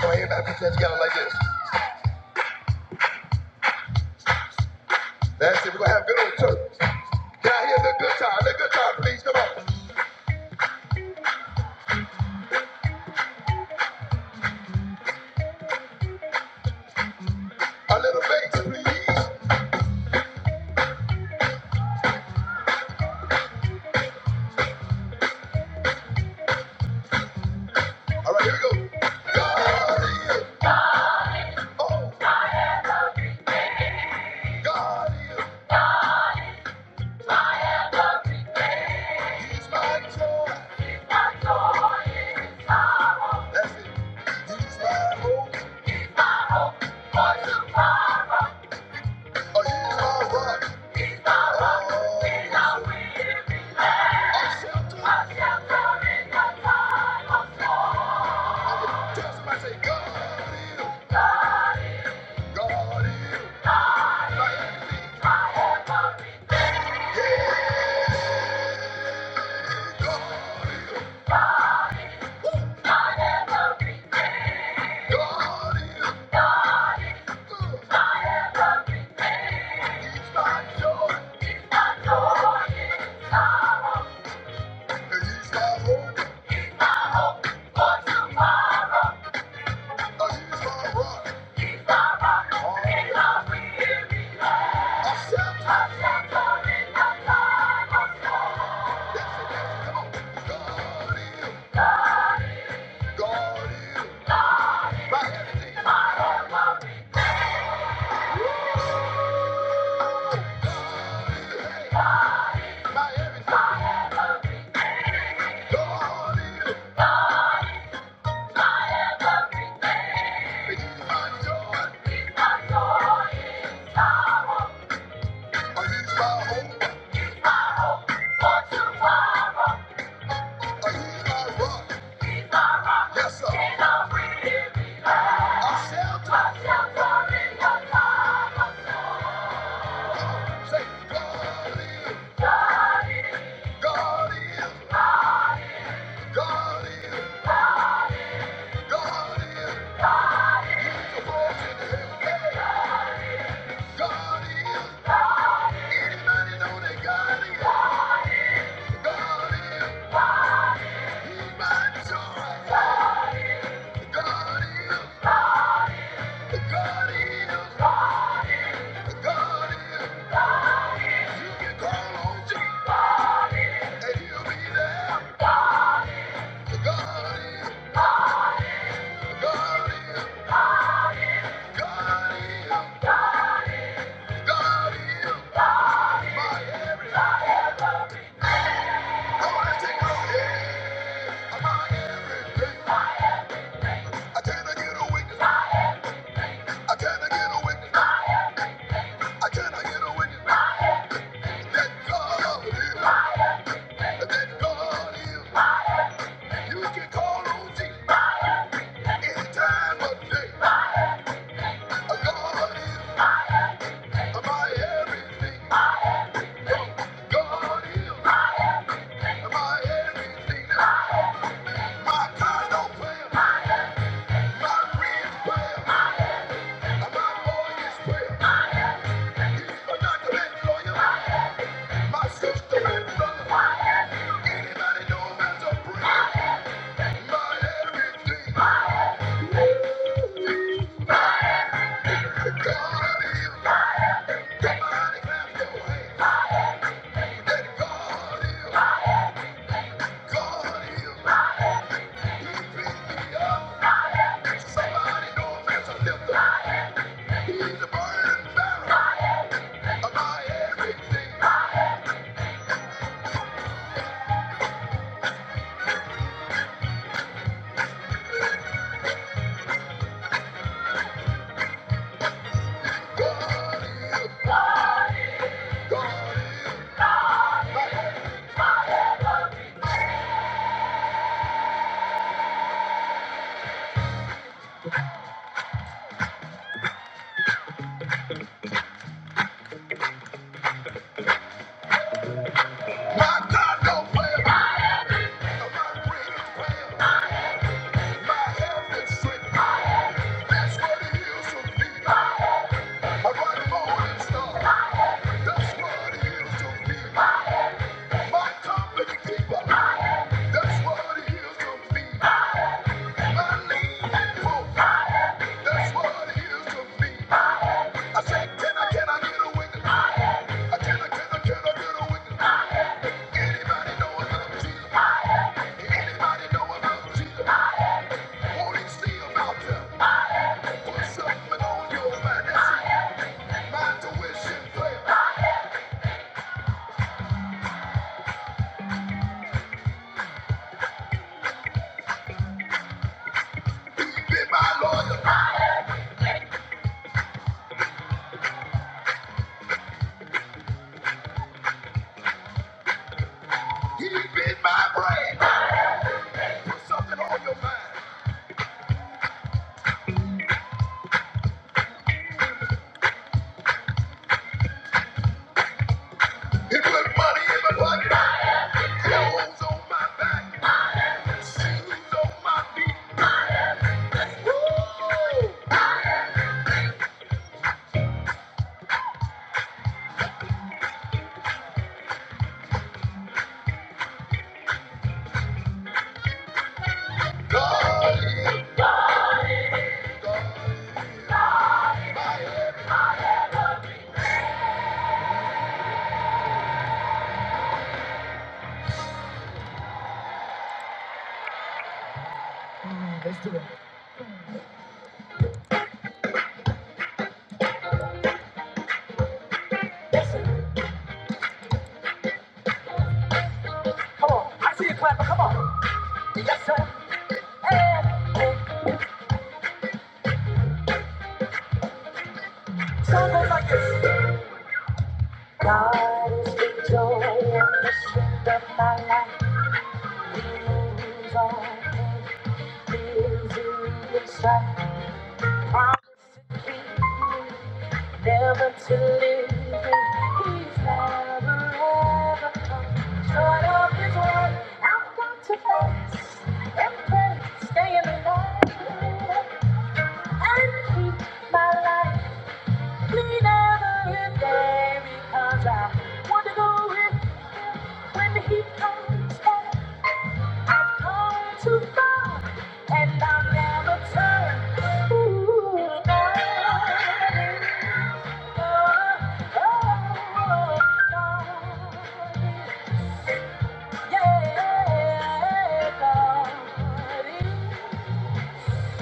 Come on, everybody put your hands together like this. That's it. We're gonna have a good old church. Can I hear the good time? The good time, please. Come on. A little bass, please. All right, here we go. God is. Oh, God is. He's my joy. That's it. He's my hope. Oh, he's my rock. Oh, he's our shelter. Okay, tell somebody, say, God is. God is. Yeah, God is. Woo! God is good. He's my joy. Oh, I shout yes, yes, God is, my everything. God is, my rock. Yes, sir. I shout God is, God is, God is, God is. Lift your voice in the air. God is. Anybody know that God is? God is. He's my joy. God is. God is. God is. You can call on Jesus and he'll be there. God is. God is. God is. God is. My everything. My kind of prayer, my real prayer. He's a burning barrel of my everything. God is. My God don't play My brain is playing about My health is sick. That's what it heals to be. I run morning star. That's what it heals to be. My company keeper. That's what it heals to be. My name and hope. That's what it heals to be. I said, can I, can I get away? I can, can, I can, I get away? Anybody know about Jesus? Anybody know about Jesus? Come on. I see you clapping. Come on. Yes, sir. And song goes like this. God is the joy and the strength of my life. He moves all things, he is in sight. Promise to keep me, never to leave me. He's never ever come short of his word. I've got to fast and pray, stay in the light, and keep my life. He never hit there because I wanna go with you when the heat comes back. I've come too far and I'll never turn. Ooh, oh, darling, oh, oh, darling. Yeah, darling.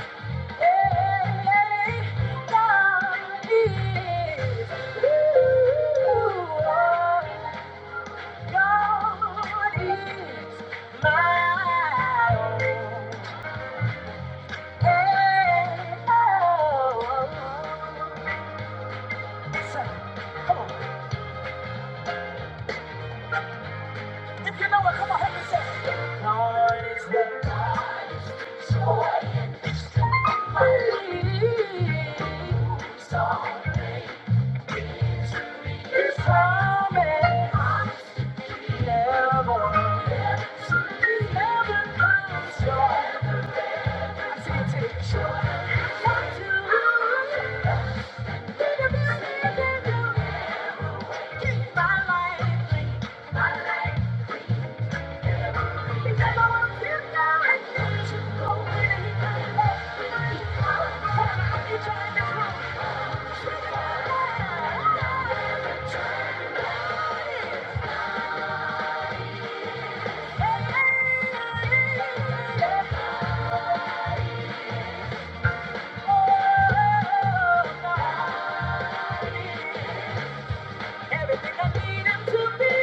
Sorry. His promise never ends. He never comes short. I say take short. What to Did you miss me? Did you? Keep my life, my life. Everything I need him to be.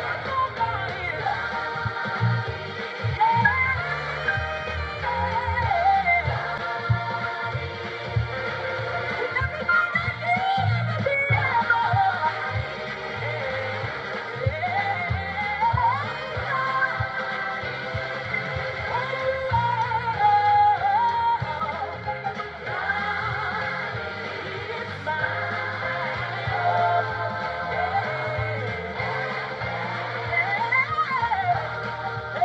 Thank you. Yeah.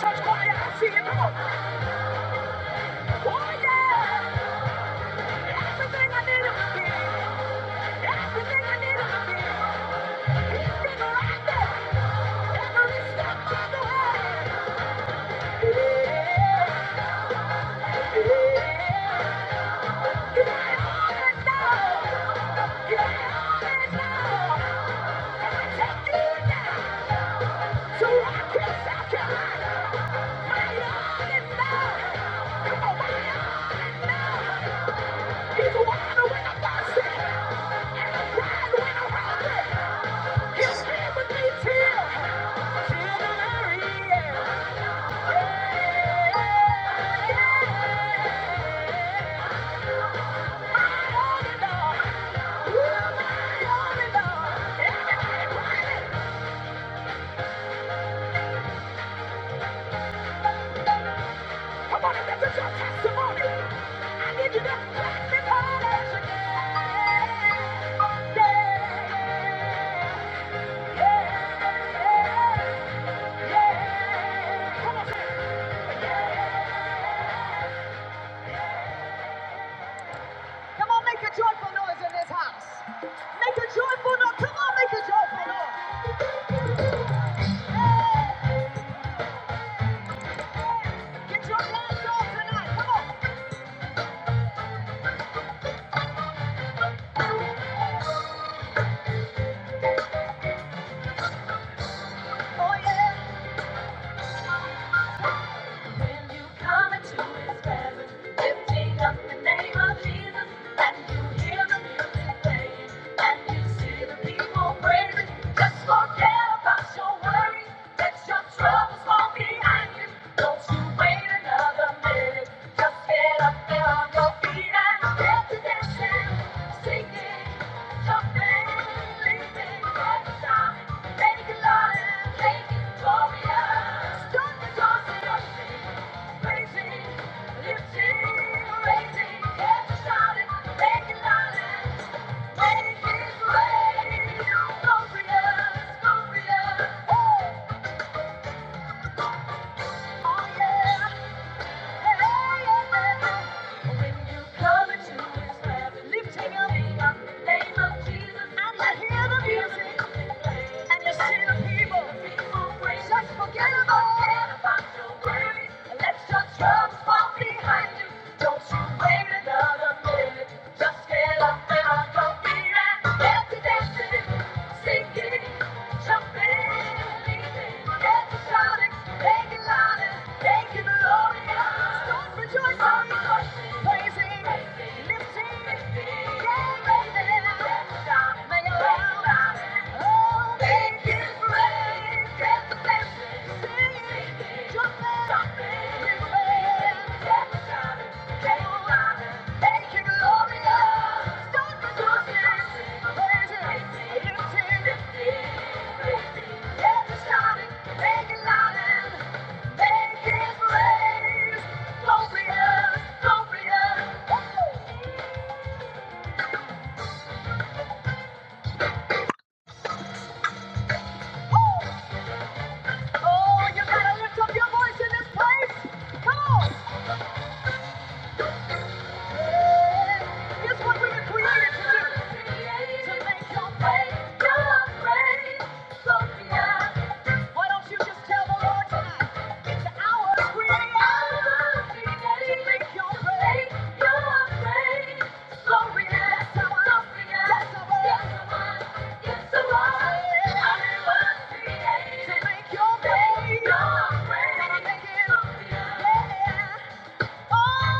Church choir, I see it. Come on. Oh, yeah. Everything I need is here. Everything I need is here. I He's a wild winner, Boston, and a wild winner, Robert. He'll with me till, till the end. My only love, you're my only love. Everybody clap it. Come on, if this your testimony, I need you to clap it all as you Yeah, yeah, yeah. Come on, clap it. Come on, make a joyful noise in this house. Make a joyful noise. Come on, make a joyful noise. Get your lungs on tonight. Come on. Oh, yeah. When you come into his presence, lifting up the name of Jesus, and you hear the music playing, and you see the people praising, just forget about your worries. Let your troubles fall behind you. Don't you wait another minute. Just get up there Make it rain, go for us, go for us, oh, oh yeah. Don't you wait another minute. Just get up and I'll go be right there. Thank you. Oh, you gotta lift up your voice in this place! Come on! It's what we were created to do. To make your way, your way, so beyond. Why don't you just tell the Lord tonight? It's our creation. To make your way, your way, so beyond. That's our love, that's our yes, yes, our To make your way, your way, yeah. Yeah.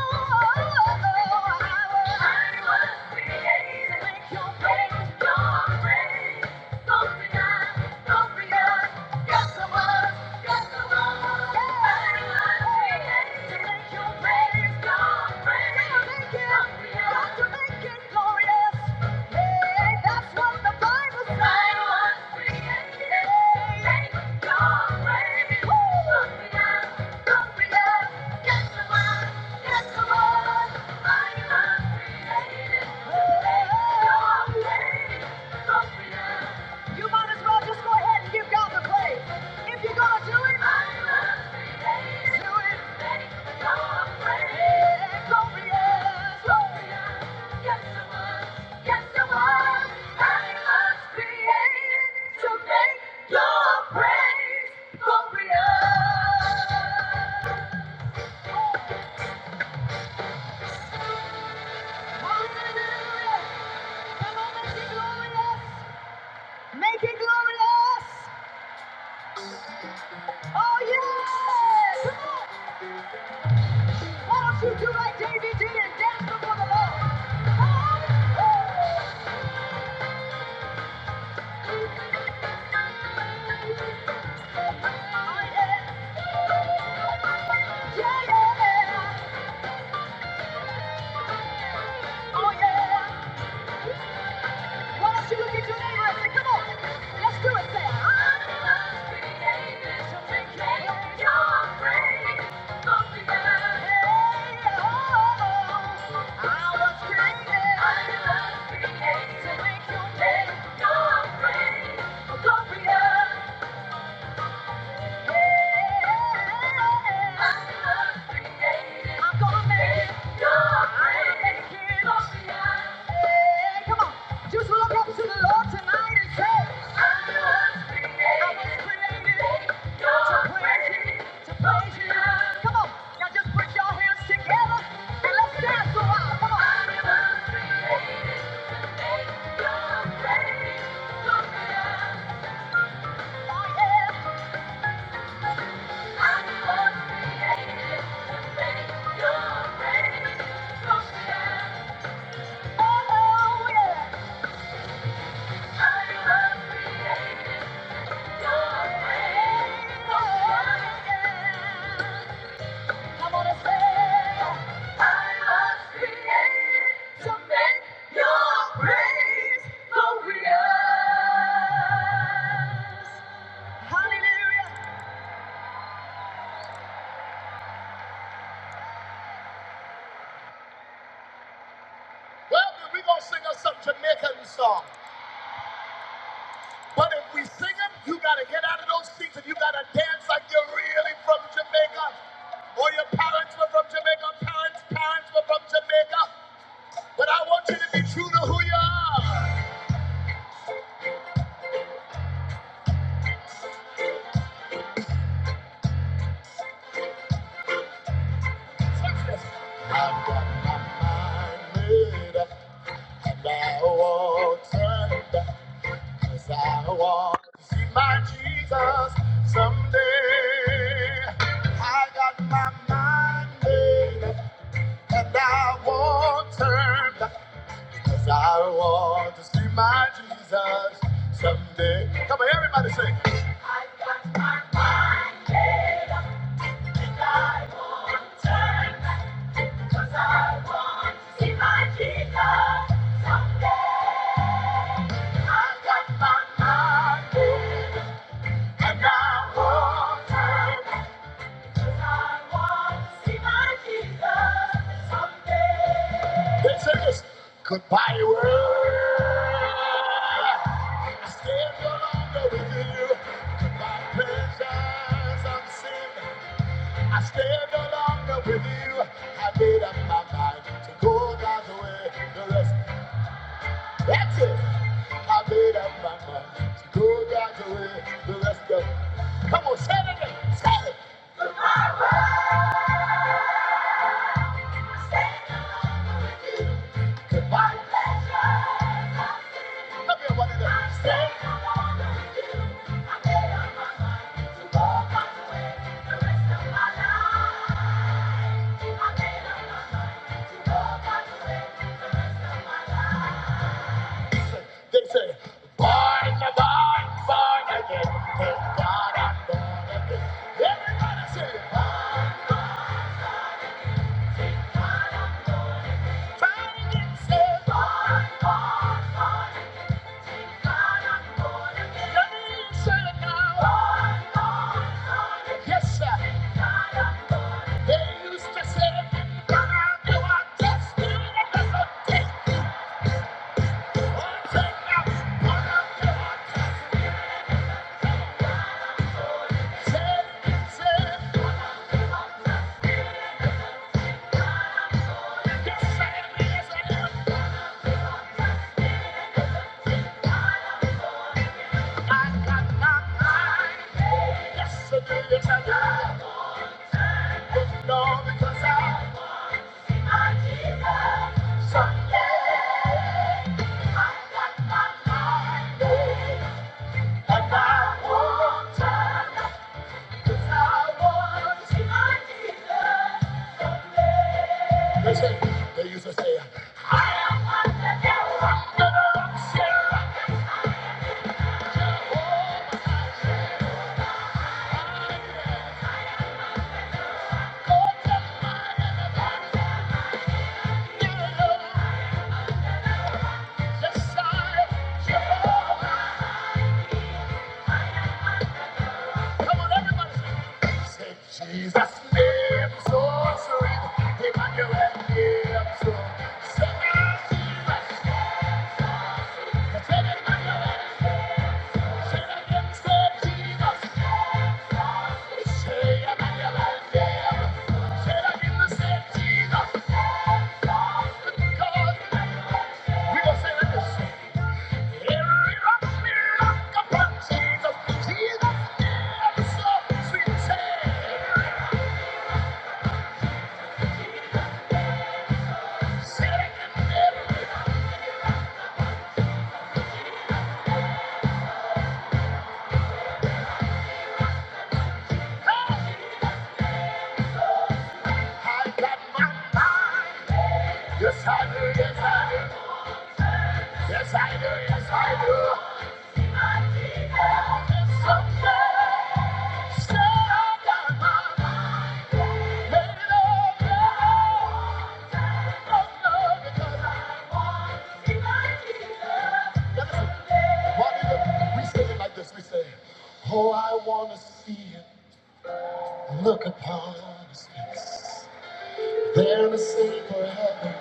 You might as well just go ahead and give God the praise. If you're gonna do it, do it. Yeah, glorious, glorious. Yes, it was. Yes, it was. I was created to make your praise glorious. make it glorious. Make it glorious. Oh, yeah. Come don't you do like David did and dance before the Lord? Oh, yeah. Yeah, yeah. Oh, yeah. Why don't you look at your neighbor come on, let's do it, Sam. I'm created to regret your grace. Something that I hate, oh, I was created. I was created to make you take your grace. Gloria. I Yeah. Hallelujah. If we sing them, you gotta get out of those seats and you gotta dance like you're really from Jamaica. Or your parents were from Jamaica, parents, parents were from Jamaica. But I want you to be true to who you are. I've got my mind made up and I won't turn back 'cause I want to see my Jesus someday. I got my mind made up and I won't turn back. Come on, everybody sing. Could buy you world, stand there with you. My pleasures unseen. I stand no longer with you. I made up my mind to go God's way. The rest, that's it. I made up my mind to go God's way the rest of it. Come on, say it again. Say it. Come here, what is it? To go God's way the rest of my life. I made up my mind to go God's way the rest of my life. They say, born, born, born again. Thank God I'm born again. Everybody say, it. Say it, say it. Just say it, yes, I I got my mind. Yes, it is alive. It's because I someday I got my mind I won't turn 'cause I want my Jesus someday. I am on the devil. I'm to rock, shake, rock and roll. Yes, I, Jehovah. Come on, everybody. Say Jesus lives, so sweet. Emmanuel name, so Say Jesus lives. Say Emmanuel lives. Say it name, so sorry. Say Jesus. name, so sorry. Say Emmanuel lives. Say it again. Say Jesus. name, Because we gonna say it like this. Yes, I do, yes, I do, yes, I do, yes, I do. I need help somewhere. Say I got my mind. Let it all go. Oh, no, because I want to see my Jesus. Like this, we say, Oh, I want to see him. Look upon his face. There the Savior heaven,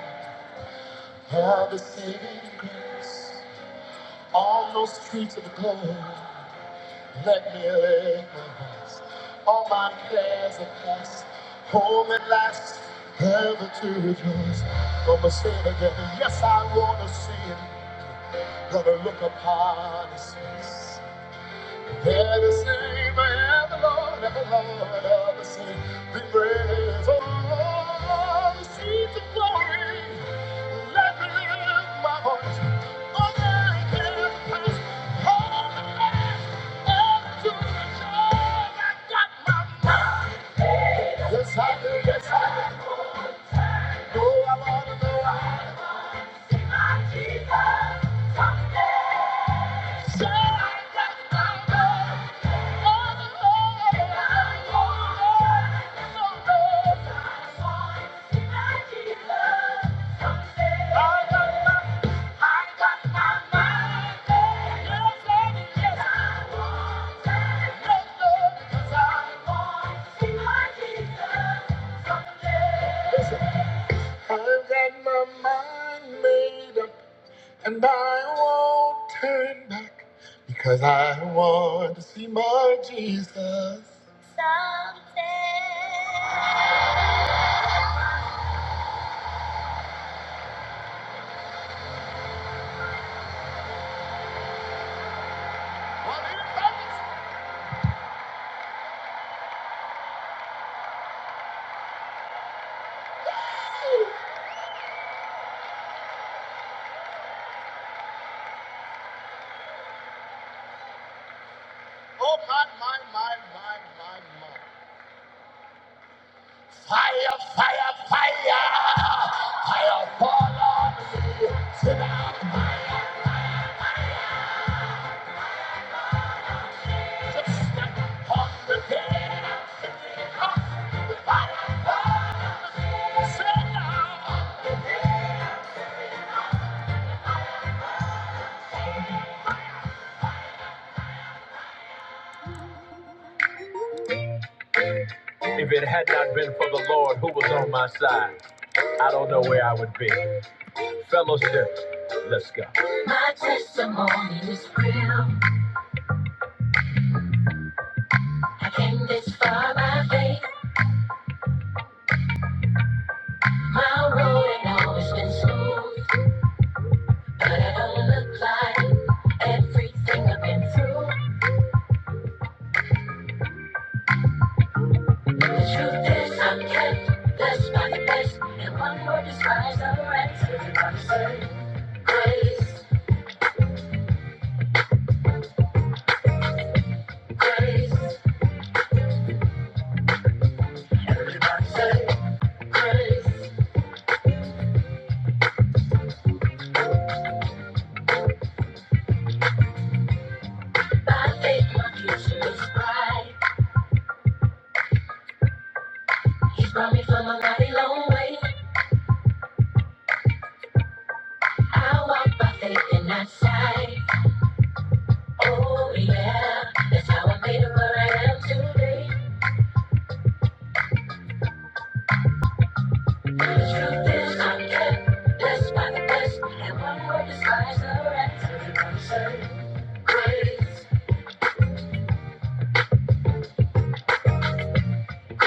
have the saving grace. On those streets of glory, let me lay my voice. All my cares are past, home at last, ever to rejoice. Gonna say it again, yes, I wanna see him. Gonna look upon his face. They're the same, and the Lord, and the Lord are the same. The praise all the seeds of glory. Let me lift my voice. Oh, yeah, yeah, yeah. Oh, yes, I do, yes, I do. Oh, I wanna know. Oh, yes, yes, I do. I've got my mind made up, and I won't turn back because I want to see my Jesus. Oh my, my, my, my, my, my. Fire, fire, fire. Fire fall on me. Sit down. If it had not been for the Lord who was on my side, I don't know where I would be. Fellowship, let's go. My testimony is real. I came this far by faith. My road ain't always been smooth, but it don't look like everything I've been through. Truth is, I'm kept blessed by grace, and one word describes the rest. Everybody say grace, grace. Everybody say grace. By faith, my future is bright. He's brought me from a mighty long way. I walk by faith and not sight. Oh yeah, that's how I made it where I am today. The truth is, I'm kept blessed by grace, and one word describes the rest. Everybody say grace. You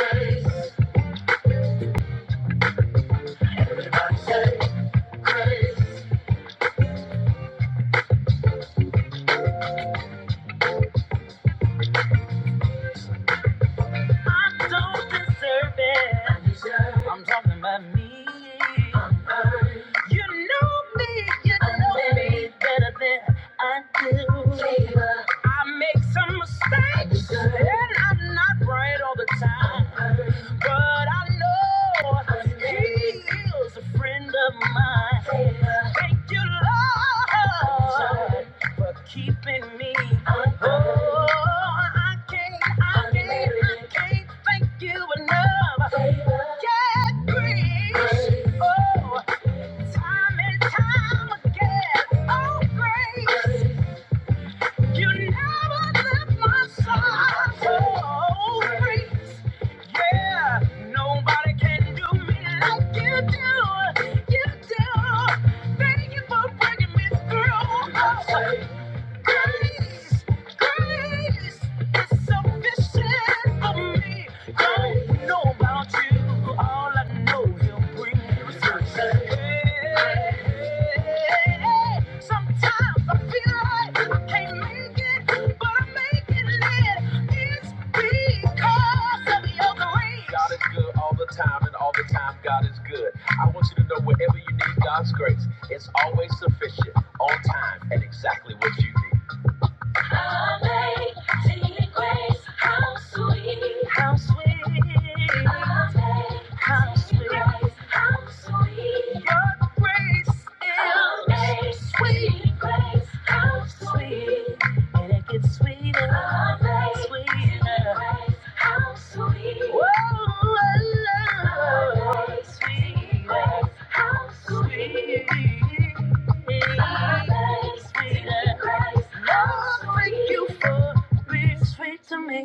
need to know me better than I do. I make some mistakes, and I'm not right all the time. But I know He a friend of mine. Thank you, Lord. keeping me. Oh, I can't, I can't, I can't thank you enough. Yeah, grace. Oh, time and time again. Oh, grace, you never left my side. Oh, grace. Yeah, nobody can do me like you do. You do. Thank you for bringing me through. Oh. Grace, grace is sufficient for me. Don't know about you, all I know He'll bring you through. Hey, Sometimes I feel like I can't make it, but I'm making it. It's because of Your grace. God is good all the time, and all the time God is good. I want you to know wherever you need God's grace, it's always sufficient, on time, and exactly what you need. Amazing grace, how sweet, how sweet. Amazing grace, how sweet. Your grace is Amazing sweet. Amazing grace, sweet, and it gets sweeter, How nice. sweeter. Grace, How sweet. Woo, I love How nice. sweeter. How sweet. How nice. Sweeter. Grace, How Lord, thank you sweet. You for being sweet to me.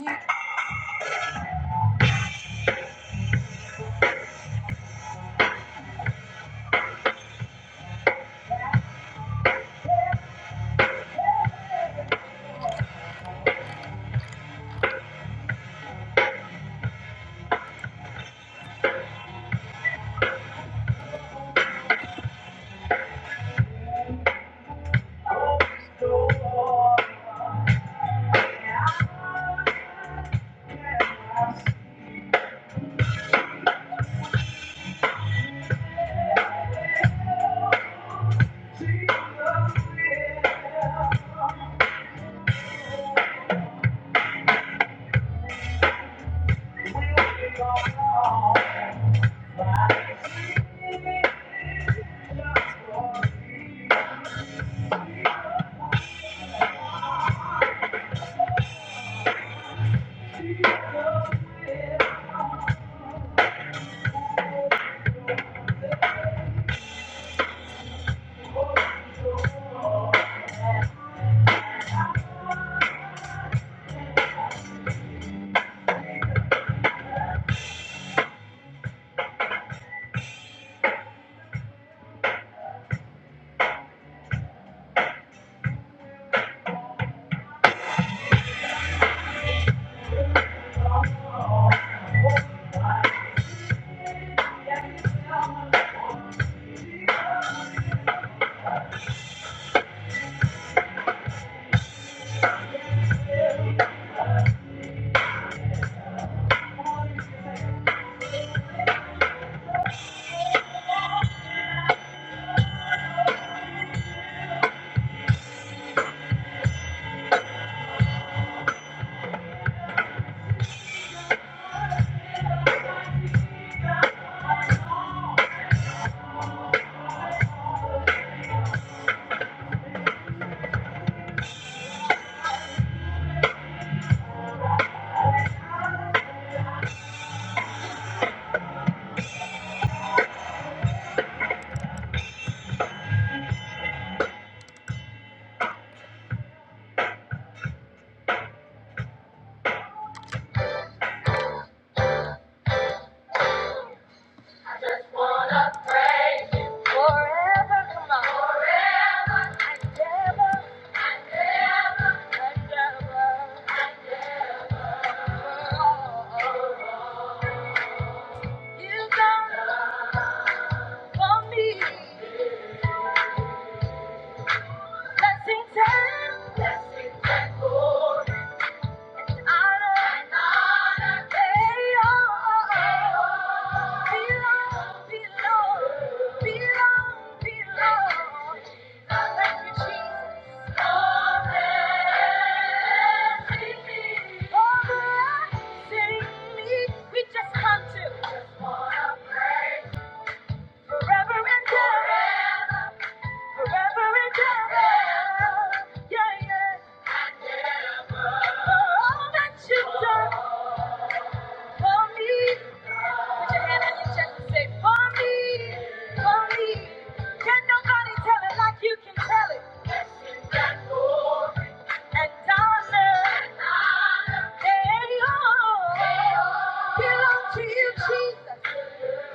Wanna praise you forever, come on. Forever. And ever. And ever. And ever. and ever. Blessings and honor and honor, they all belong, belong, belong, belong. Thank you, Jesus. Oh, blessed be- Oh, blessed be- We just come to forever and ever, forever and ever. Yeah, yeah. For all that you've done. For me. Put your hand on your chest and say, For me, for me. Can nobody tell it like you can tell it? And Donna, they all belong to you, Jesus.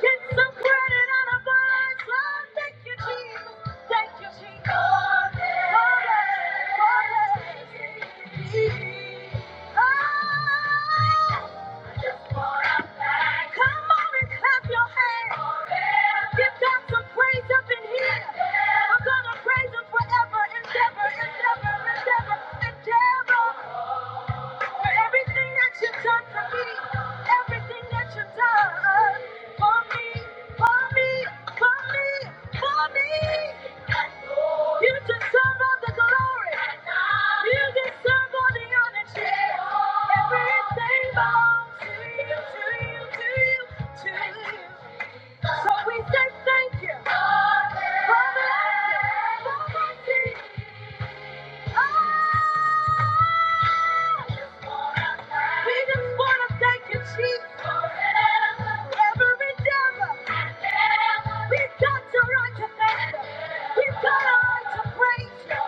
Get some credit on a bus. Lord, thank you, Jesus. Thank you, Jesus. Lord, Lord, Lord. Oh, I just wanna thank you. Come on and clap your hands. Forever. Give God some praise up in here. I'm gonna praise Him forever, endeavor, endeavor, endeavor, endeavor. For everything that you've done for me, everything that you've done for me, for me, for me, for me. You deserve all the glory. You deserve all the honor. Everything belongs to you, to you, to you, to you. So we say thank you. for blessing, for mercy. oh. We just want to thank you, Jesus. Every devil, we've got the right to thank you. We've got a right to praise you.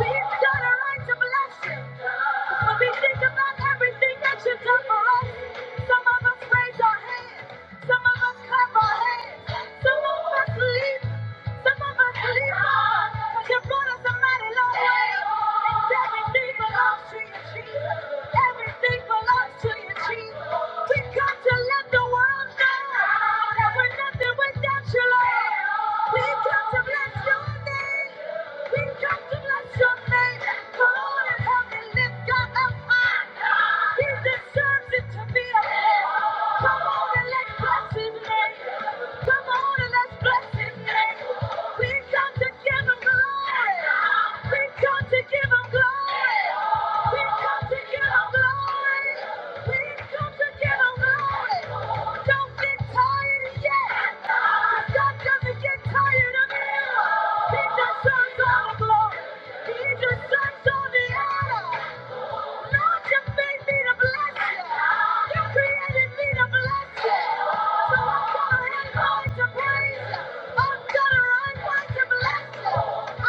We've got a right to bless you. 'Cause when we think about everything that you've done for us, some of us raise our hands, some of us clap our hands, some of us leap. Some of us live hard, but you brought us a mighty long way. everything belongs to you, Jesus. Everything belongs to you, Jesus. We come to let the world know that we're nothing without you, Lord. We come to bless your name. We come to bless your name. Come on and help me lift God up high. He deserves it to be a man. Come on and let's bless his name. Come on and let's bless his name. We come to give him glory. We come to give him glory. We come to give him glory. We come to give him glory. Don't get tired yet. 'Cause God doesn't get tired of you. He deserves all the glory. He deserves all the honor. Lord, you made me to bless you. You created me to bless you. So I'm gonna run wide to praise you. I'm gonna run wide to bless you.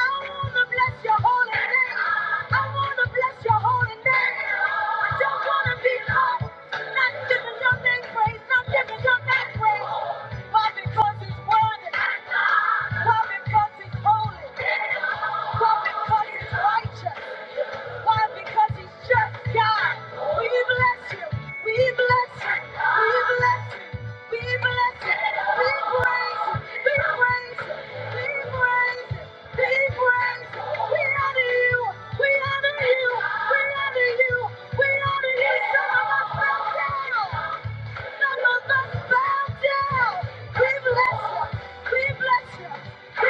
I wanna bless your holy name. I wanna bless your holy name. I don't wanna be caught not giving your name praise, not giving your name praise. Why? Because it's worthy. Why? Because it's holy. Why? Because it's righteous. Why? Because he's just God. We bless you. We bless you. We bless you. We bless you. We praise you. We praise you. We praise you. We praise you. We honor you. We honor you. We honor you. We honor you. Some of us fell down. Some of us fell down. We bless you. We bless you. Thank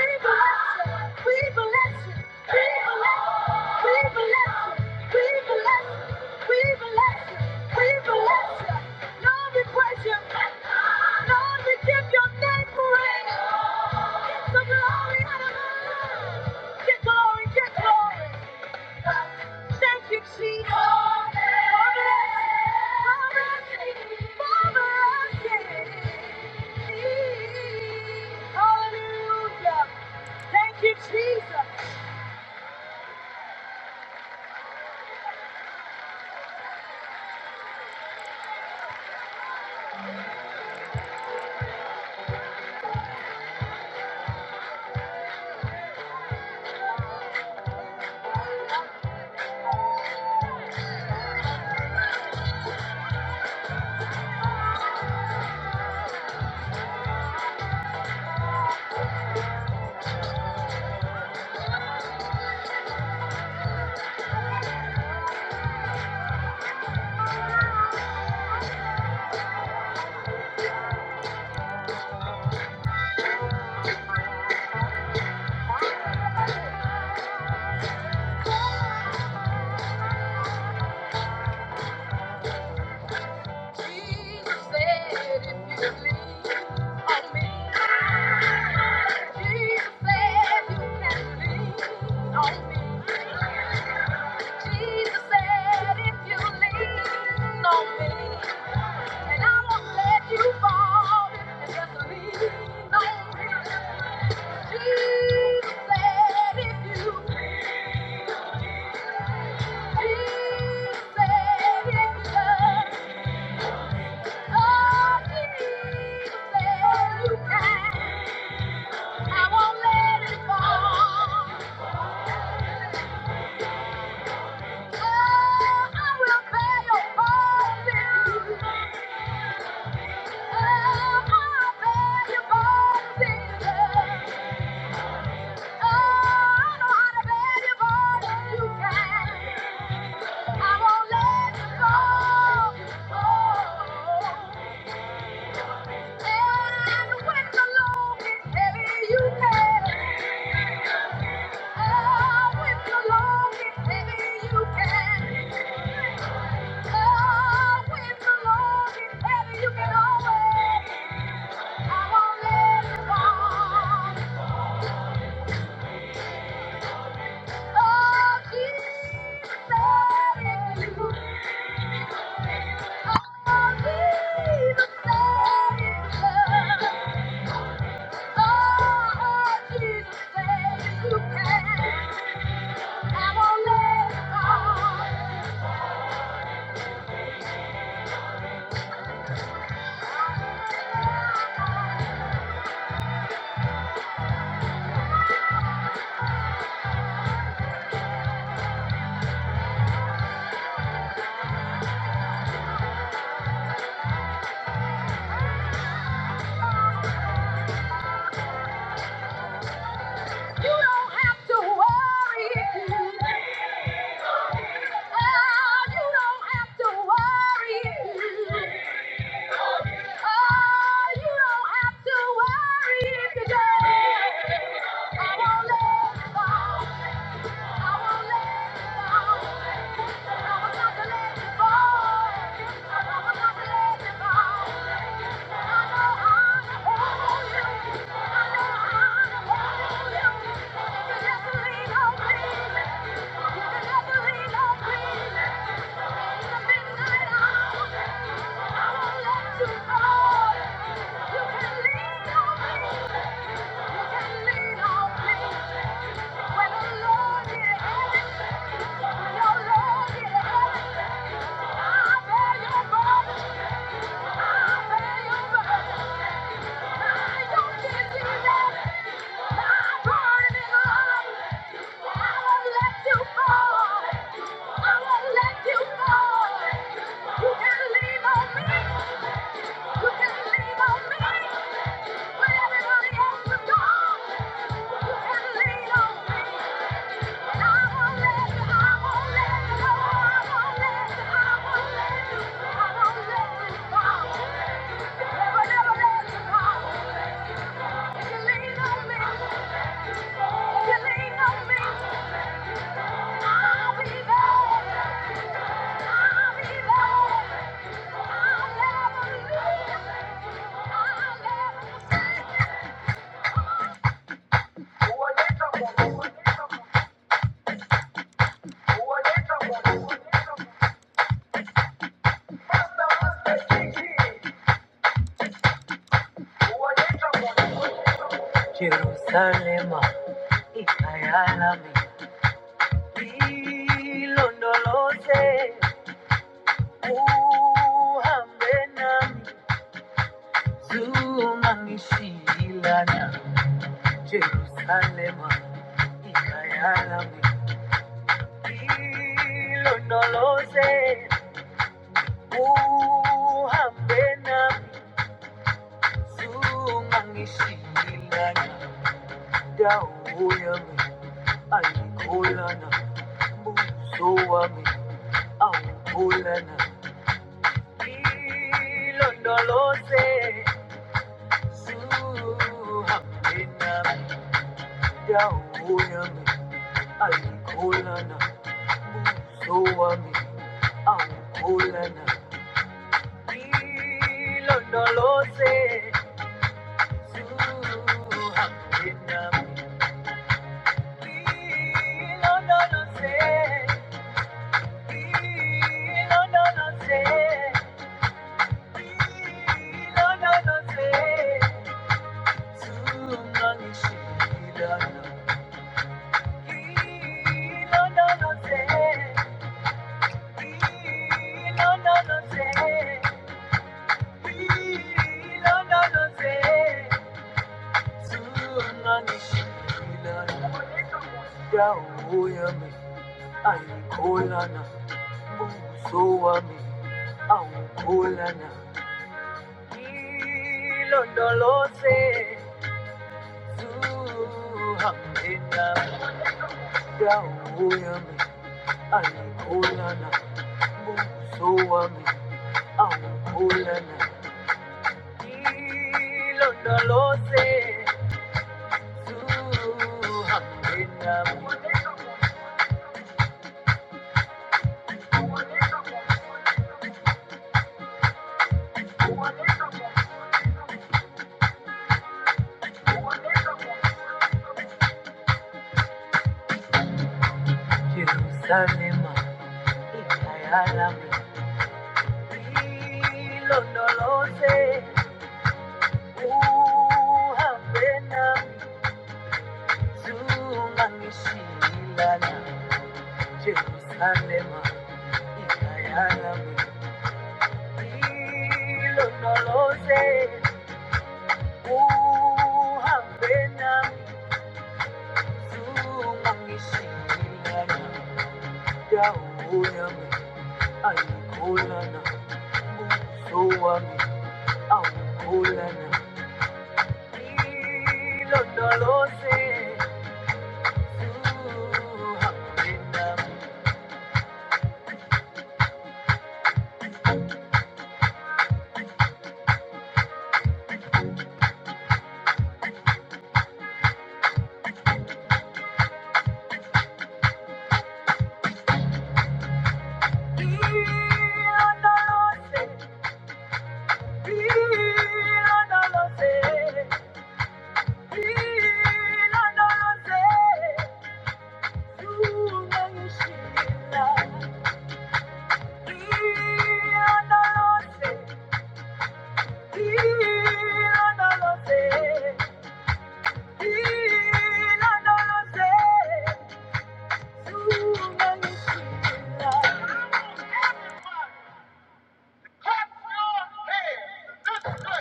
you, Jesus. Oh, bless. Oh, bless. Oh, bless. Hallelujah. Thank you, Jesus. Jesus said, if you lean on me, Jesus said, you can lean on me. Jesus said, if you lean on me, and I won't let you fall, and just lean on me. Jesus said, if you, Jesus said, if you love Oh. Oh, if you're lonely, maybe you can. Oh, if you're lonely, maybe you can always. I won't let you fall. Oh, Jesus, that is you. Oh, Jesus, that is love. Oh, Jesus, that is you can. I won't let you You don't have to worry. Oh, you don't have to worry. Oh, you don't have to worry today. I won't let you fall. I won't let you fall. I will not let you fall. I will not let you fall. Thank you. Thank you. can lean on me. Jerusalema ikayalami ilondoloze uhambe nami zumangishilana Jerusalema ikayalami ilondoloze uhambe nami zungangishilana ndawo yami ayikholana mbuso wami awukholana ilondoloze zuhambe nami ndawo yami ayikholana mbuso wami awukholana ilondoloze Yeah, oh yeah, me, I call on her. Soami awukolana ilondoloze zuhambena dawo yami alikolana buso wami awukolana ilondoloze zuhambena Jerusalema ikayalami ilondoloze Uhambe nami, zungangishiyelana, Jerusalema ikhaya lami. Ngilondoloze, uhambe nami, zungangishiyelana, Ndawo yami ayikholana, mbuso wami awukholana. Ngilondoloze, uhambe nami.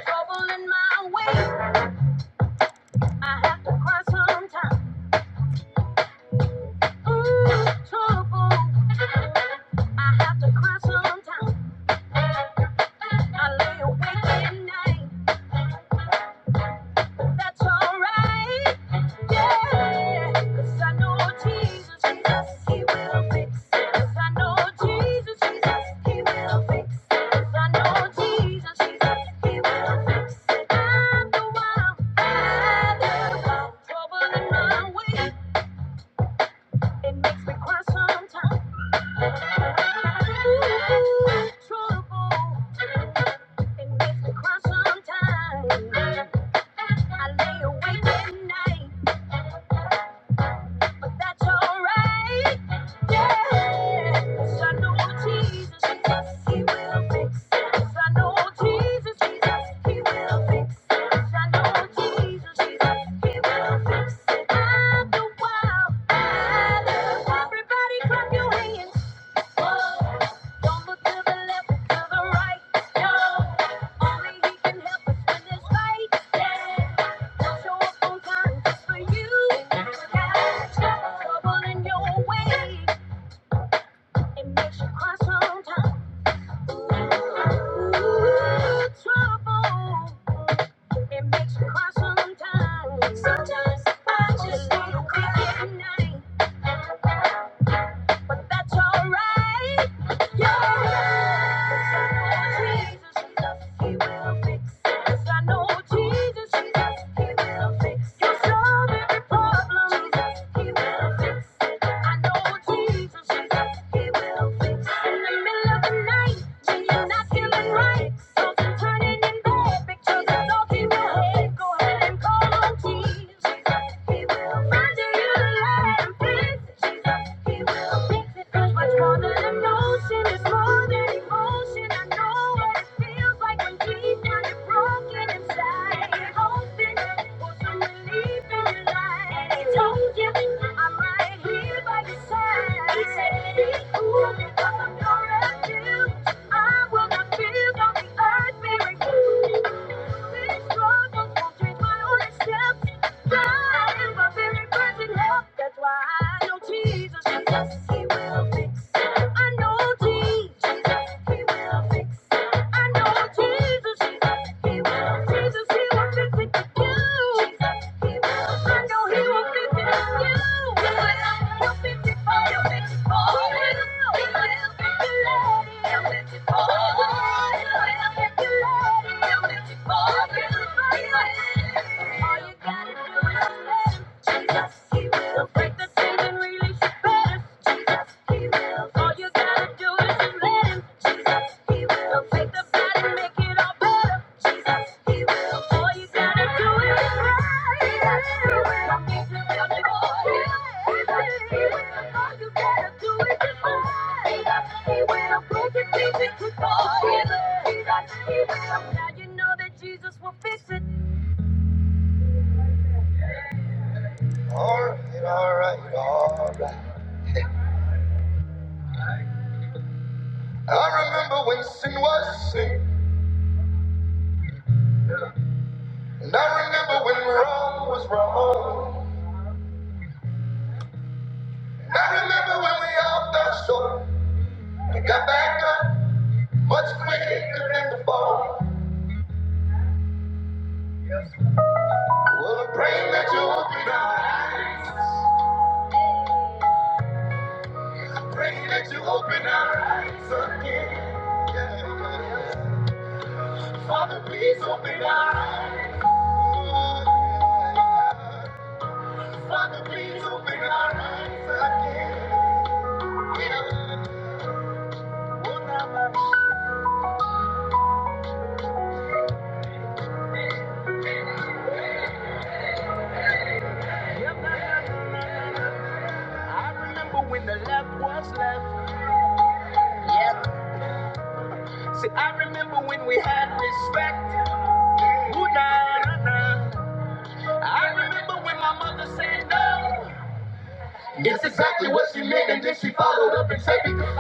Trouble in my way. I have to cry sometimes. Ooh, trouble. I have to cry sometimes. I lay awake at night. That's alright. Yeah. 'Cause I know Jesus, Jesus, He will fix it. 'Cause I know Jesus, Jesus, He will fix it. 'Cause I know Jesus, Jesus, He will fix it. I'm the one, I'm the one. Trouble in my way, it makes me cry sometimes. Ooh, trouble, it makes me cry sometimes. I lay awake at night. but that's alright. Yeah, 'Cause I know Jesus, Jesus, He will fix it. 'Cause I know Jesus, Jesus, He will fix it. 'Cause I know Jesus, Jesus, He will fix it. I'm the wild, I love everybody. Clap your hands. Don't look to the left to the right, no. Only he can help us win this fight, yeah. Don't show up on time for you. Got trouble in your way. It makes you cry sometimes. Ooh, trouble. It makes you cry sometimes. Sometimes I just wanna cry at night but that's alright. yeahbecause i know jesus 'Cause I know Jesus, He will fix it. will fix it. You'll solve every problem. He will fix I know Jesus, Jesus, He will fix in the middle of the night. When you're not feeling right, something turning in bad pictures is all He will have. Go ahead and call on Jesus, He will find you, you will let fix He will fix it. 'Cause what's wrong all the emotion is more than emotion. I know what it feels like when deep down you're broken inside. You're hoping for some relief in your life. And he told you, I'm right here by your side. He said, be cool because I'm your refuge. I will not feel on the earth may renew. These struggles won't change my own steps. God is my very present help. That's why I know Jesus. He will fix I know Jesus. He will fix I know Jesus. He will. fix Jesus, He will. I He will fix you. He will. He'll fix you. He'll He will. fix you. He will. All you gotta do is let him. Jesus, he will break the chains and release your Jesus, he will. All you gotta do is let him. Jesus, he will. Take the bad make it all better. Jesus, he will. All you gotta do is just let him. Jesus, he will. He's a real boy. He will. He will. All you gotta do is just he will. Break the chains and control. Jesus, he will. Now you know that Jesus will fix it. Alright, alright, alright. I remember when sin was sin, and I remember when wrong was wrong. And I remember when we all fell short and got back up much quicker than before. Well, I pray that you open our eyes. I pray that you open our eyes again. Yeah, yeah, yeah. Father, please open our eyes. Father, please open our eyes again. When the left was left. See, I remember when we had respect. Ooh, nah, nah, nah. I remember when my mother said no. That's exactly what she meant, and then she followed up and said, Because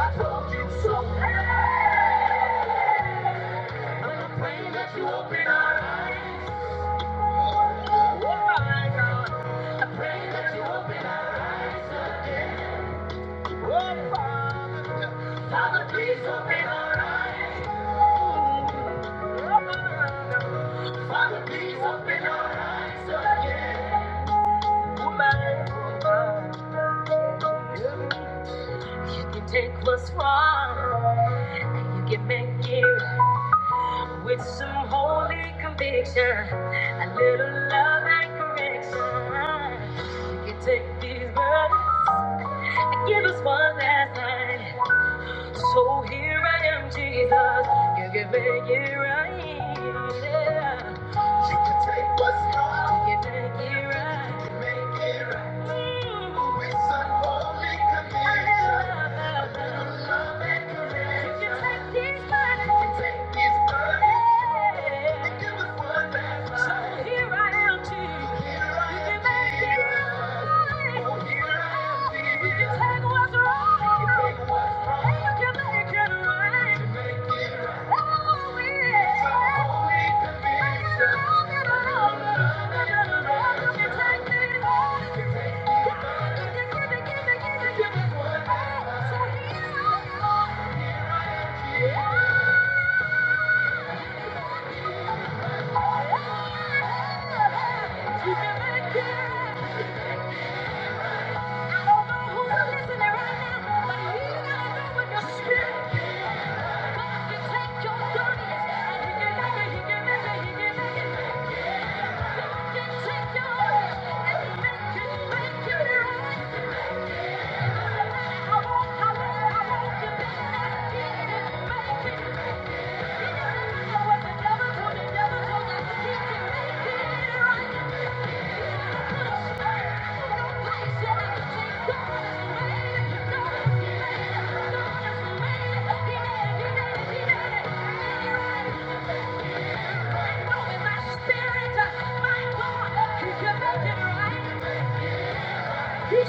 you open up. Oh, my God. Because you open up. Oh, Father, Father, please open our eyes. Oh, my God. Father, please open our eyes again. Oh, my God. You can take what's wrong and you can make it right with some holy conviction, a little love and correction. You can take these burdens and give us one last night. So here I am, Jesus. You can make it right. Yeah. You can take what's wrong. You can make it right. You can make it right. Mm. With some holy conviction. A little love and correction. You can take these burdens. You can take these burdens. Yeah. And give us one last try.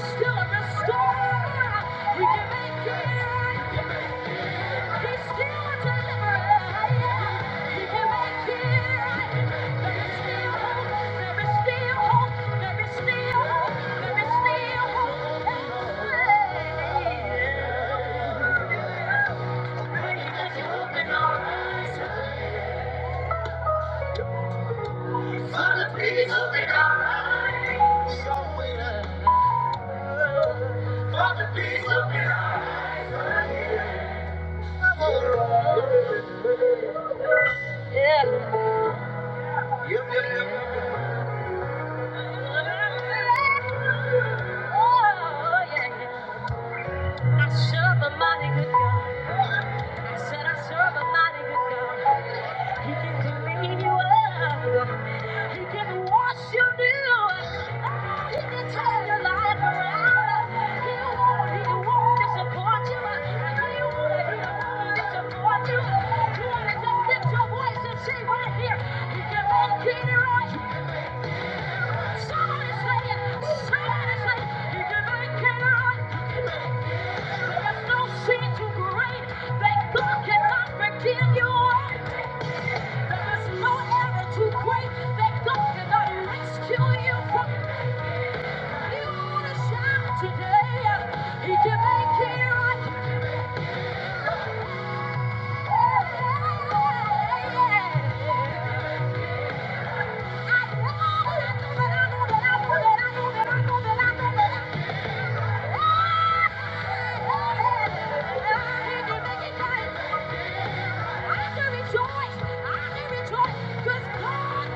Still a restorer. You can make it right. I serve a mighty good God. I said I serve a mighty good God. He can clean you up. He can wash you new. He can turn your life around. He won't, he won't disappoint you. He won't, he won't disappoint you. You want to just lift your voice and say right here, he can make it right. Somebody say it. Somebody say it. He can make it right. There's no sin too great that God cannot forgive you. Cause God can.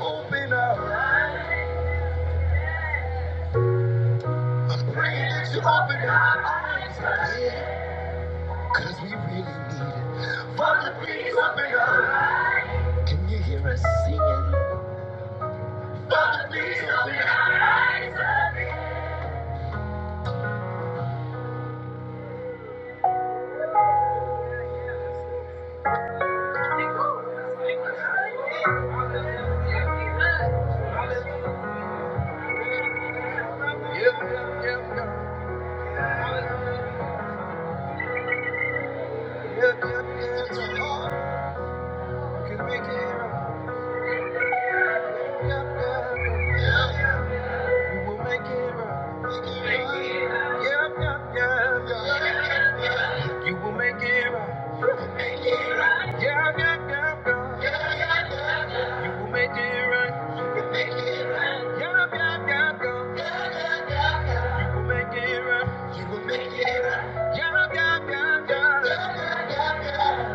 Open up. i that you open up. Cause we really need it. Father, please open up. Can you hear us singing? Please open up. Yep, yep, yep, yep, yep. We Can make it right. Yep, yep, yep. You will make it right. Yep, yep, yep, yep. You will make it right. Yeah, yeah, yeah, girl. You will make it right. Yeah, yeah, yeah, girl. You make it right. Yeah, yeah, yeah, yeah.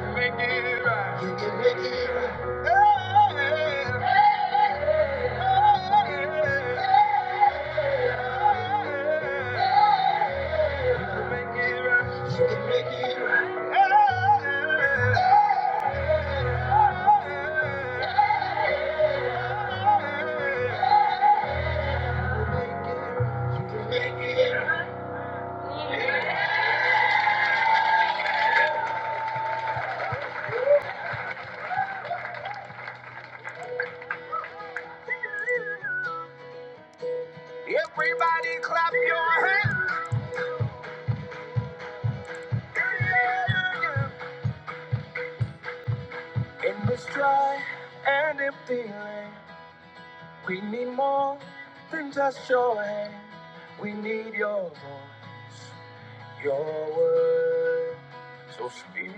You make it right. Yeah, yeah, yeah, yeah. Make it right. Yeah, yeah, yeah. Everybody clap your hands. In this dry and empty land, we need more than just your hand. We need your voice, your words. So speak,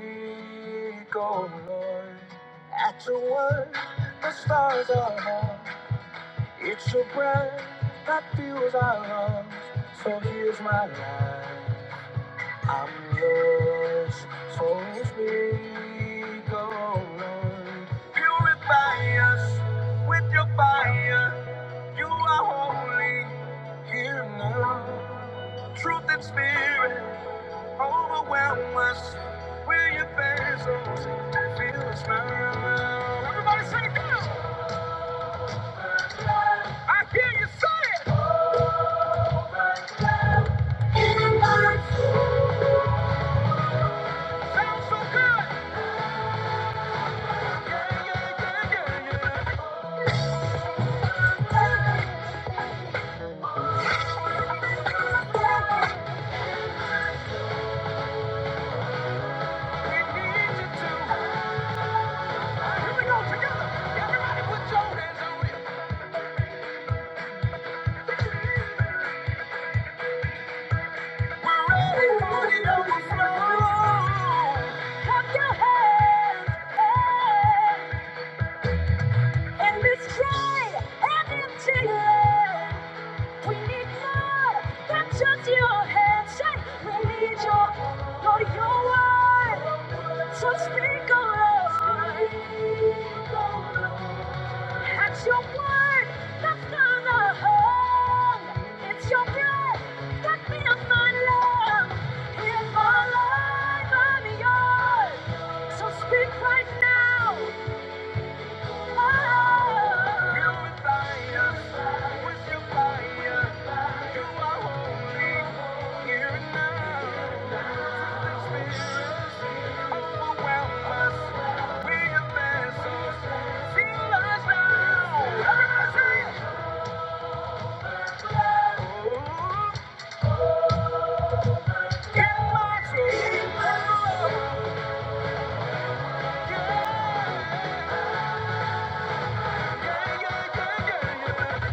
oh Lord, at your word, the stars are hung. It's your breath that fuels our lungs. So here's my life, I'm yours. So everybody sing it down. I hear you say it. Sounds so good. Yeah, yeah, yeah, yeah, yeah. We need you to. Here we go together. Everybody put your hands on it. So speak on us. That's your word that's gonna hold. It's your breath that fills my lungs. Here's my life, I'm yours. So speak right now. Yeah. yeah, yeah, yeah,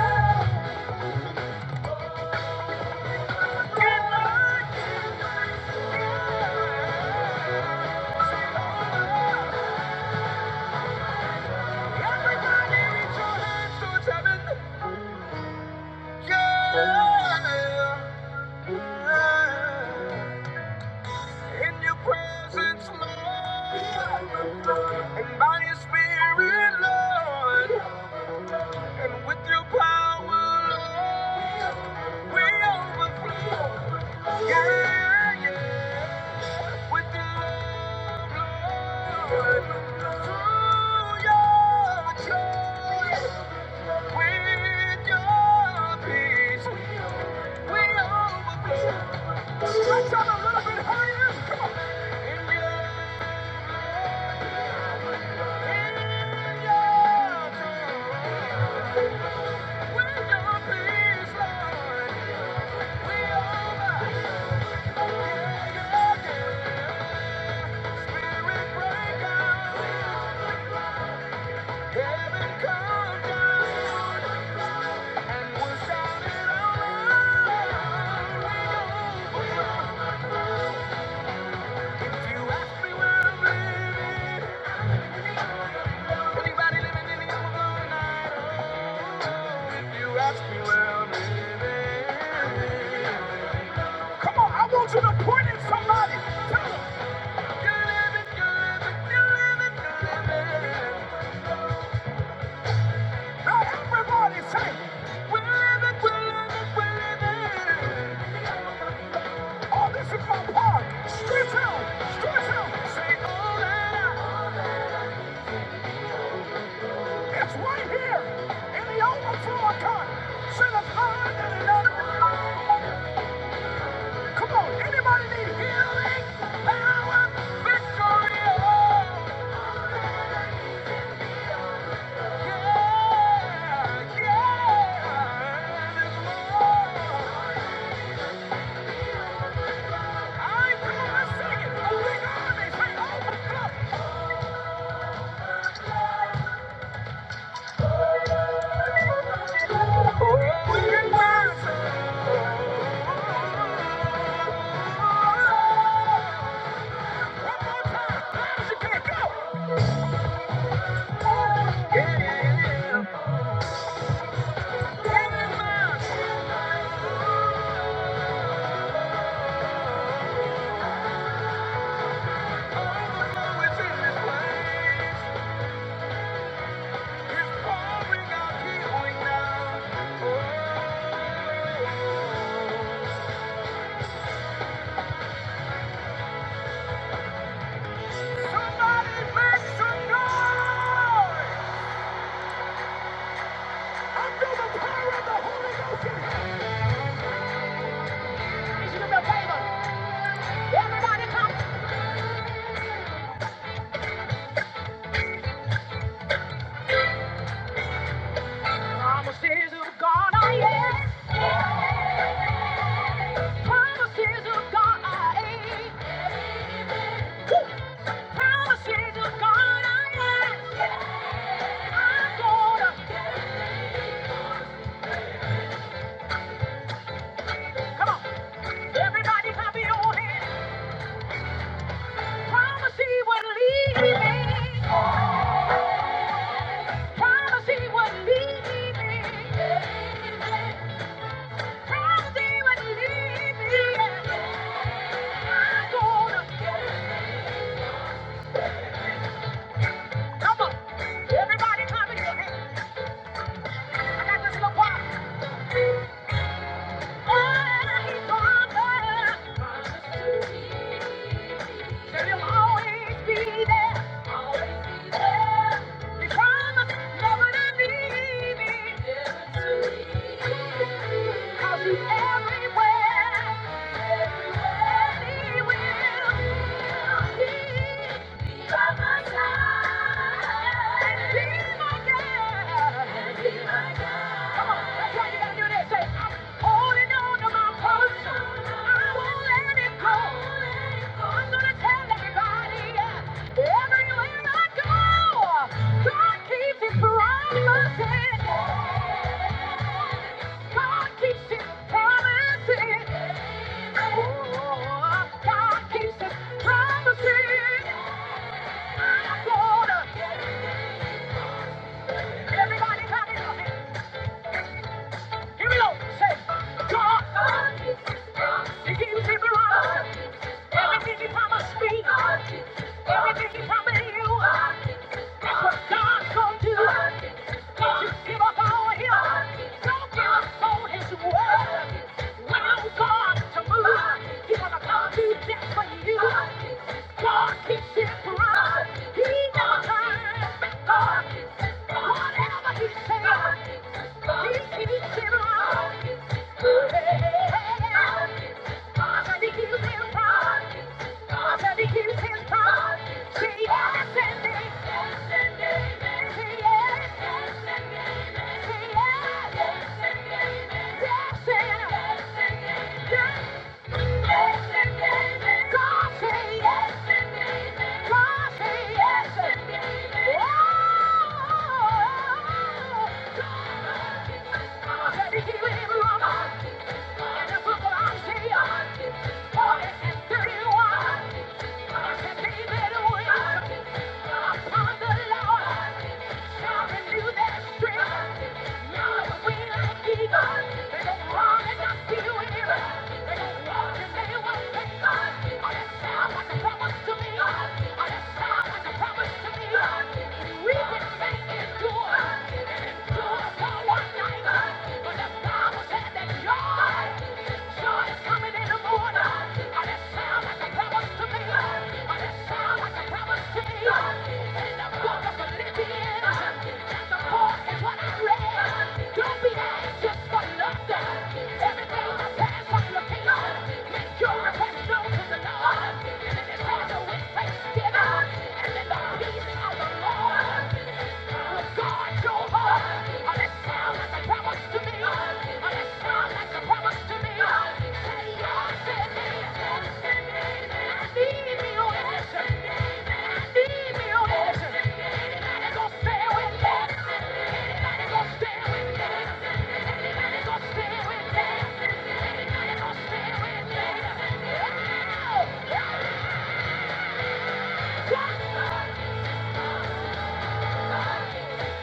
yeah. your your Lord, Lord, and and by spirit, with your power, Lord, we overflow. Yeah, yeah, with your Lord. Stretch out a little bit higher. Come on. In your, come oh, on, I want you to point at somebody. Tell them, you're living, you're living, you're living, you're living. Now everybody say, we're living, we're living, we're living. Oh, this is my part. Stretch out, stretch out. Say, all that I. It's right here in the overflow account. Set a higher than another. Come on, anybody need Power, victory, oh. Yeah, yeah, Oh, it's in this place. Promises of God, I am. Promises of God, I am. Promises of God, I am. come on. Everybody clap your hands. Promise he will lead me. Promise he wouldn't leave me. Promise he wouldn't leave me. I'm gonna. Come on. Everybody clap your hands. I got this little choir. Oh, he promised that he'll always be there. He promised never to leave me. 'Cause he's everywhere. Everywhere he will. He God keeps his promises. Oh, God keeps his promises. Everybody clap it up. Give me up. Say, God, He gives me life. Everything He promised me. Everything He promised you. That's what God's gonna do. Don't give up on Him. Don't give up on His word. Allow God to move. He's gonna come do that for you. God keeps His promise. He never turns God, whatever He says. Say yes and amen. Say yes yes Thank you. Endure and Endure for one night, but the Bible said that joy. Joy is coming in the morning. And it sounds like a promise to me. And it sounds like a promise to me. It's in the book of Philippians. Chapter 4 is what I read. Don't be anxious for nothing. Everything that passes on your kingdom. Make your request known to the Lord. And it is answered with thanksgiving. And in the peace of the Lord. Stay with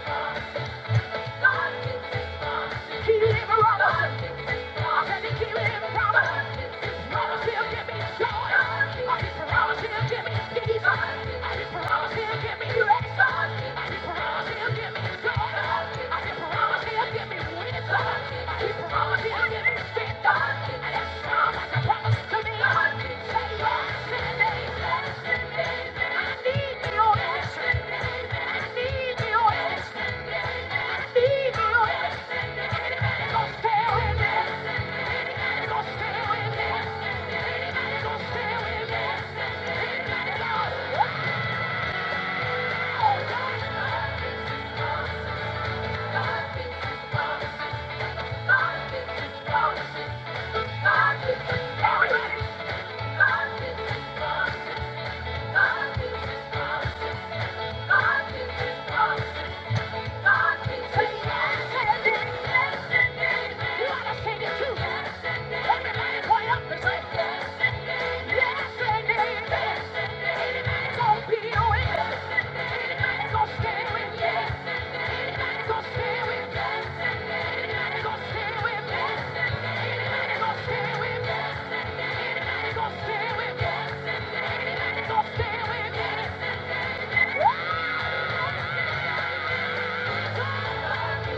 Yeah. I need your answer. I need your answer. God, is his promises. God is his promises. God is his promises. Go Stay with me. Woo!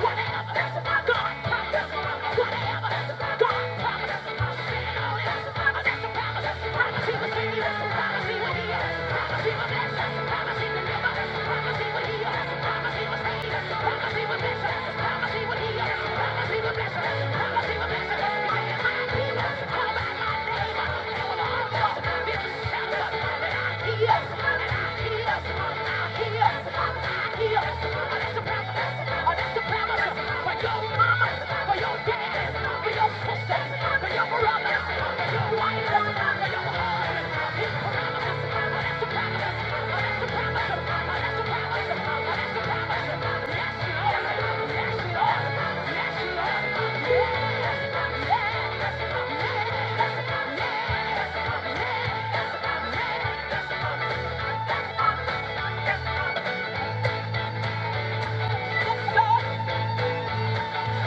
Whatever, God, whatever, whatever, God. That's the Promise, Oh, that's the promise, Yes, Lord.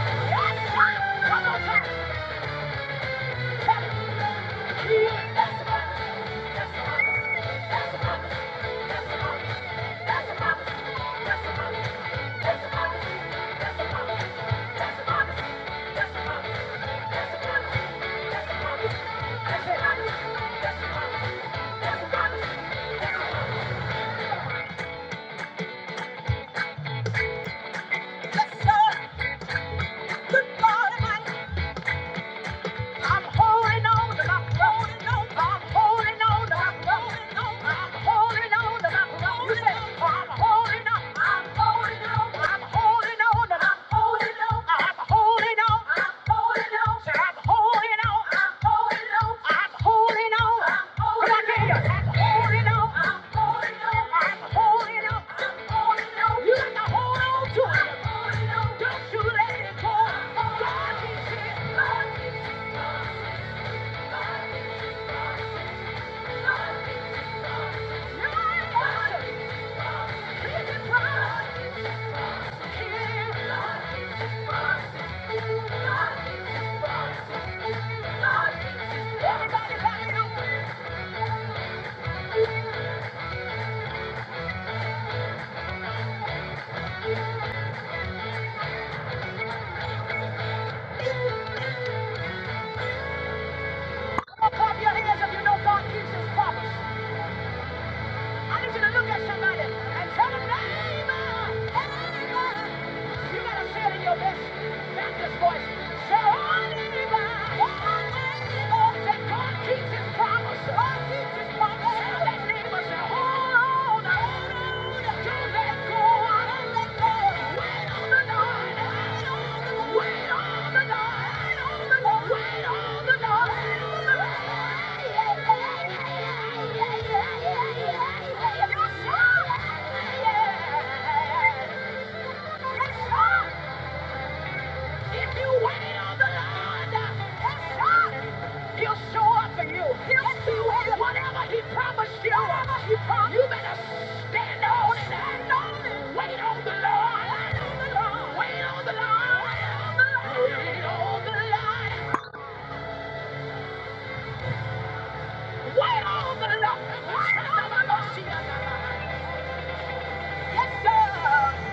Yes, Lord. One more time. That's a promise. I'm holding on to my holding on. I'm holding on to my holding on. I'm holding on to my holding on. I'm holding on. I'm holding on. I'm holding on. I'm holding on. I'm holding on. I'm holding on. I'm holding on. I'm holding on. Come on, get here. I'm holding on. I'm holding on. I'm holding on. I'm holding on. You got to hold on to it. on. Don't you let it go. God is here. Everybody, clap your hands if you know God keeps his promise. I need you to look at somebody and tell them, neighbor, neighbor. You gotta say it in your best Baptist voice. Say, oh, neighbor, oh, that God keeps his promise. God keeps his promise. Tell that neighbor, say, hold on. hold on let Yeah. If you wail the Lord, he He'll show up for you. He'll do it. Whatever he promised you, he promised. you better stand on it. Stand Wait on the Wait on the Lord. Wait on the Lord. Wait on the Lord. Wait on the Lord. Yes, sir.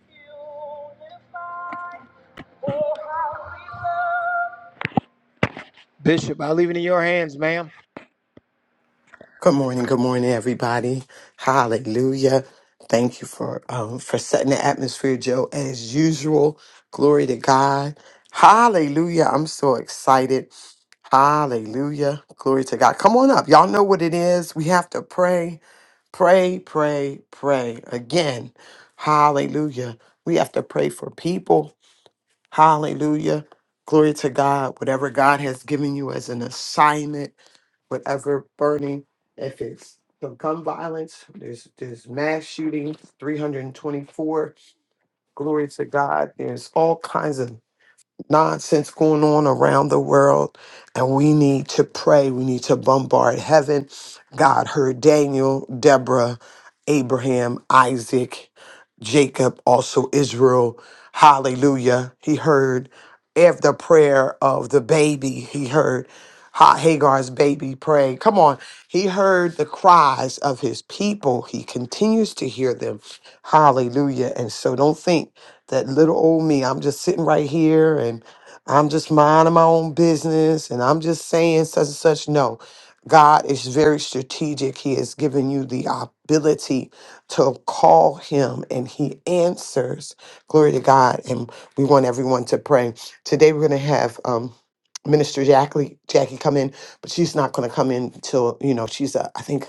Beautiful. Good morning, good morning, everybody. Hallelujah. Thank you for um, for setting the atmosphere, Joe, as usual. Glory to God. Hallelujah. I'm so excited. Hallelujah. Glory to God. Come on up. Y'all know what it is. We have to pray, pray, pray, pray again. Hallelujah. We have to pray for people. Hallelujah. Glory to God. Whatever God has given you as an assignment whatever burning, if it's some gun violence, there's there's mass shootings, 324. Glory to God. There's all kinds of nonsense going on around the world, and we need to pray. We need to bombard heaven. God heard Daniel, Deborah, Abraham, Isaac, Jacob, also Israel. Hallelujah. He heard after prayer of the baby, he heard Ha- Hagar's baby pray. Come on. He heard the cries of his people. He continues to hear them. Hallelujah. And so don't think that little old me. I'm just sitting right here and I'm just minding my own business and I'm just saying such and such. No, God is very strategic. He has given you the ability to call Him and He answers. Glory to God. And we want everyone to pray. Today we're going to have. Um, Minister Jackie, Jackie come in, but she's not going to come in till you know she's a I think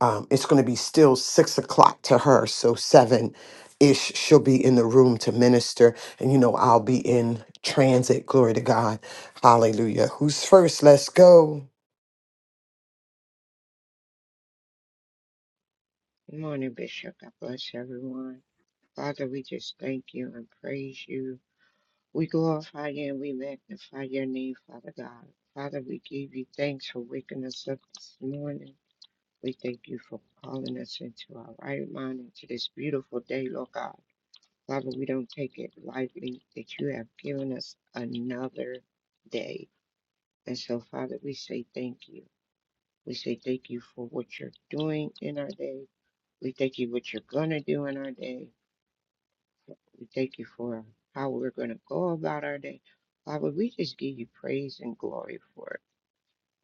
um, it's going to be still six o'clock to her so seven ish she'll be in the room to minister and you know i'll be in transit glory to god hallelujah who's first let's go Good morning, Bishop. God bless everyone. Father, we just thank you and praise you. We glorify you and we magnify your name, Father God. Father, we give you thanks for waking us up this morning. We thank you for calling us into our right mind, into this beautiful day, Lord God. Father, we don't take it lightly that you have given us another day. And so, Father, we say thank you. We say thank you for what you're doing in our day. We thank you what you're going to do in our day. We thank you for how we're going to go about our day. Father, we just give you praise and glory for it.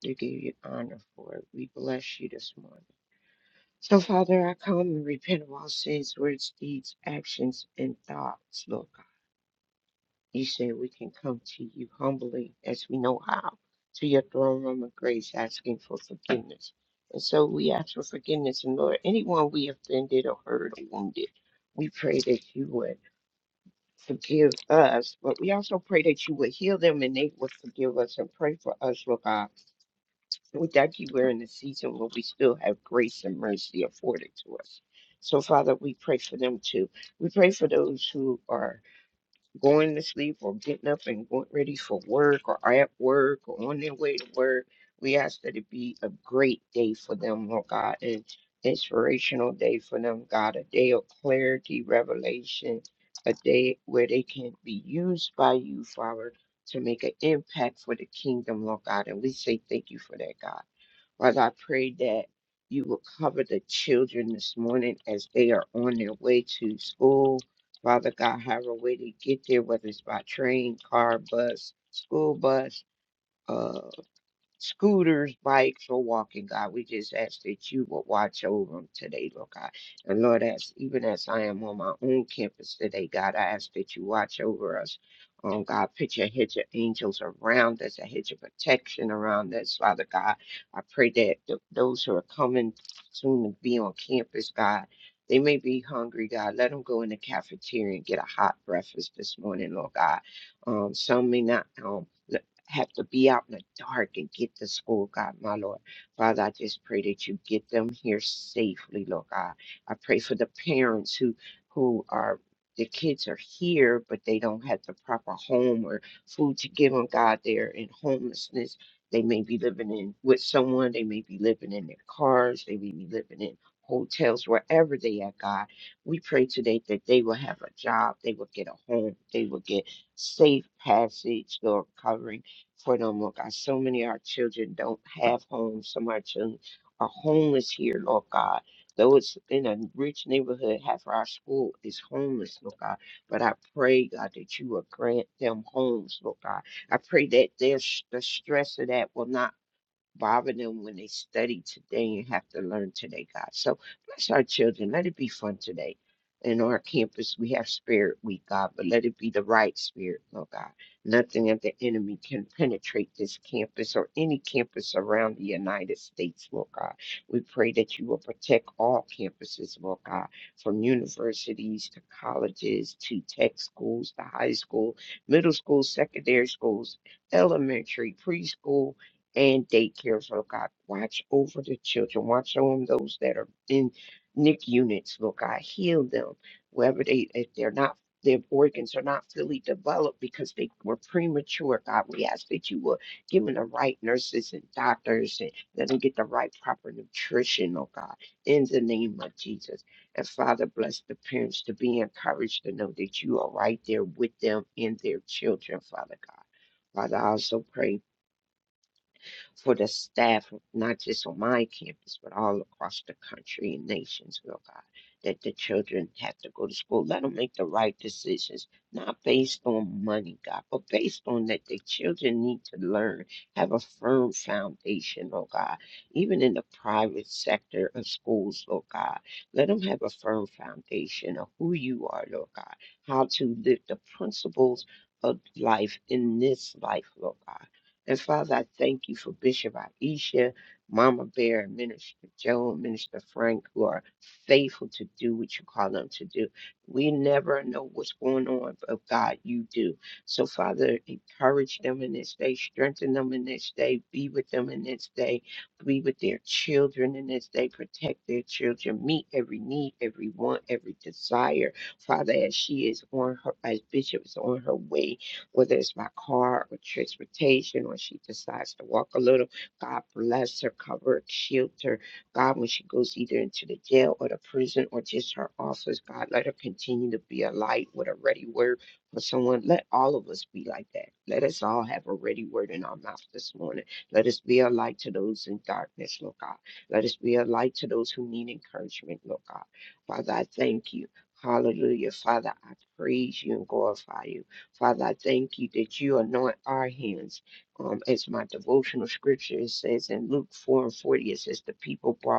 We give you honor for it. We bless you this morning. So, Father, I come and repent of all sins, words, deeds, actions, and thoughts, Lord God. You said we can come to you humbly as we know how, to your throne room of grace, asking for forgiveness. And so we ask for forgiveness. And Lord, anyone we offended or hurt or wounded, we pray that you would. forgive us, but we also pray that you would heal them and they would forgive us and pray for us, Lord God. We thank you we're in a season where we still have grace and mercy afforded to us. So, Father, we pray for them too. We pray for those who are going to sleep or getting up and going ready for work or at work or on their way to work. We ask that it be a great day for them, Lord God, an inspirational day for them, God, a day of clarity, revelation, a day where they can be used by you, Father, to make an impact for the kingdom, Lord God. And we say thank you for that, God. Father, I pray that you will cover the children this morning as they are on their way to school. Father God, however way they get there, whether it's by train, car, bus, school bus, uh, scooters, bikes, or walking, God. We just ask that you will watch over them today, Lord God. And Lord, as even as I am on my own campus today, God, I ask that you watch over us. Oh God, put your hedge of angels around us, a hedge of protection around us, Father God. I pray that th- those who are coming soon to be on campus, God, they may be hungry, God. Let them go in the cafeteria and get a hot breakfast this morning, Lord God. Um, some may not. Um, have to be out in the dark and get to school, God, my Lord. Father, I just pray that you get them here safely, Lord God. I pray for the parents who who are the kids are here, but they don't have the proper home or food to give them, God. They're in homelessness. They may be living in with someone. They may be living in their cars. They may be living in hotels, wherever they are, God. We pray today that they will have a job. They will get a home. They will get safe passage, Lord, covering for them, Lord God. So many of our children don't have homes. Some of our children are homeless here, Lord God. Though it's in a rich neighborhood, half of our school is homeless, Lord God. But I pray, God, that you will grant them homes, Lord God. I pray that their s- the stress of that will not bother them when they study today and have to learn today, God. So bless our children. Let it be fun today. In our campus, we have Spirit Week, God, but let it be the right spirit, Lord God. Nothing of the enemy can penetrate this campus or any campus around the United States, Lord God. We pray that you will protect all campuses, Lord God, from universities to colleges to tech schools to high school, middle school, secondary schools, elementary, preschool, and daycares, Lord God. Watch over the children. Watch over those that are in NIC units, Lord God. Heal them. Wherever they, if they're not, their organs are not fully developed because they were premature, God. We ask that you will give them the right nurses and doctors and let them get the right proper nutrition, oh God, in the name of Jesus. And Father, bless the parents to be encouraged to know that you are right there with them and their children, Father God. Father, I also pray for the staff, not just on my campus, but all across the country and nations, Lord God, that the children have to go to school. Let them make the right decisions, not based on money, God, but based on that the children need to learn, have a firm foundation, Lord God, even in the private sector of schools, Lord God. Let them have a firm foundation of who you are, Lord God, how to live the principles of life in this life, Lord God and Father, I thank you for Bishop Aisha, Mama Bear, and Minister Joe, and Minister Frank, who are faithful to do what you call them to do. We never know what's going on, but God, you do. So, Father, encourage them in this day, strengthen them in this day, be with them in this day, be with their children in this day, protect their children, meet every need, every want, every desire. Father, as she is on her, as Bishop is on her way whether it's by car or transportation, or she decides to walk a little, God bless her, cover her, shield her. God, when she goes either into the jail or the prison or just her office, God, let her continue to be a light with a ready word for someone. Let all of us be like that. Let us all have a ready word in our mouth this morning. Let us be a light to those in darkness, Lord God. Let us be a light to those who need encouragement, Lord God. Father, I thank you. Hallelujah. Father, I praise you and glorify you. Father, I thank you that you anoint our hands. Um, as my devotional scripture it says in Luke 4 and 40, it says, The people brought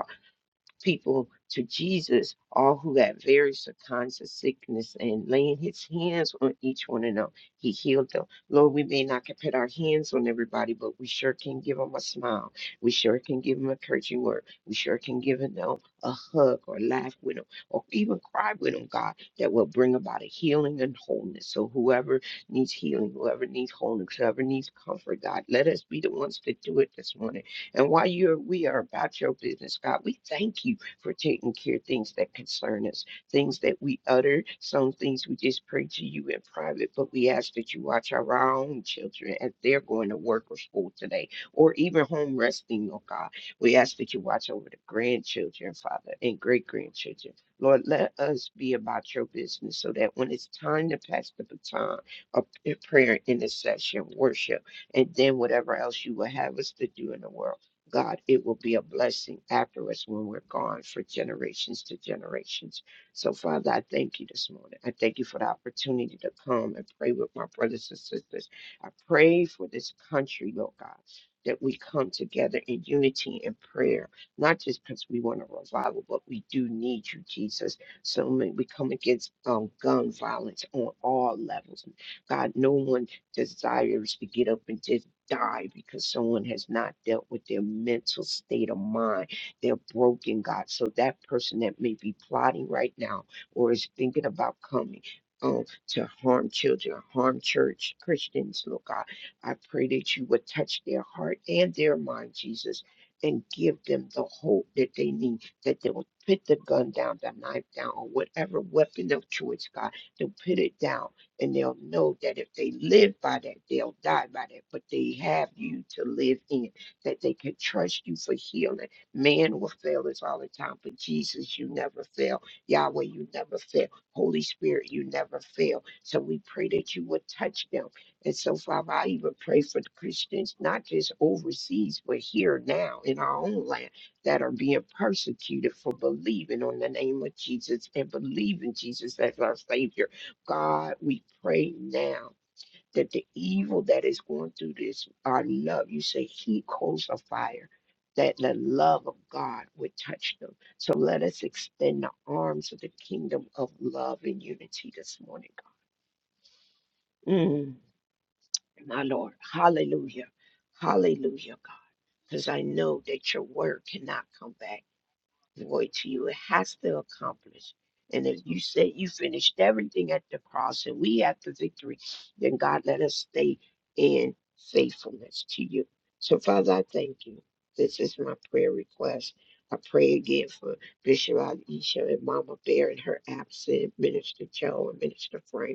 people to Jesus, all who had various kinds of sickness, and laying his hands on each one of them, he healed them. Lord, we may not can put our hands on everybody, but we sure can give them a smile. We sure can give them a encouraging word. We sure can give them a hug or laugh with them or even cry with them, God, that will bring about a healing and wholeness. So whoever needs healing, whoever needs wholeness, whoever needs comfort, God, let us be the ones to do it this morning. And while you're, we are about your business, God, we thank you for taking care of things that concern us, things that we utter, some things we just pray to you in private, but we ask that you watch over our own children as they're going to work or school today, or even home resting, oh God. We ask that you watch over the grandchildren, Father, and great grandchildren. Lord, let us be about your business so that when it's time to pass the baton of prayer, intercession, worship, and then whatever else you will have us to do in the world God, it will be a blessing after us when we're gone for generations to generations. So, Father, I thank you this morning. I thank you for the opportunity to come and pray with my brothers and sisters. I pray for this country, Lord God, that we come together in unity and prayer, not just because we want a revival, but we do need you, Jesus. So may we come against um, gun violence on all levels. God, no one desires to get up and just die because someone has not dealt with their mental state of mind. They're broken, God. So that person that may be plotting right now or is thinking about coming. Um, to harm children, harm church Christians, Lord God. I pray that you would touch their heart and their mind, Jesus, and give them the hope that they need, that they will put the gun down, the knife down, or whatever weapon of choice, God. They'll put it down and they'll know that if they live by that, they'll die by that. But they have you to live in, that they can trust you for healing. Man will fail us all the time, but Jesus, you never fail. Yahweh, you never fail. Holy Spirit, you never fail. So we pray that you would touch them. And so, Father, I even pray for the Christians, not just overseas, but here now in our own land that are being persecuted for believing on the name of Jesus and believing Jesus as our Savior God, we pray now that the evil that is going through this, our love, you say, He calls a fire, that the love of God would touch them. So let us extend the arms of the kingdom of love and unity this morning, God. Mm, my Lord, hallelujah, hallelujah, God, because I know that your word cannot come back. void to you. It has to accomplish. And if you say you finished everything at the cross and we have the victory, then God let us stay in faithfulness to you. So, Father, I thank you. This is my prayer request. I pray again for Bishop Aisha and Mama Bear and her absent, Minister Joe and Minister Frank.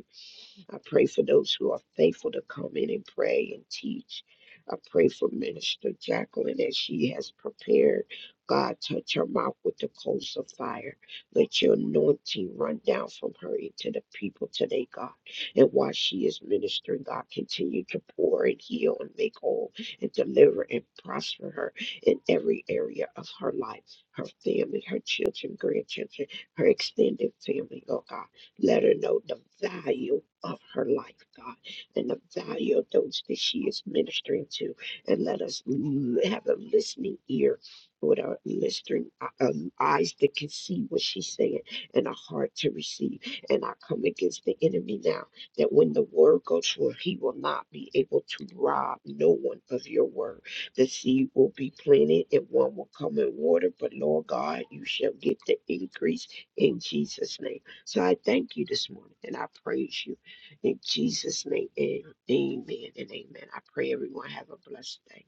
I pray for those who are faithful to come in and pray and teach. I pray for Minister Jacqueline as she has prepared. God, touch her mouth with the coals of fire. Let your anointing run down from her into the people today, God. And while she is ministering, God, continue to pour and heal and make whole and deliver and prosper her in every area of her life, her family, her children, grandchildren, her extended family, oh God. Let her know the value of her life, God, and the value of those that she is ministering to. And let us l- have a listening ear with our listening uh, um, eyes that can see what she's saying and a heart to receive. And I come against the enemy now that when the word goes forth, he will not be able to rob no one of your word. The seed will be planted and one will come in water, but Lord God, you shall get the increase in Jesus' name. So I thank you this morning and I praise you in Jesus' name. And amen and amen. I pray everyone have a blessed day.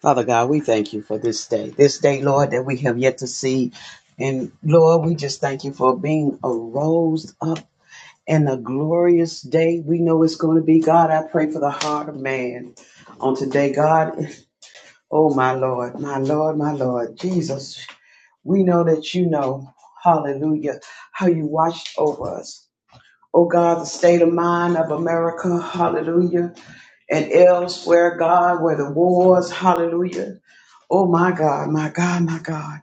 Father God, we thank you for this day. This day, Lord, that we have yet to see. And Lord, we just thank you for being arose up in a glorious day. We know it's going to be. God, I pray for the heart of man on today. God, oh my Lord, my Lord, my Lord, Jesus, we know that you know, hallelujah, how you watched over us. Oh God, the state of mind of America, hallelujah and elsewhere, God, where the wars, hallelujah. Oh my God, my God, my God.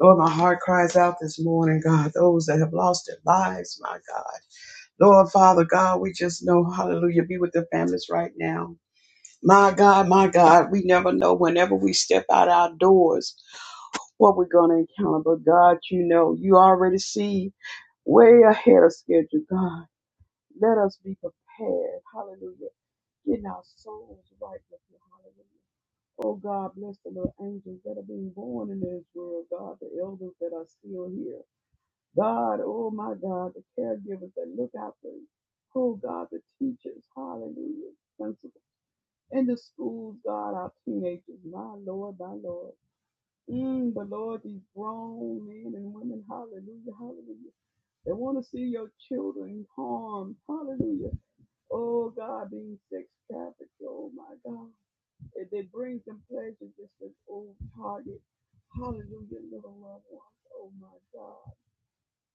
Lord, my heart cries out this morning, God, those that have lost their lives, my God. Lord, Father God, we just know, hallelujah, be with their families right now. My God, my God, we never know whenever we step out our doors what we're going to encounter. But God, you know, you already see way ahead of schedule, God. Let us be prepared, hallelujah, getting our souls right with you, hallelujah. Oh God, bless the little angels that are being born in this world, God, the elders that are still here. God, oh my God, the caregivers that look after us. Oh God, the teachers, hallelujah, principal. In the schools, God, our teenagers, my Lord, my Lord. Mm, but Lord, these grown men and women, hallelujah, hallelujah. They want to see your children harmed, hallelujah. Oh God, being sex trafficked, oh my God. If they bring some pleasure just as old target. Hallelujah, little loved ones. Oh my God.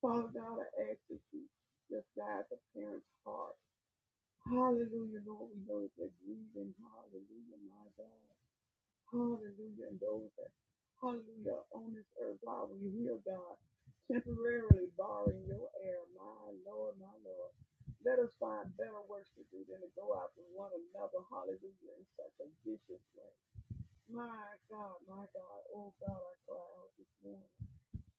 Father God, I ask that you just guide the parents' heart. Hallelujah, Lord. We know that they're grieving. Hallelujah, my God. Hallelujah. And those that, hallelujah, on this earth while we hear God, temporarily borrowing your air. My Lord, my Lord. Let us find better works to do than to go out to one another. Hallelujah. In such a vicious way. My God, my God, oh God, I cry out this morning.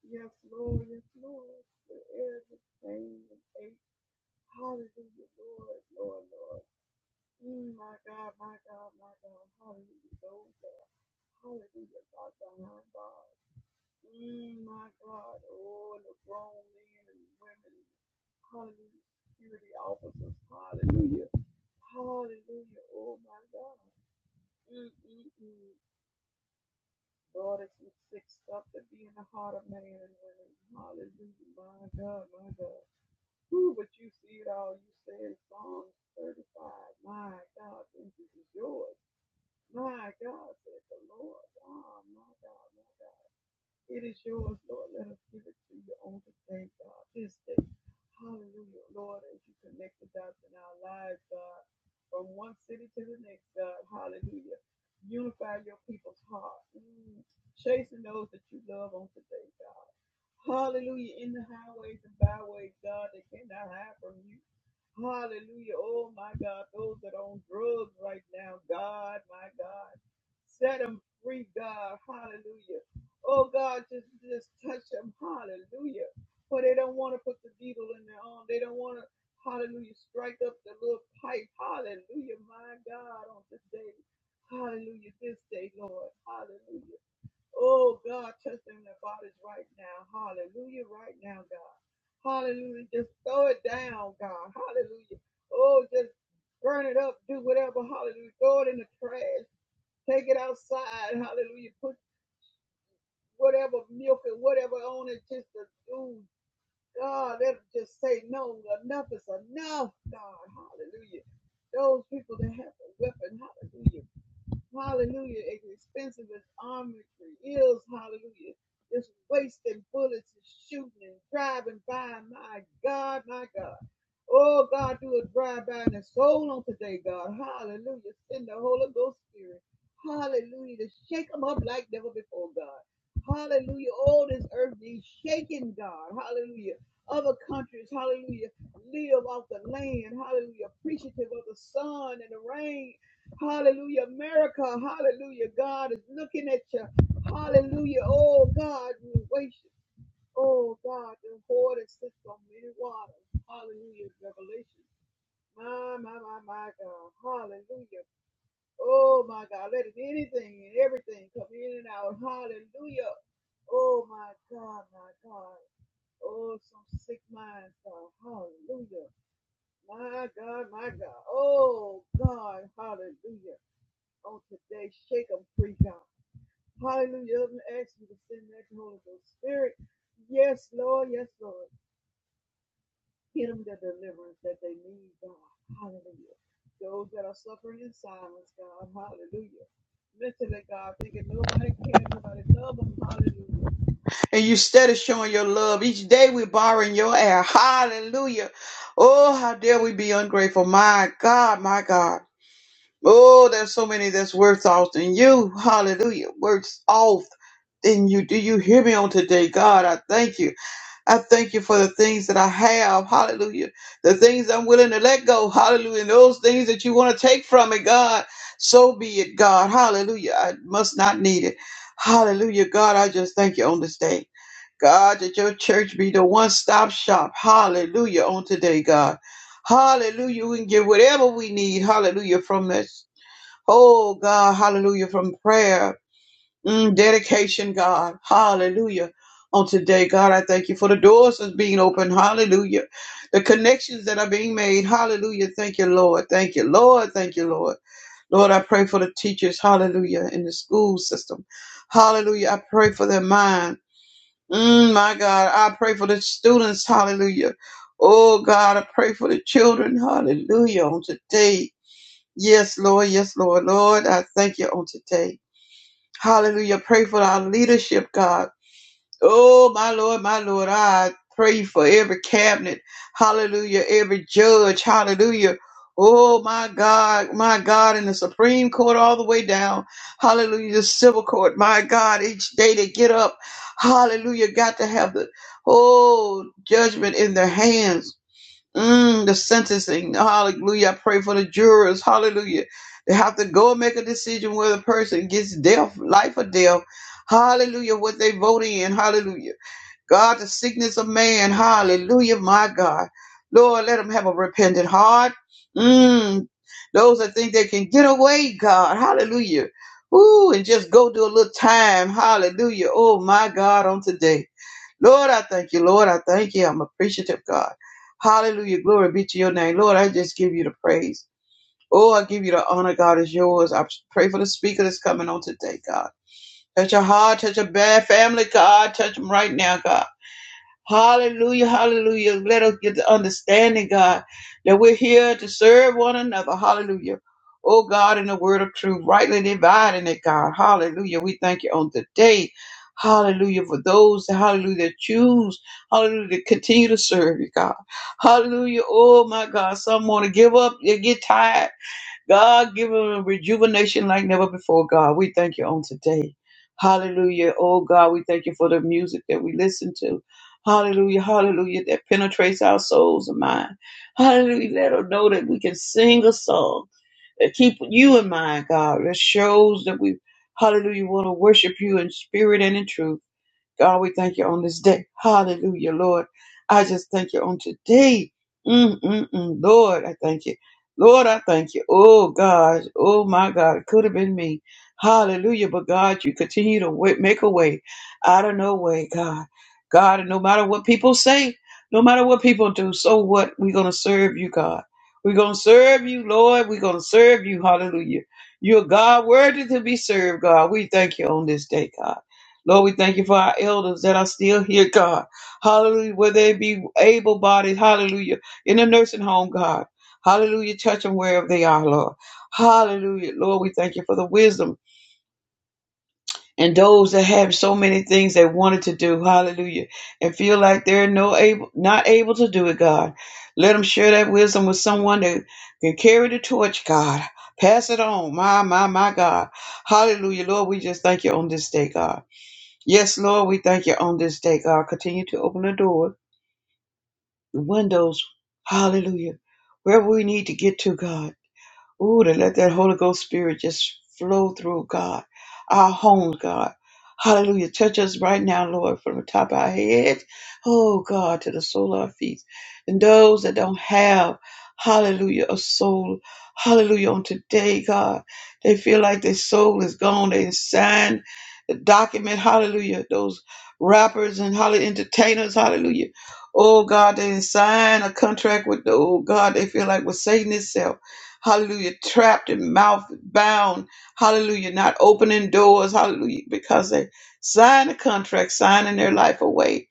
Yes, Lord, yes, Lord, for every pain and ache. Hallelujah, Lord, Lord, Lord. Mm, my God, my God, my God, hallelujah, Lord, that hallelujah, God, God, God. Mm, my God, oh, the grown men and women, hallelujah, security officers, hallelujah, hallelujah, oh my God. Mm-mm-mm. Lord, it's some sick stuff to be in the heart of man and women. Hallelujah. My God, my God. Who but you see it all? You say in Psalms 35, My God, this is yours. My God, said the Lord. Ah, oh, my God, my God. It is yours, Lord. Let us give it to you on today, God. This day. Hallelujah, Lord, as you connect the dots in our lives, God, from one city to the next, God. Hallelujah. Unify your people's heart. Mm. Chasing those that you love on today, God. Hallelujah. In the highways and byways, God, they cannot hide from you. Hallelujah. Oh my God, those that are on drugs right now, God, my God, set them free, God. Hallelujah. Oh God, just just touch them. Hallelujah. For they don't want to put the needle in their arm. They don't want to, hallelujah, strike up the little pipe. Hallelujah, my God, on this day. Hallelujah, this day, Lord. Hallelujah. Oh God, touch them in their bodies right now. Hallelujah, right now, God. Hallelujah. Just throw it down, God. Hallelujah. Oh, just burn it up, do whatever. Hallelujah. Throw it in the trash. Take it outside. Hallelujah. Put whatever milk and whatever on it just to do. God, let them just say no. Enough is enough, God. Hallelujah. Those people that have a weapon, hallelujah. Hallelujah. Expensive as armory is. Hallelujah. Just wasting bullets and shooting and driving by. My God, my God. Oh, God, do a drive by and a soul on today, God. Hallelujah. Send the Holy Ghost Spirit. Hallelujah. To shake them up like never before, God. Hallelujah. All this earth needs shaking, God. Hallelujah. Other countries, hallelujah, live off the land. Hallelujah. Appreciative of the sun and the rain Hallelujah. America, hallelujah. God is looking at you. Hallelujah. Oh, God, you waste. Oh, God, the hoard is sits on many waters. Hallelujah. Revelation. My, my, my, my God. Hallelujah. Oh, my God. Let it anything and everything come in and out. Hallelujah. Oh, my God, my God. Oh, some sick minds, God. Hallelujah. My God, my God. Oh, God. Hallelujah on today. Shake them free, God. Hallelujah. I'm gonna ask you to send that Holy Ghost Spirit. Yes, Lord. Yes, Lord. Get them the deliverance that they need, God. Hallelujah. Those that are suffering in silence, God. Hallelujah. Mentally, God, thinking nobody cares, nobody love them. Hallelujah. And you steady showing your love. Each day we're borrowing your air. Hallelujah. Oh, how dare we be ungrateful. My God, my God. Oh, there's so many that's worse off than you. Hallelujah. Worse off than you. Do you hear me on today? God, I thank you. I thank you for the things that I have. Hallelujah. The things I'm willing to let go. Hallelujah. And those things that you want to take from me, God. So be it, God. Hallelujah. I must not need it. Hallelujah. God, I just thank you on this day. God, that your church be the one stop shop. Hallelujah. On today, God. Hallelujah. We can get whatever we need. Hallelujah. From this. Oh God, hallelujah, from prayer, mm, dedication, God, hallelujah. On today, God, I thank you for the doors that's being opened, hallelujah. The connections that are being made, hallelujah. Thank you, Lord. Thank you, Lord. Thank you, Lord. Lord, I pray for the teachers, hallelujah, in the school system, hallelujah. I pray for their mind, mm, my God. I pray for the students, hallelujah. Oh God, I pray for the children, hallelujah, on today. Yes, Lord. Yes, Lord. Lord, I thank you on today. Hallelujah. Pray for our leadership, God. Oh, my Lord, my Lord. I pray for every cabinet. Hallelujah. Every judge. Hallelujah. Oh, my God, my God, in the Supreme Court all the way down. Hallelujah. The civil court. My God, each day they get up. Hallelujah. Got to have the, oh, judgment in their hands. Mm, the sentencing. Hallelujah. I pray for the jurors. Hallelujah. They have to go and make a decision whether a person gets death, life or death. Hallelujah. What they vote in. Hallelujah. God, the sickness of man. Hallelujah. My God. Lord, let them have a repentant heart. Mm, those that think they can get away, God. Hallelujah. Ooh, and just go do a little time. Hallelujah. Oh, my God, on today. Lord, I thank you. Lord, I thank you. I'm appreciative, God. Hallelujah. Glory be to your name. Lord, I just give you the praise. Oh, I give you the honor, God, is yours. I pray for the speaker that's coming on today, God. Touch your heart, touch your bad family, God. Touch them right now, God. Hallelujah, hallelujah. Let us get the understanding, God, that we're here to serve one another. Hallelujah. Oh God, in the word of truth, rightly dividing it, God. Hallelujah. We thank you on today. Hallelujah. For those, hallelujah, that choose, hallelujah, to continue to serve you, God. Hallelujah. Oh my God. Some want to give up. They get tired. God, give them a rejuvenation like never before, God. We thank you on today. Hallelujah. Oh, God, we thank you for the music that we listen to. Hallelujah. Hallelujah. That penetrates our souls and mind. Hallelujah. Let them know that we can sing a song that keep you in mind, God. That shows that we, hallelujah, want to worship you in spirit and in truth. God, we thank you on this day. Hallelujah, Lord. I just thank you on today. Mm, mm, mm. Lord, I thank you. Lord, I thank you. Oh, God. Oh, my God. It could have been me. Hallelujah. But God, you continue to wa- make a way out of no way, God. God, and no matter what people say, no matter what people do, so what? We're going to serve you, God. We're going to serve you, Lord. We're going to serve you. Hallelujah. You're God worthy to be served, God. We thank you on this day, God. Lord, we thank you for our elders that are still here, God. Hallelujah. Where they be able bodied, hallelujah, in a nursing home, God. Hallelujah. Touch them wherever they are, Lord. Hallelujah. Lord, we thank you for the wisdom and those that have so many things they wanted to do, hallelujah, and feel like they're no able, not able to do it, God. Let them share that wisdom with someone that can carry the torch, God. Pass it on. My, my, my God. Hallelujah. Lord, we just thank you on this day, God. Yes, Lord, we thank you on this day, God. Continue to open the door, the windows, hallelujah, wherever we need to get to, God. Ooh, to let that Holy Ghost Spirit just flow through, God. Our homes, God. Hallelujah. Touch us right now, Lord, from the top of our heads, oh God, to the sole of our feet. And those that don't have, hallelujah, a soul, hallelujah, on today, God. They feel like their soul is gone. They signed the document, hallelujah. Those rappers and hallelujah, entertainers, hallelujah. Oh God, they signed a contract with the, oh God, they feel like with Satan itself hallelujah, trapped and mouth bound, hallelujah, not opening doors, hallelujah, because they signed a contract, signing their life away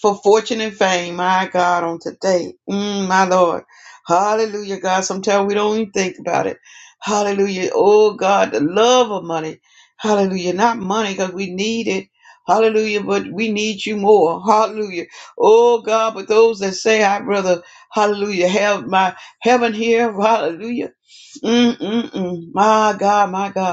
for fortune and fame. My God, on today, mm, my Lord, hallelujah, God. Sometimes we don't even think about it. Hallelujah. Oh God, the love of money. Hallelujah. Not money because we need it. Hallelujah. But we need you more. Hallelujah. Oh God, but those that say, I brother, hallelujah, have my heaven here. Hallelujah. Mm-mm-mm. My God, my God.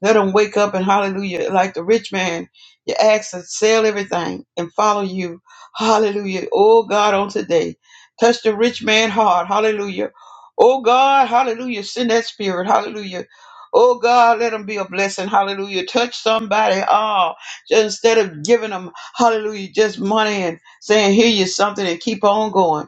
Let them wake up and hallelujah. Like the rich man, you ask to sell everything and follow you. Hallelujah. Oh God, on today, touch the rich man heart. Hallelujah. Oh God, hallelujah. Send that spirit. Hallelujah. Oh God, let them be a blessing. Hallelujah. Touch somebody. Oh, just instead of giving them, hallelujah, just money and saying, here you something and keep on going.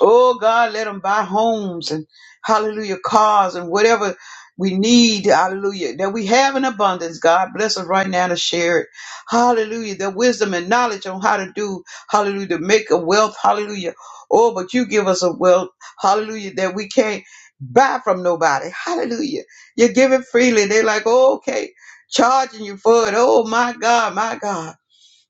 Oh God, let them buy homes and hallelujah, cars and whatever we need, hallelujah, that we have an abundance. God bless us right now to share it. Hallelujah. The wisdom and knowledge on how to do, hallelujah, to make a wealth, hallelujah. Oh, but you give us a wealth, hallelujah, that we can't buy from nobody. Hallelujah. You give it freely. They're like, oh, okay, charging you for it. Oh, my God, my God.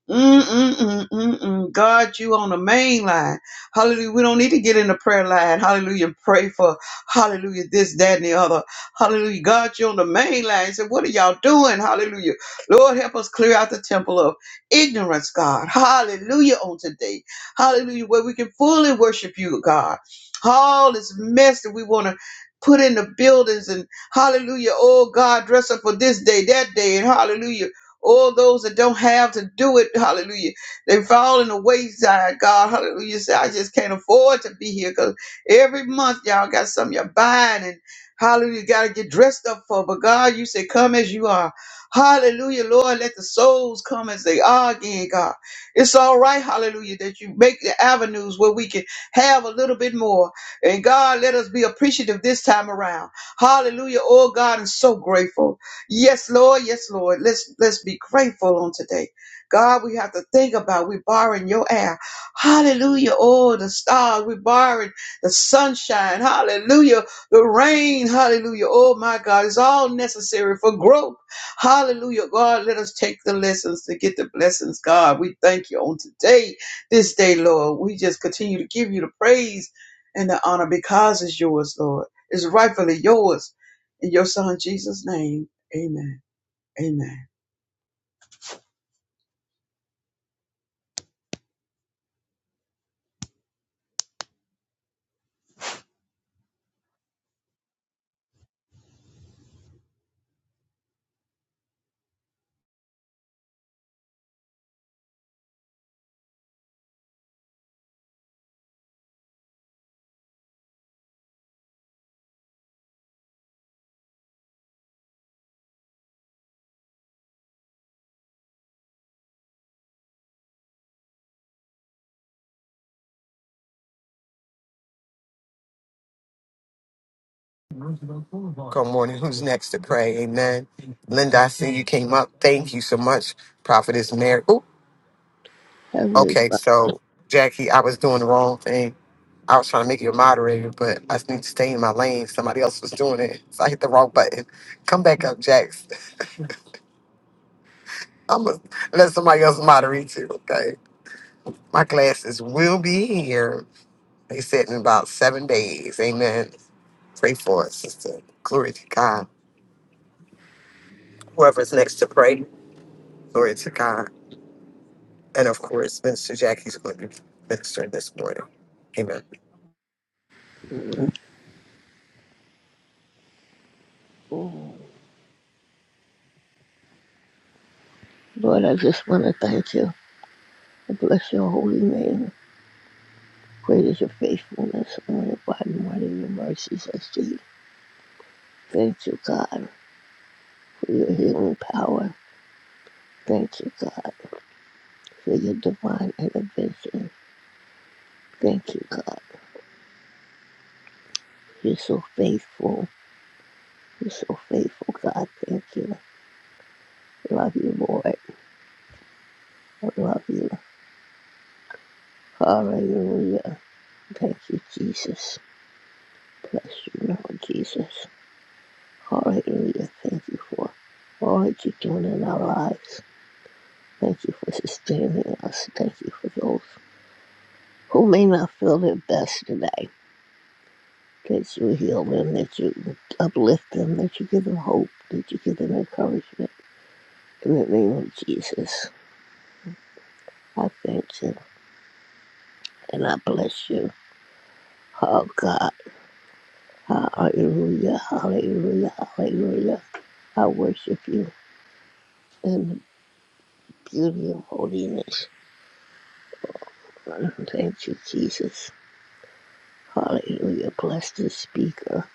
Mm-mm-mm-mm-mm. God, you on the main line. Hallelujah. We don't need to get in the prayer line. Hallelujah. Pray for hallelujah, this, that, and the other. Hallelujah. God, you on the main line. He what are y'all doing? Hallelujah. Lord, help us clear out the temple of ignorance, God. Hallelujah on today. Hallelujah. Where we can fully worship you, God. All this mess that we want to put in the buildings and hallelujah. Oh God, dress up for this day, that day, and hallelujah. All those that don't have to do it, hallelujah. They fall in the wayside, God, hallelujah. Say, I just can't afford to be here because every month y'all got something you're buying and hallelujah, got to get dressed up for. But God, you say, come as you are. Hallelujah, Lord, let the souls come as they are again, God. It's all right, hallelujah, that you make the avenues where we can have a little bit more. And God, let us be appreciative this time around. Hallelujah. Oh God, I'm so grateful. Yes, Lord. Yes, Lord. Let's let's be grateful on today. God, we have to think about we borrowing your air. Hallelujah. Oh, the stars. We borrowing the sunshine. Hallelujah. The rain. Hallelujah. Oh my God. It's all necessary for growth. Hallelujah. God, let us take the lessons to get the blessings. God, we thank you on today, this day, Lord. We just continue to give you the praise and the honor because it's yours, Lord. It's rightfully yours. In your son Jesus' name. Amen. Amen. good morning who's next to pray amen linda i see you came up thank you so much prophetess mary Oh, Heavenly okay Father, so jackie i was doing the wrong thing i was trying to make you a moderator but i need to stay in my lane somebody else was doing it so i hit the wrong button come back up jack I'm gonna let somebody else moderate too. Okay, my classes will be here. They said in about seven days. Amen. Pray for us, sister. Glory to God. Whoever's next to pray, glory to God. And of course, Minister Jackie's going to be ministering this morning. Amen. Lord, I just want to thank you and bless your holy name. Great is your faithfulness and your body, mighty of your mercies I see. Thank you, God, for your healing power. Thank you, God, for your divine intervention. Thank you, God. You're so faithful. You're so faithful, God. Thank you. Love you, Lord. I love you. Hallelujah. Thank you, Jesus. Bless you, Lord Jesus. Hallelujah. Thank you for all that you're doing in our lives. Thank you for sustaining us. Thank you for those who may not feel their best today. That you heal them, that you uplift them, that you give them hope, that you give them encouragement. In the name of Jesus, I thank you and I bless you. Oh God, hallelujah, hallelujah, hallelujah. I worship you in the beauty of holiness. Thank you, Jesus. Hallelujah. Bless the speaker.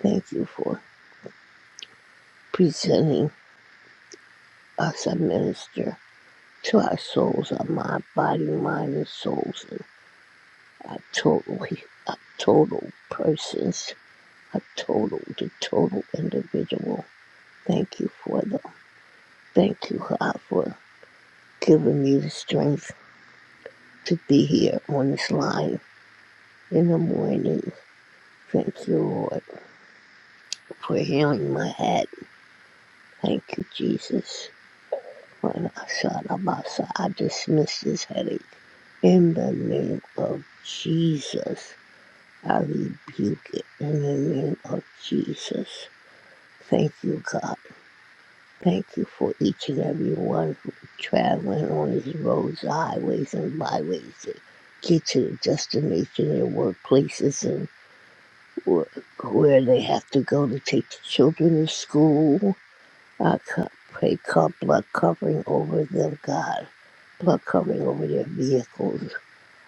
Thank you for presenting us a minister to our souls, our mind, body, mind, and souls, and our total, our total persons, our total, the total individual. Thank you for the, thank you, God, for giving me the strength to be here on this line in the morning. Thank you, Lord, for healing my head. Thank you, Jesus. When I shot Abasa, I dismiss this headache. In the name of Jesus, I rebuke it. In the name of Jesus. Thank you, God. Thank you for each and every one who traveling on these roads, highways, and byways to get to the destination, their workplaces, and where they have to go to take the children to school. I pray, God, blood covering over them, God. blood covering over their vehicles,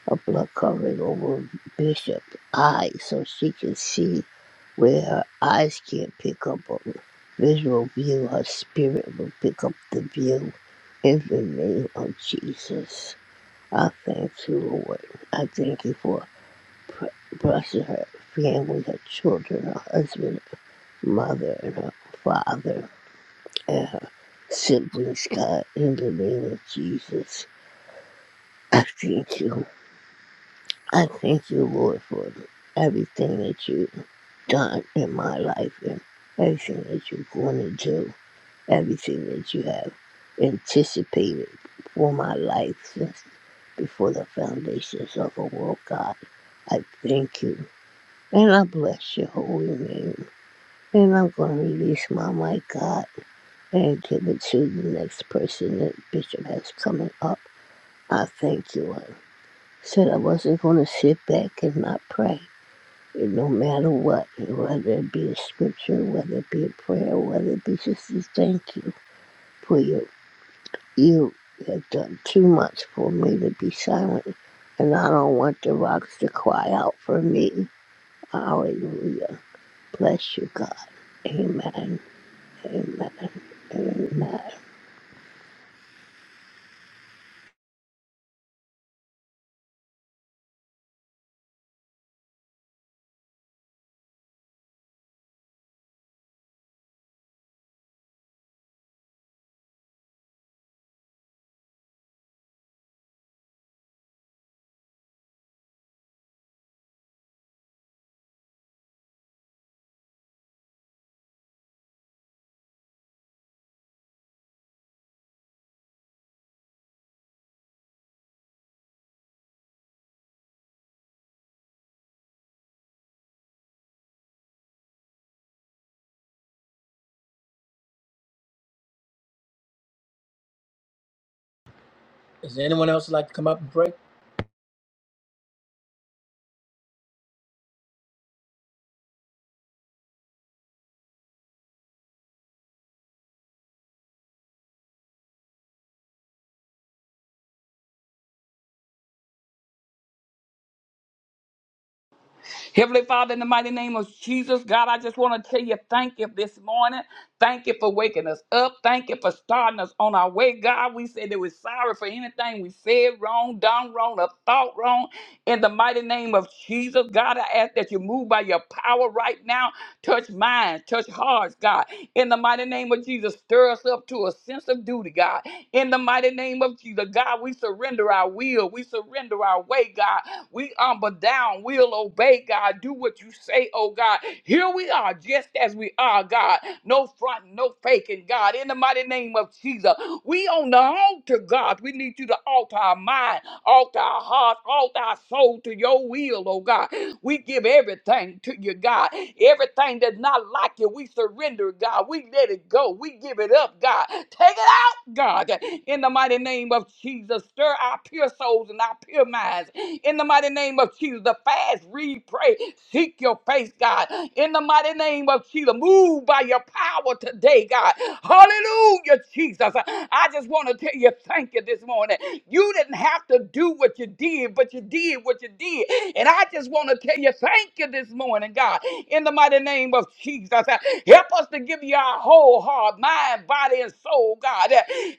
a blood covering over Bishop's eyes so she can see where her eyes can't pick up on visual view, her spirit will pick up the view in the name of Jesus. I thank you, Lord. I thank you for pr- blessing her family, her children, her husband, mother, and her father, and her siblings, God, in the name of Jesus. I thank you. I thank you, Lord, for everything that you've done in my life and everything that you're going to do, everything that you have anticipated for my life since before the foundations of the world, God. I thank you and I bless your holy name. And I'm going to release my mic, God, and give it to the next person that Bishop has coming up. I thank you. I said I wasn't going to sit back and not pray. No matter what, whether it be a scripture, whether it be a prayer, whether it be just to thank you for your, you have done too much for me to be silent. And I don't want the rocks to cry out for me. Hallelujah. Bless you, God. Amen. Amen. Amen. Heavenly Father, in the mighty name of Jesus, God, I just want to tell you thank you this morning. Thank you for waking us up. Thank you for starting us on our way. God, we said that we're sorry for anything we said wrong, done wrong, or thought wrong. In the mighty name of Jesus, God, I ask that you move by your power right now. Touch minds, touch hearts, God. In the mighty name of Jesus, stir us up to a sense of duty, God. In the mighty name of Jesus, God, we surrender our will. We surrender our way, God. We humble down. We'll obey, God. Do what you say, oh God. Here we are, just as we are, God. No front, no faking, God. In the mighty name of Jesus, we on the altar, God. We need you to alter our mind, alter our heart, alter our soul to your will, oh God. We give everything to you, God. Everything that's not like you, we surrender, God. We let it go. We give it up, God. Take it out. God, in the mighty name of Jesus. Stir our pure souls and our pure minds. In the mighty name of Jesus, the fast, read, pray, seek your face, God. In the mighty name of Jesus, move by your power today, God. Hallelujah, Jesus. I just want to tell you thank you this morning. You didn't have to do what you did, but you what you did, what you did. And I just want to tell you, thank you this morning, God, in the mighty name of Jesus. Help us to give you our whole heart, mind, body, and soul, God.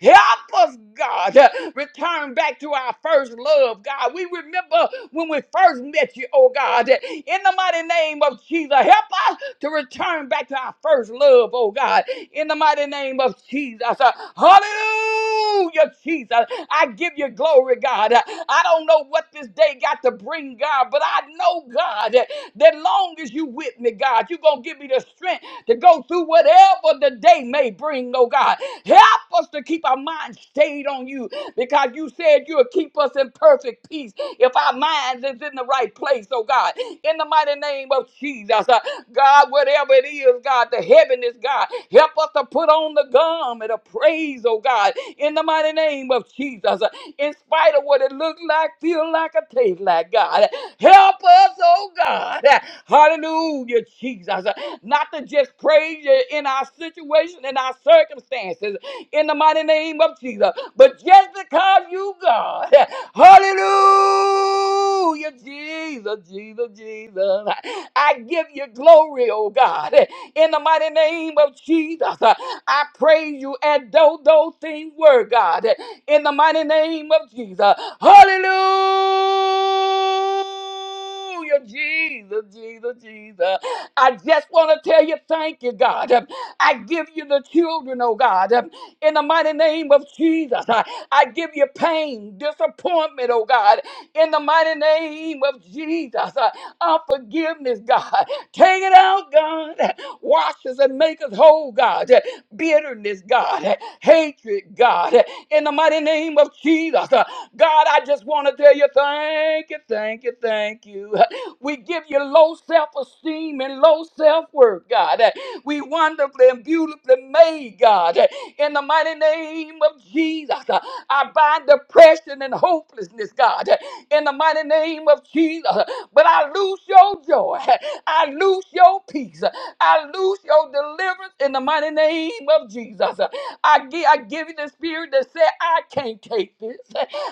Help us, God, return back to our first love, God. We remember when we first met you, oh God, in the mighty name of Jesus. Help us to return back to our first love, oh God, in the mighty name of Jesus. Uh, Hallelujah, Jesus. I give you glory, God. Uh, I don't know what this day got to bring, God, but I know, God, that that long as you with me, God, you're going to give me the strength to go through whatever the day may bring, oh God. Help us to keep our mind stayed on you because you said you'll keep us in perfect peace if our minds is in the right place, oh God, in the mighty name of Jesus, uh, God, whatever it is, God, the heaven is God, help us to put on the garment of praise, oh God, in the mighty name of Jesus, uh, in spite of what it look like, feel like, or taste like, God, help us, oh God, hallelujah, Jesus, uh, not to just praise you in our situation, in our circumstances, in the mighty name of Jesus. But just because you God, hallelujah, Jesus, Jesus, Jesus, I give you glory, oh God, in the mighty name of Jesus. I praise you as though those things were, God, in the mighty name of Jesus. Hallelujah, Jesus, Jesus, Jesus. I just want to tell you, thank you, God. I give you the children, oh God in the mighty name of Jesus. I, I give you pain, disappointment, oh God, in the mighty name of Jesus. Uh, unforgiveness, God. Take it out, God. Wash us and make us whole, God. Bitterness, God. Hatred, God. In the mighty name of Jesus. Uh, God, I just want to tell you thank you, thank you, thank you. We give you low self esteem and low self worth, God. We wonderfully and beautifully made, God. In the mighty name of Jesus, uh, I bind depression and hopelessness, God. In the mighty name of Jesus, but I lose your joy. I lose your peace. I lose your deliverance in the mighty name of Jesus. I give, I give you the spirit that said, I can't take this.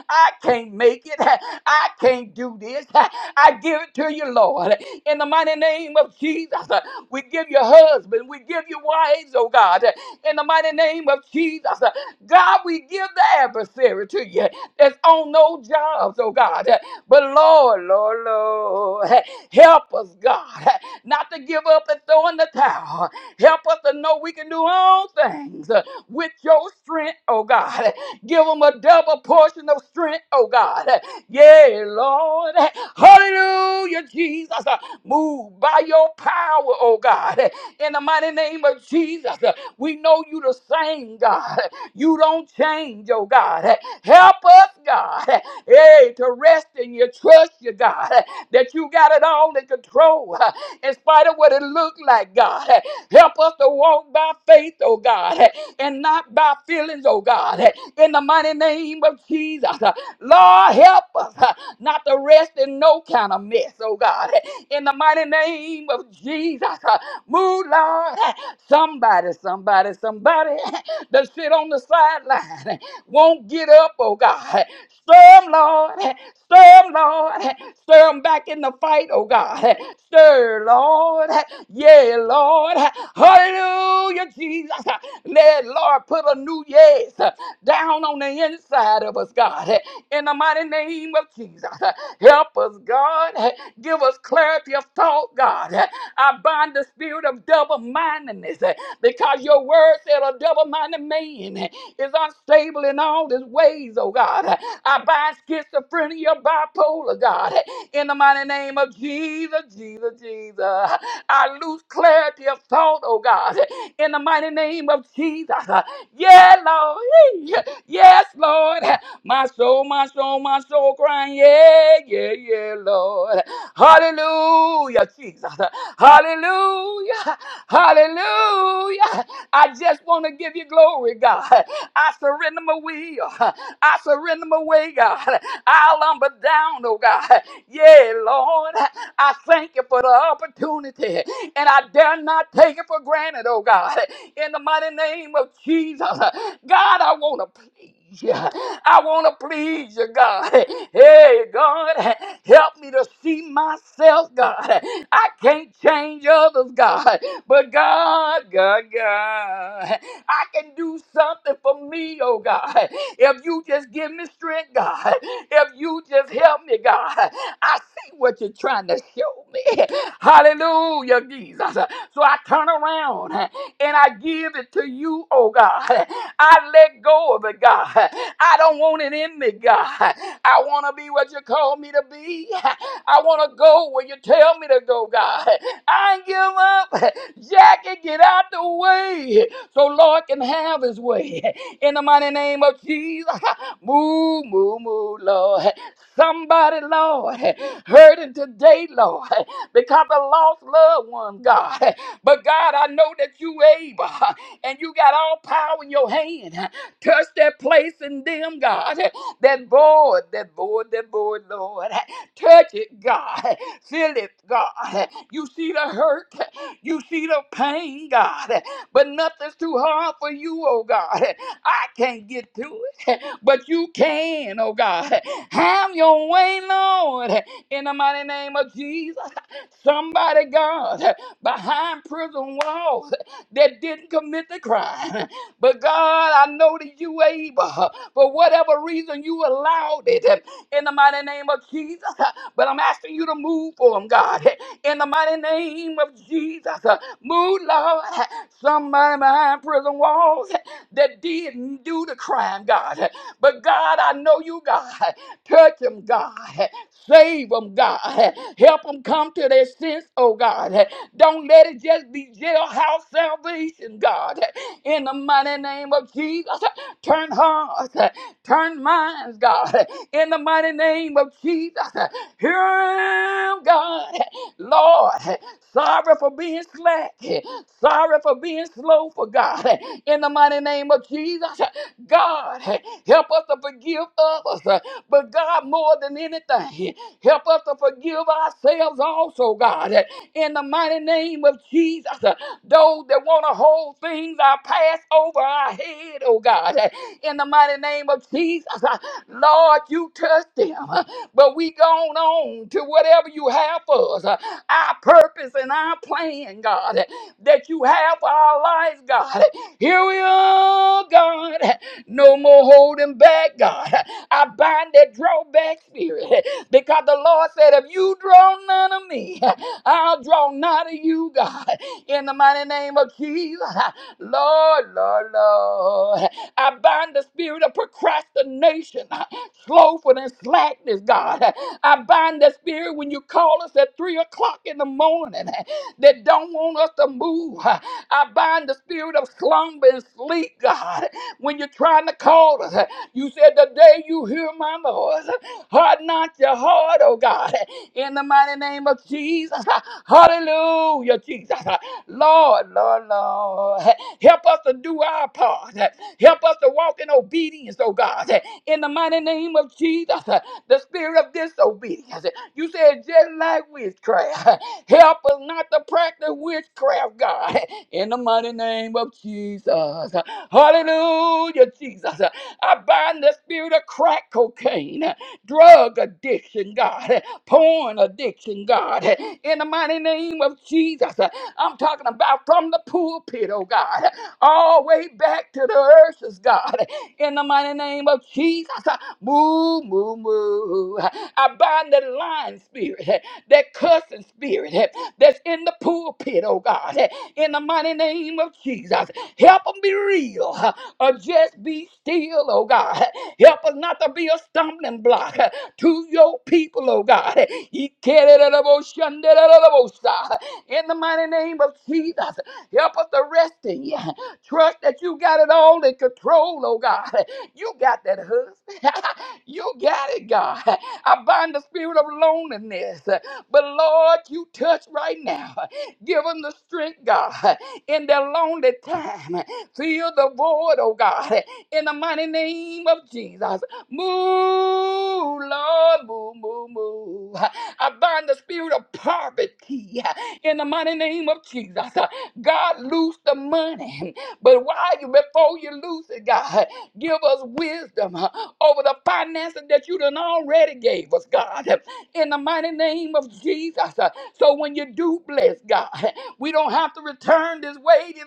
I can't make it. I can't do this. I give it to you, Lord. In the mighty name of Jesus, we give you husband. We give you wives, oh God in the mighty name of Jesus. God, we give the adversary to you that's on no jobs, oh God. But Lord, Lord, Lord, help us, God, not to give up and throw in the towel. Help us to know we can do all things with your strength, oh God. Give them a double portion of strength, oh God. Yeah, Lord. Hallelujah, Jesus. Move by your power, oh God. In the mighty name of Jesus. We know you the same, God. You don't change, oh God. Help us, God, hey, to rest in your trust, you God, that you got it all in control, in spite of what it looked like, God. Help us to walk by faith, oh God, and not by feelings, oh God. In the mighty name of Jesus, Lord, help us not to rest in no kind of mess, oh God. In the mighty name of Jesus, move, Lord. Somebody, somebody, somebody that sit on the sideline won't get up, oh God. Stir 'em, Lord. Stir 'em, Lord. Stir 'em back in the fight, oh God. Stir, Lord. Yeah, Lord. Hallelujah, Jesus. Let, Lord, put a new yes down on the inside of us, God. In the mighty name of Jesus. Help us, God. Give us clarity of thought, God. I bind the spirit of double mindedness because your word said a double minded man uh, is unstable in all his ways, oh God. Uh, I bind schizophrenia, bipolar, God, uh, in the mighty name of Jesus, Jesus, Jesus. I lose clarity of thought, oh God, uh, in the mighty name of Jesus. Uh, Yeah, Lord. Yes, Lord. My soul, my soul, my soul crying, yeah, yeah, yeah, Lord. Hallelujah, Jesus. Hallelujah. Hallelujah. I just want to give you glory, God. I surrender my will. I surrender my way, God. I'll humble down, oh God. Yeah, Lord. I thank you for the opportunity, and I dare not take it for granted, oh God. In the mighty name of Jesus, God, I want to please you. I want to please you, God. Hey, God, help me to see myself, God. I can't change others, God. But God, God, God, I can do something for me, oh God. If you just give me strength, God. If you just help me, God. I see what you're trying to show me. Hallelujah, Jesus. So I turn around and I give it to you, oh God. I let go of it, God. I don't want it in me, God. I want to be what you call me to be. I want to go where you tell me to go, God. I ain't give up. Jackie, get out the way so Lord can have his way. In the mighty name of Jesus, move, move, move, Lord. Somebody, Lord, hurting today, Lord, because the lost loved one, God. But God, I know that you able and you got all power in your hand. Touch that place in them, God. That void, that void, that void, Lord. Touch it, God. Feel it, God. You see the hurt. You see the pain, God. But nothing's too hard for you, oh God. I can't get to it but you can, oh God. Have your way, Lord, in the mighty name of Jesus. Somebody, God, behind prison walls that didn't commit the crime. But God, I know that you able. For whatever reason, you allowed it in the mighty name of Jesus. But I'm asking you to move for them, God. In the mighty name of Jesus. Move, Lord. Somebody behind prison walls that didn't do the crime, God. But God, I know you, God. Touch them, God. Save them, God. Help them come to their sense, oh God. Don't let it just be jailhouse salvation, God. In the mighty name of Jesus, turn hearts, turn minds, God. In the mighty name of Jesus, hear him, God. Lord, sorry for being slack. Sorry for being slow for God. In the mighty name of Jesus, God, help us to forgive others. uh, But God, more than anything, help us to forgive ourselves also, God. In the mighty name of Jesus, uh, those that want to hold things, I pass over our head, oh God. In the mighty name of Jesus, uh, Lord, you touch them. uh, But we gone on to whatever you have for us, uh, our purpose and our plan, God, that you have for our lives, God. Here we are, God. No more holding back, God. I bind that drawback spirit because the Lord said, if you draw none of me, I'll draw none of you, God. In the mighty name of Jesus, Lord, Lord, Lord. I bind the spirit of procrastination, slowful and slackness, God. I bind that spirit when you call us at three o'clock in the morning that don't want us to move. I bind the spirit of slumber and sleep, God when you're trying to call us. You said, The day you hear my voice, harden not your heart, oh God, in the mighty name of Jesus. Hallelujah, Jesus. Lord, Lord, Lord, help us to do our part. Help us to walk in obedience, oh God, in the mighty name of Jesus. The spirit of disobedience. You said, just like witchcraft. Help us not to practice witchcraft, God, in the mighty name of Jesus. Hallelujah, Jesus. I bind the spirit of crack cocaine, drug addiction, God, porn addiction, God, in the mighty name of Jesus. I'm talking about from the pulpit, oh God, all the way back to the earth's God, in the mighty name of Jesus. Move, move, move. I bind the lying spirit that cussing spirit eh, that's in the pulpit, oh God, eh, in the mighty name of Jesus. Help them be real huh, or just be still, oh God. eh. Help us not to be a stumbling block huh, to your people, oh God. He carried it up, oh, shunned it up, oh, sigh. In the mighty name of Jesus, help us to rest in you. eh. Trust that you got it all in control, oh God. eh. You got that husband. you got it, God. eh. I bind the spirit of loneliness. eh, but Lord, you touch right now. Give them the strength, God, in their lonely time. Fill the void, oh God, in the mighty name of Jesus. Move, Lord, move, move, move. I bind the spirit of poverty in the mighty name of Jesus. God, loose the money. But while you, before you lose it, God, give us wisdom over the finances that you done already gave us, God in the mighty name of Jesus. Uh, So when you do bless God, we don't have to return this way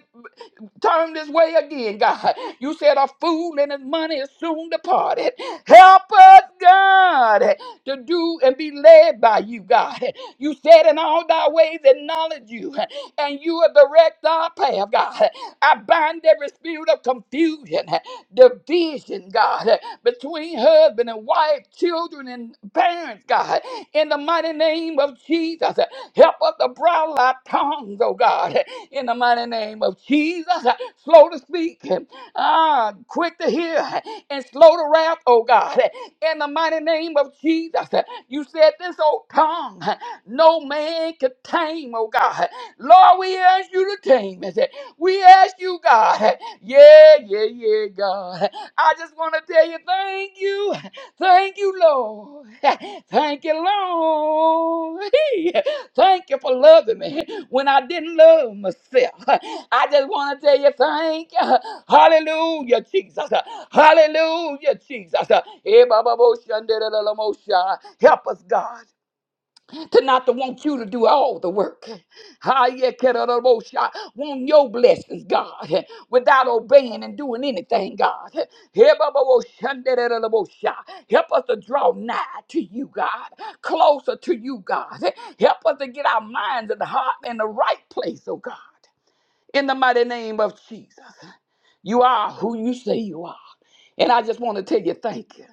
turn this way again, God. You said a fool and his money is soon departed. Help us, God, to do and be led by you, God. You said in all thy ways acknowledge you, and you will direct our path, God. I bind every spirit of confusion, division, God, between husband and wife, children and parents, God. In the mighty name of Jesus, help us to bridle our tongues, oh God in the mighty name of Jesus. uh, Slow to speak, ah, quick to hear, and slow to wrath, oh God, in the mighty name of Jesus. uh, You said this old tongue, no man could tame, oh God. Lord, we ask you to tame it. We ask you, God. Yeah, yeah, yeah, God. I just want to tell you, thank you. Thank you, Lord. Thank you, Lord. Thank you for loving me when I didn't love myself. I just want to tell you thank you. Hallelujah, Jesus. Hallelujah, Jesus. Eh, ba, ba, bo, shan, da, da, da, la, mo, sha. Help us, God to not to want you to do all the work. Ah, yeah Hayekerabosha. Want your blessings, God, without obeying and doing anything, God. Hebababoshandererabosha. Help us to draw nigh to you, God, closer to you, God. Help us to get our minds and heart in the right place, oh God. In the mighty name of Jesus, you are who you say you are. And I just want to tell you thank you.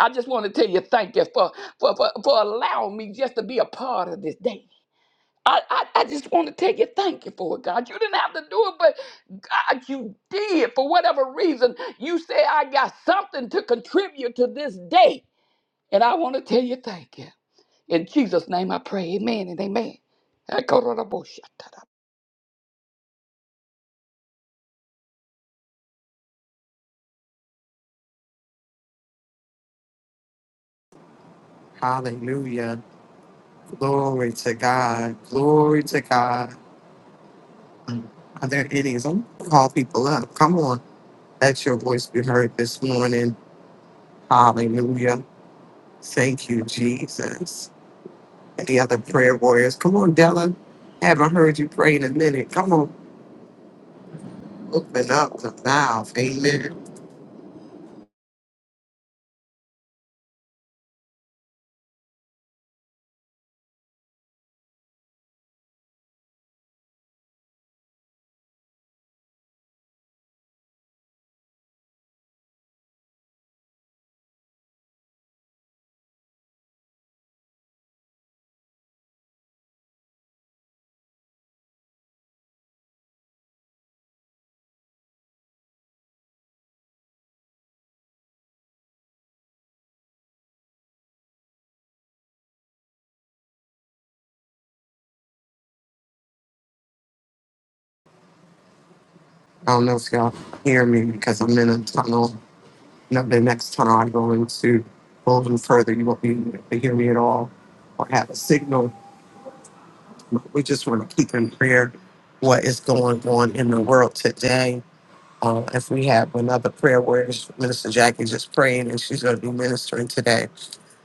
I just want to tell you thank you for, for, for, for allowing me just to be a part of this day. I, I, I just want to tell you thank you for it, God. You didn't have to do it, but God, you did. For whatever reason, you say I got something to contribute to this day. And I want to tell you thank you. In Jesus' name I pray. Amen and amen. Hallelujah. Glory to God. Glory to God. Are there any? I'm call people up. Come on. Let your voice be heard this morning. Hallelujah. Thank you, Jesus. and the other prayer warriors. Come on, Della. Haven't heard you pray in a minute. Come on, open up the mouth. Amen. I don't know if y'all hear me because I'm in a tunnel. No, the next tunnel I go into, a little further, you won't be able to hear me at all or have a signal. We just want to keep in prayer what is going on in the world today Uh, if we have another prayer where Minister Jackie just praying and she's going to be ministering today.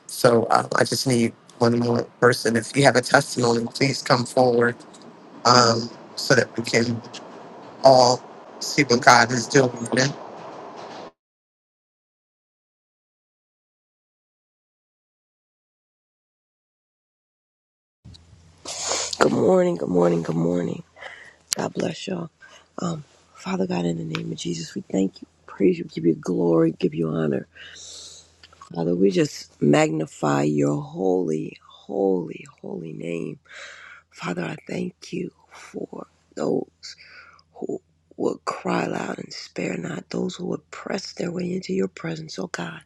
So um, I just need one more person. If you have a testimony, please come forward um, so that we can all see what God is doing. Amen. Good morning, good morning, good morning. God bless y'all. Um, Father God, in the name of Jesus, we thank you, praise you, give you glory, give you honor. Father, we just magnify your holy, holy, holy name. Father, I thank you for those who would cry loud and spare not, those who would press their way into your presence, oh God,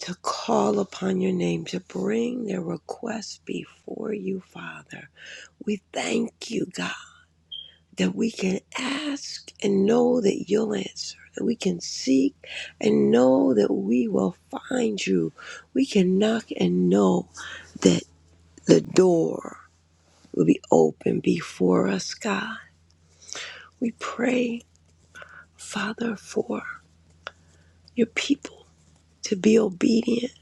to call upon your name, to bring their requests before you, Father. We thank you, God. that we can ask and know that you'll answer, that we can seek and know that we will find you. We can knock and know that the door will be open before us, God. We pray, Father, for your people to be obedient,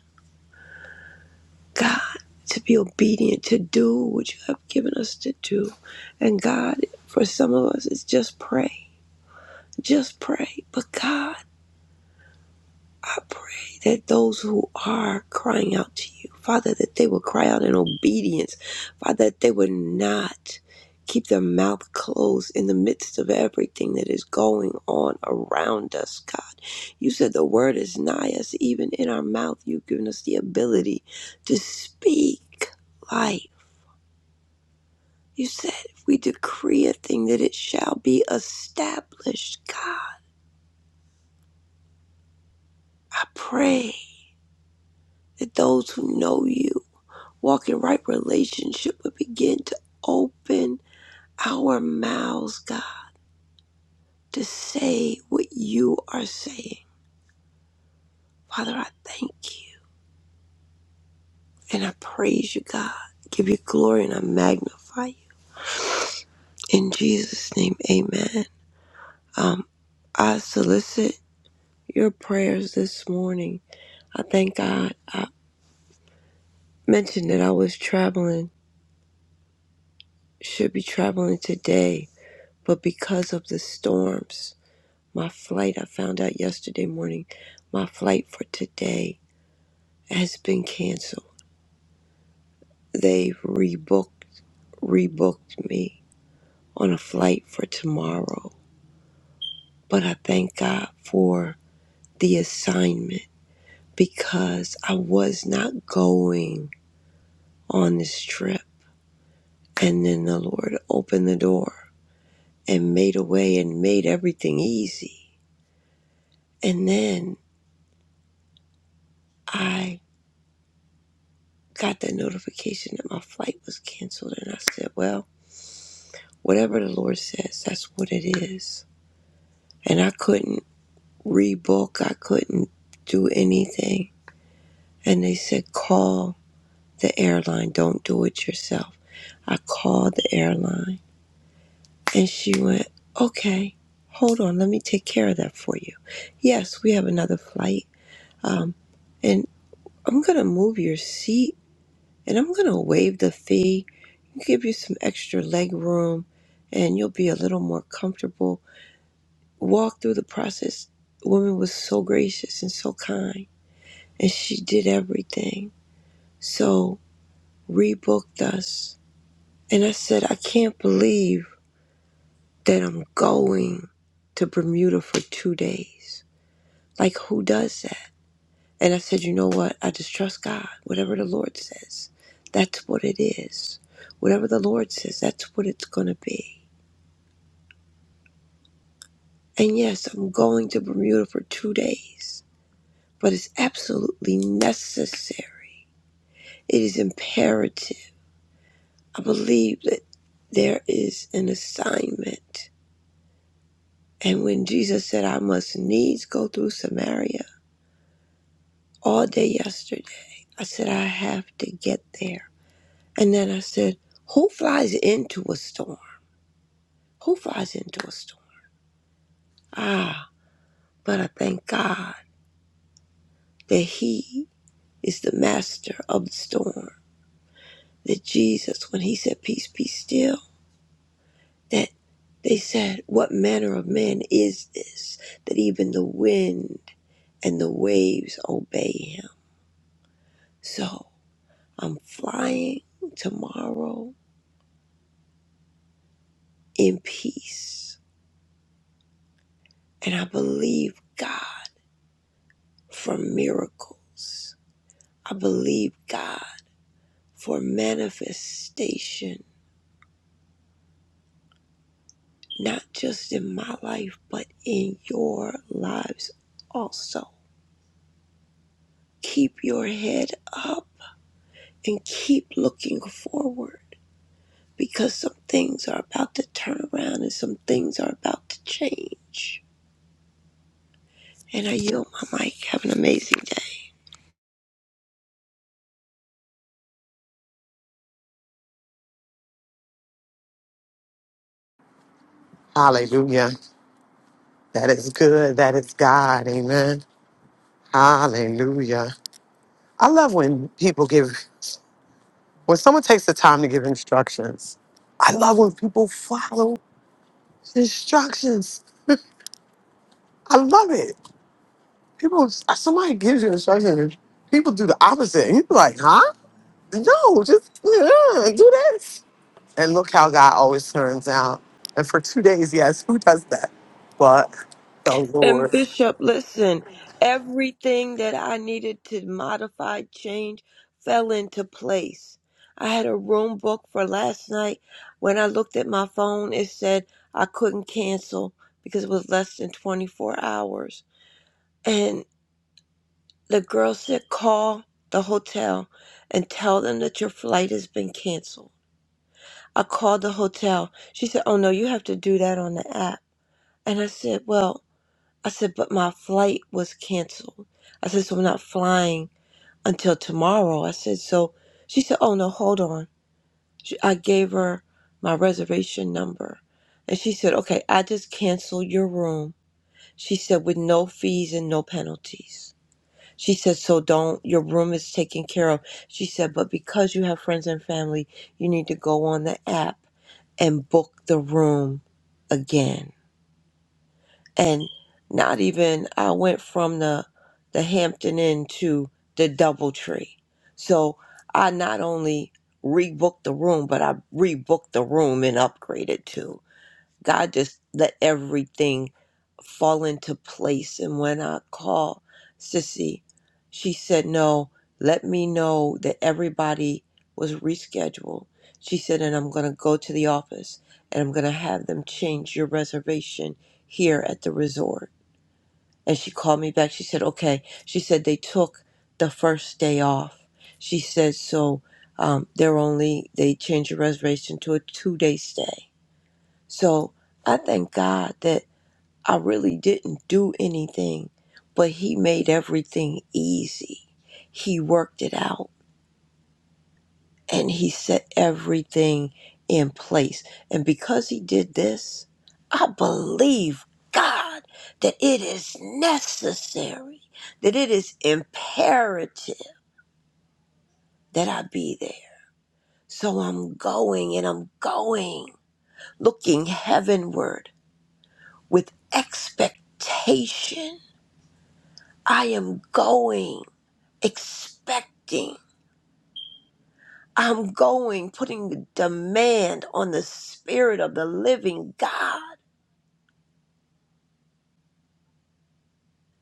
God. To be obedient, to do what you have given us to do. And God, for some of us, it's just pray. Just pray. But God, I pray that those who are crying out to you, Father, that they will cry out in obedience. Father, that they would not keep their mouth closed in the midst of everything that is going on around us, God. You said the word is nigh us, even in our mouth. You've given us the ability to speak life. You said if we decree a thing that it shall be established, God. I pray that those who know you Walk in right relationship would begin to open our mouths, God, to say what you are saying. Father, I thank you and I praise you, God. Give you glory and I magnify you. In Jesus' name, amen. Um, I solicit your prayers this morning. I thank God. I mentioned that I was traveling, should be traveling today, but because of the storms. My flight, I found out yesterday morning, my flight for today has been canceled. They rebooked rebooked me on a flight for tomorrow. But I thank God for the assignment because I was not going on this trip. And then the Lord opened the door and made a way and made everything easy. And then I got the notification that my flight was canceled and I said, well, Whatever the Lord says, that's what it is. And I couldn't rebook, I couldn't do anything. And they said, call the airline, don't do it yourself. I called the airline and she went, okay, hold on, let me take care of that for you. Yes, we have another flight. Um, and I'm going to move your seat and I'm going to waive the fee, give you some extra leg room, and you'll be a little more comfortable walked through the process, the woman was so gracious and so kind, and she did everything. So rebooked us, and I said, I can't believe that I'm going to Bermuda for two days. Like who does that? And I said, you know what? I just trust God. Whatever the Lord says, that's what it is. Whatever the Lord says, that's what it's gonna be. And yes, I'm going to Bermuda for two days, but it's absolutely necessary It is imperative. I believe that there is an assignment. And when Jesus said, I must needs go through Samaria all day yesterday, I said, I have to get there. And then I said, Who flies into a storm? Who flies into a storm? Ah, but I thank God that He is the master of the storm. That Jesus, when He said, Peace, be still, that they said, What manner of man is this that even the wind and the waves obey him? So I'm flying tomorrow in peace. And I believe God for miracles. I believe God for manifestation, not just in my life, but in your lives also. Keep your head up and keep looking forward because some things are about to turn around and some things are about to change. And I yield my mic. Have an amazing day. Hallelujah. That is good. That is God. Amen. Hallelujah. I love when people give, when someone takes the time to give instructions. I love when people follow instructions. I love it. People, somebody gives you instructions, people do the opposite. And you're like, huh? No, just uh, do this. And look how God always turns out. And for two days, yes, who does that? But the And Lord. Bishop, listen, everything that I needed to modify, change, fell into place. I had a room booked for last night. When I looked at my phone, it said I couldn't cancel because it was less than 24 hours. And the girl said, call the hotel and tell them that your flight has been canceled. I called the hotel. She said, Oh no, you have to do that on the app. And I said, Well, I said, but my flight was canceled. I said, So I'm not flying until tomorrow. I said, So she said, Oh no, hold on. She, I gave her my reservation number. And she said, Okay, I just canceled your room. She said, With no fees and no penalties. She said, So don't, your room is taken care of. She said, But because you have friends and family, you need to go on the app and book the room again. And not even I went from the the Hampton Inn to the DoubleTree. So I not only rebooked the room, but I rebooked the room and upgraded too. God just let everything fall into place. And when I called Sissy, she said, No, let me know that everybody was rescheduled. She said, And I'm going to go to the office and I'm going to have them change your reservation here at the resort. And she called me back. She said, Okay. She said, They took the first day off. She said, So um, they're only, they changed your reservation to a two day stay. So I thank God that I really didn't do anything, but He made everything easy. He worked it out and He set everything in place. And because He did this, I believe God that it is necessary, that it is imperative that I be there. So I'm going and I'm going, looking heavenward with expectation I am going, expecting. I'm going, putting demand on the Spirit of the living God.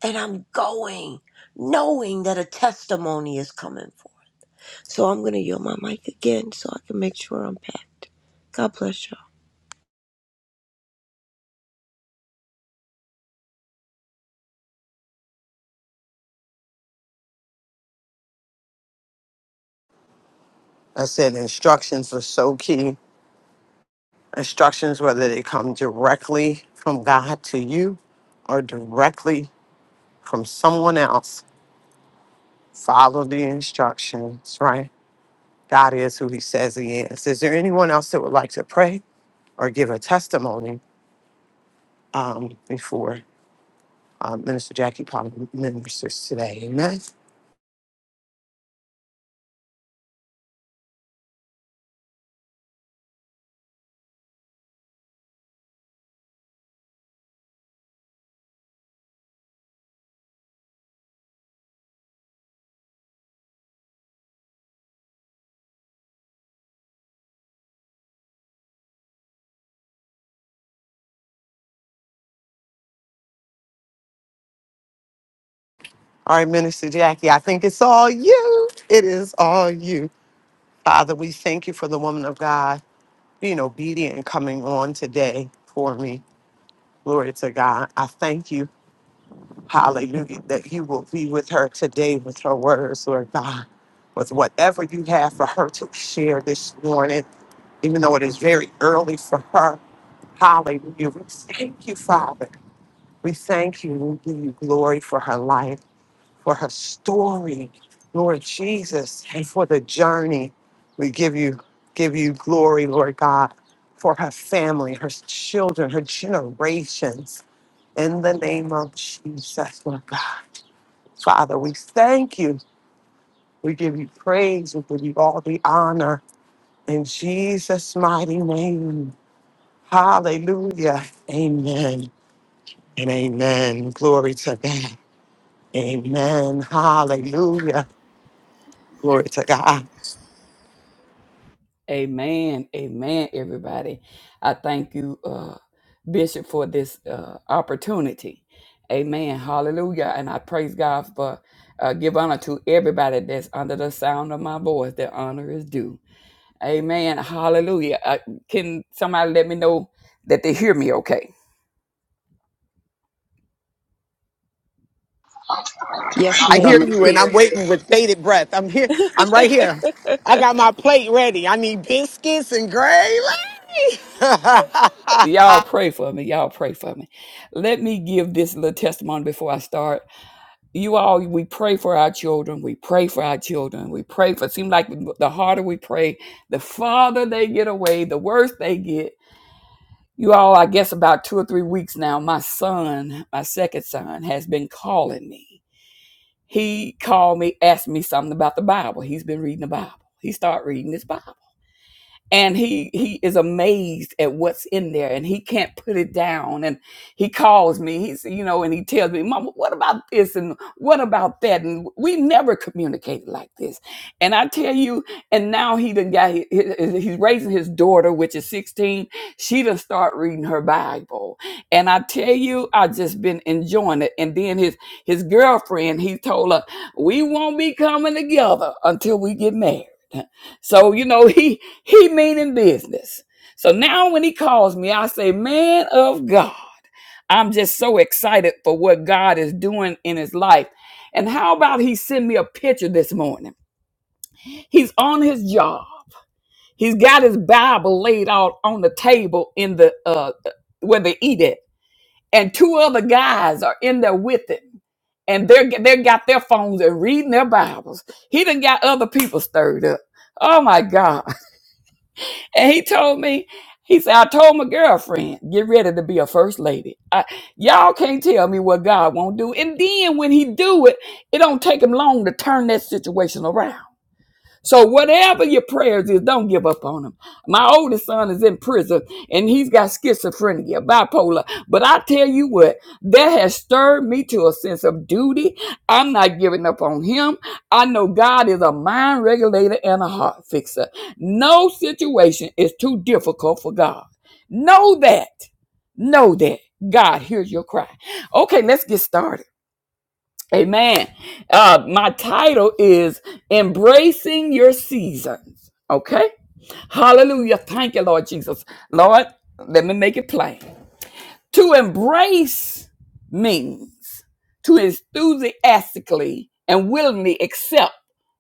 And I'm going, knowing that a testimony is coming forth. So I'm going to yield my mic again so I can make sure I'm packed. God bless y'all. I said instructions are so key. Instructions, whether they come directly from God to you or directly from someone else, follow the instructions, right? God is who he says he is. Is there anyone else that would like to pray? or give a testimony um, before um, Minister Jackie Palmer ministers today. Amen. All right, Minister Jackie, I think it's all you. It is all you. Father, we thank you for the woman of God being obedient and coming on today for me. Glory to God. I thank you Hallelujah. That you will be with her today with her words, Lord God, with whatever you have for her to share this morning, even though it is very early for her. Hallelujah. We thank you, Father. We thank you. We give you glory for her life, for her story, Lord Jesus, and for the journey. We give you give you glory, Lord God, for her family, her children, her generations. In the name of Jesus, Lord God. Father, we thank you. We give you praise. We give you all the honor. In Jesus' mighty name. Hallelujah. Amen. And amen. Glory to God. Amen. Hallelujah. Glory to God. Amen. Amen, everybody. I thank you, uh, Bishop, for this uh, opportunity. Amen. Hallelujah. And I praise God for uh, give honor to everybody that's under the sound of my voice. Their honor is due. Amen. Hallelujah. Uh, can somebody let me know that they hear me okay? Yes, I ma'am. hear coming We you through. and I'm hear you. waiting with bated breath. I'm here. I'm right here. I got my plate ready. I need biscuits and gravy. Y'all pray for me. Y'all pray for me. Let me give this little testimony before I start. you all we pray for our children we pray for our children we pray for it seems like the harder we pray the farther they get away the worse they get you all i guess about two or three weeks now my son my second son has been calling me he called me asked me something about the bible he's been reading the bible he started reading his bible and he he is amazed at what's in there and he can't put it down and he calls me he's you know and he tells me mama what about this and what about that and we never communicated like this and i tell you and now he done got he- he- he's raising his daughter which is 16 she done start reading her bible and i tell you i just been enjoying it and then his his girlfriend he told her we won't be coming together until we get married so you know he he meaning business. So now when he calls me, I say, man of God, I'm just so excited for what God is doing in his life. And how about he send me a picture this morning? He's on his job. He's got his Bible laid out on the table in the uh where they eat it. And two other guys are in there with him and they're they got their phones and reading their Bibles. He done got other people stirred up. Oh my God. And he told me, he said, I told my girlfriend, get ready to be a first lady. I, y'all can't tell me what God won't do. And then when he do it, it don't take him long to turn that situation around. So whatever your prayers is, don't give up on them. My oldest son is in prison and he's got schizophrenia, bipolar. But I tell you what, that has stirred me to a sense of duty. I'm not giving up on him. I know God is a mind regulator and a heart fixer. No situation is too difficult for God. Know that. Know that. God hears your cry. Okay, let's get started. Amen. Uh, my title is Embracing Your Seasons. Okay. Hallelujah. Thank you, Lord Jesus. Lord, let me make it plain. To embrace means to enthusiastically and willingly accept,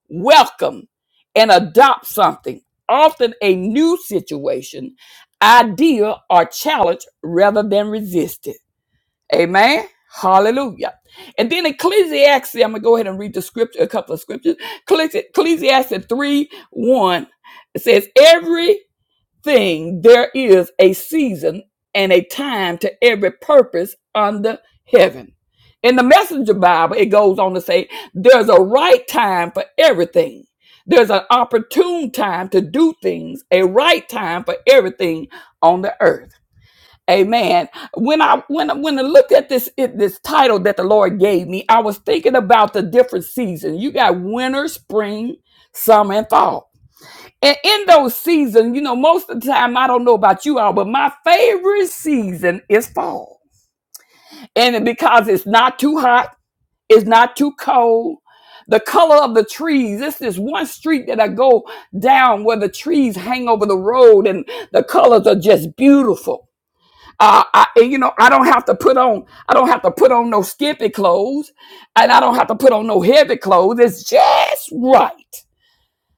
welcome, and adopt something, often a new situation, idea, or challenge rather than resist it. Amen. Hallelujah. And then Ecclesiastes, I'm going to go ahead and read the scripture, a couple of scriptures. Ecclesi- Ecclesiastes 3 1 it says, Everything there is a season and a time to every purpose under heaven. In the Messenger Bible, it goes on to say, There's a right time for everything. There's an opportune time to do things, a right time for everything on the earth. Amen. When I when I- when I looked at this it, this title that the Lord gave me, I was thinking about the different seasons. You got winter, spring, summer, and fall. And in those seasons, you know, most of the time, I don't know about you all, but my favorite season is fall. And it- because it's not too hot, it's not too cold. The color of the trees. It's this one street that I go down where the trees hang over the road and the colors are just beautiful uh, I, and, you know, I don't have to put on, I don't have to put on no skimpy clothes, and I don't have to put on no heavy clothes. It's just right.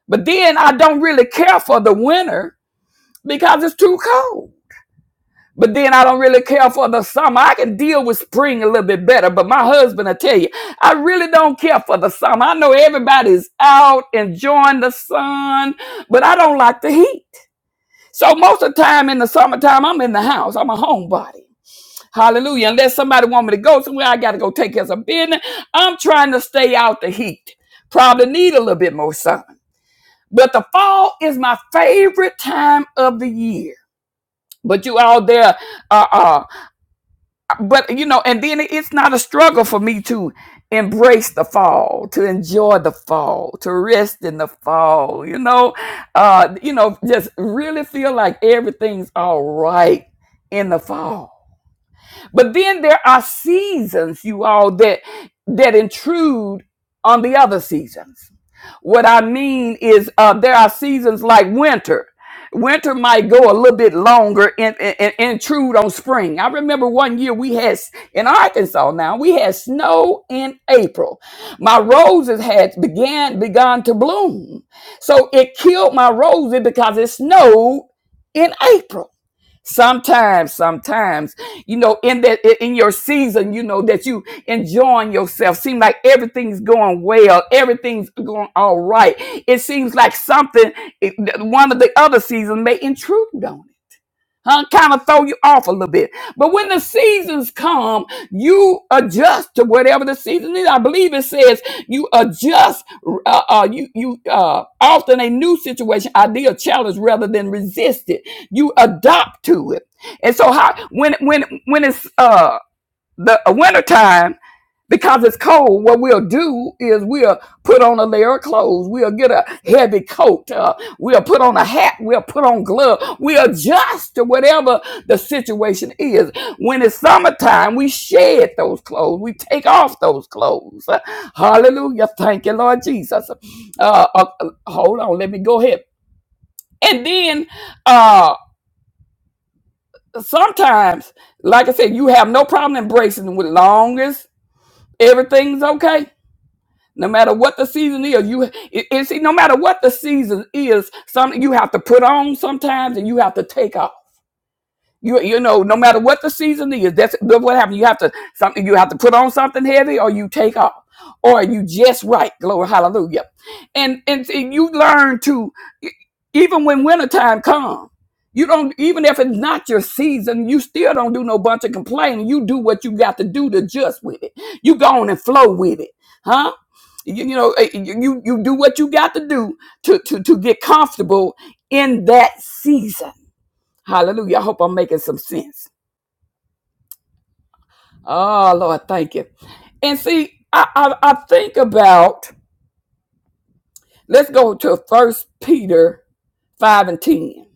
But then I don't really care for the winter because it's too cold. But then I don't really care for the summer. I can deal with spring a little bit better. But my husband, I tell you, I really don't care for the summer. I know everybody's out enjoying the sun, but I don't like the heat. So most of the time in the summertime, I'm in the house. I'm a homebody. Hallelujah. Unless somebody want me to go somewhere, I got to go take care of some business. I'm trying to stay out the heat. Probably need a little bit more sun. But the fall is my favorite time of the year. But you all there, uh, uh, but you know, and then it's not a struggle for me to embrace the fall, to enjoy the fall, to rest in the fall, you know, uh, you know, just really feel like everything's all right in the fall but then there are seasons, you all, that that intrude on the other seasons. What I mean is, uh, there are seasons like winter. Winter might go a little bit longer and, and, and intrude on spring. I remember one year we had s- in Arkansas. Now we had snow in April. My roses had began begun to bloom, so it killed my roses because it snowed in April. Sometimes, sometimes, you know, in that in your season, you know that you enjoying yourself. Seem like everything's going well, everything's going all right. It seems like something it- one of the other seasons may intrude on. you huh? Kind of throw you off a little bit. But when the seasons come, you adjust to whatever the season is. I believe it says you adjust. Uh, uh, you you uh, often a new situation, idea, challenge rather than resist it. You adapt to it. And so, how when when when it's uh, the wintertime because it's cold, what we'll do is we'll put on a layer of clothes. We'll get a heavy coat. Uh, we'll put on a hat. We'll put on gloves. We adjust to whatever the situation is. When it's summertime, we shed those clothes. We take off those clothes. Uh, Hallelujah. Thank you, Lord Jesus. Uh, uh, uh, hold on. Let me go ahead. And then uh, sometimes, like I said, you have no problem embracing with long as everything's okay No matter what the season is, you it, it- see. No matter what the season is, some you have to put on sometimes, and you have to take off. You you know, no matter what the season is, that's look what happens. You have to something you have to put on something heavy or you take off. Or you just right, glory hallelujah. And and, and you learn to e- even when wintertime comes, you don't even if it's not your season, you still don't do no bunch of complaining. You do what you got to do to adjust with it. You go on and flow with it. Huh? You, you know, eh, you you you do what you got to do to to to get comfortable in that season Hallelujah. I hope I'm making some sense. Oh, Lord, thank you. And see, I, I, I think about, let's go to First Peter 5 and 10.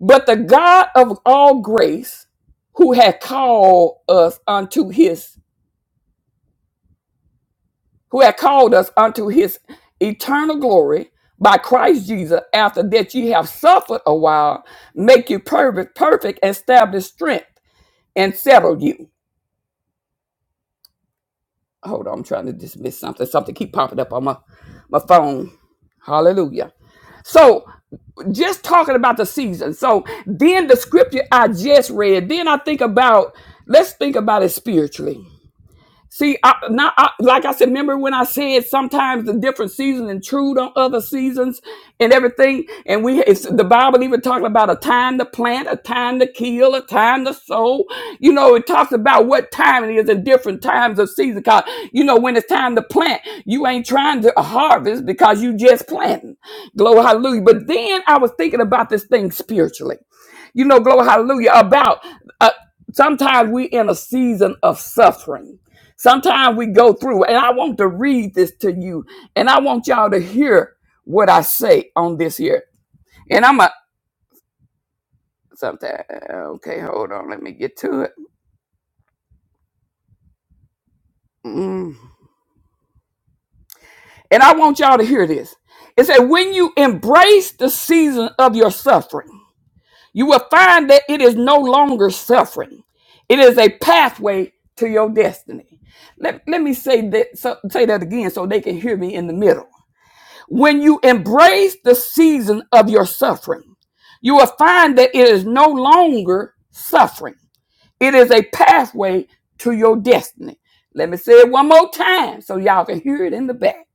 But the God of all grace, who had called us unto his, who had called us unto his eternal glory by Christ Jesus, after that ye have suffered a while, make you perfect, perfect, establish strength, and settle you. hold on, I'm trying to dismiss something. Something keep popping up on my my phone. Hallelujah. So just talking about the season. So then the scripture I just read, then I think about let's think about it spiritually. See, I, not I, like I said. Remember when I said sometimes the different seasons intrude on other seasons and everything. And we, it's, the Bible even talking about a time to plant, a time to kill, a time to sow. You know, it talks about what time it is in different times of season. Cause you know when it's time to plant, you ain't trying to harvest because you just planting. Glory, hallelujah. But then I was thinking about this thing spiritually. You know, glory, hallelujah. About uh, sometimes we in a season of suffering Sometimes we go through, and I want to read this to you, and I want y'all to hear what I say on this here. And I'm a sometimes okay, hold on, let me get to it. Mm. And I want y'all to hear this. It said, when you embrace the season of your suffering, you will find that it is no longer suffering. It is a pathway to your destiny. Let, let me say that so, say that again so they can hear me in the middle. When you embrace the season of your suffering, you will find that it is no longer suffering. It is a pathway to your destiny. Let me say it one more time so y'all can hear it in the back.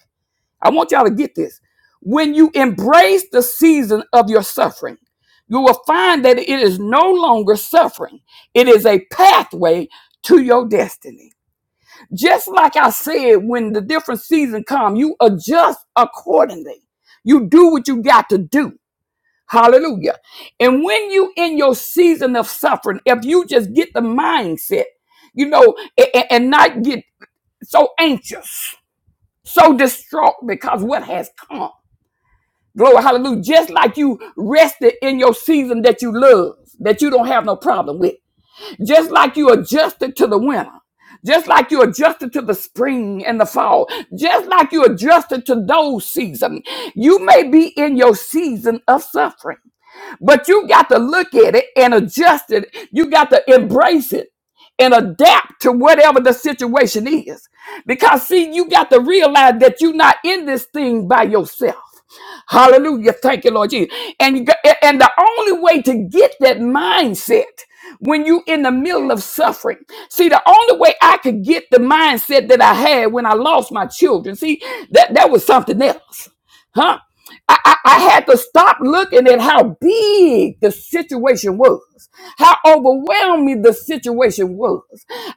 I want y'all to get this. When you embrace the season of your suffering, you will find that it is no longer suffering. It is a pathway to your destiny just like I said, when the different season come, you adjust accordingly. You do what you got to do. Hallelujah. And when you in your season of suffering, if you just get the mindset, you know, a- a- and, not get so anxious, so distraught because what has come. Glory, hallelujah. Just like you rested in your season that you love, that you don't have no problem with just like you adjusted to the winter, just like you adjusted to the spring and the fall, just like you adjusted to those seasons. You may be in your season of suffering. But you got to look at it and adjust it. You got to embrace it and adapt to whatever the situation is. Because, see, you got to realize that you're not in this thing by yourself. Hallelujah. Thank you, Lord Jesus. And, you got- and the only way to get that mindset when you in the middle of suffering. See, the only way I could get the mindset that I had when I lost my children, see, that, that was something else. Huh? I, I, I had to stop looking at how big the situation was, how overwhelming the situation was.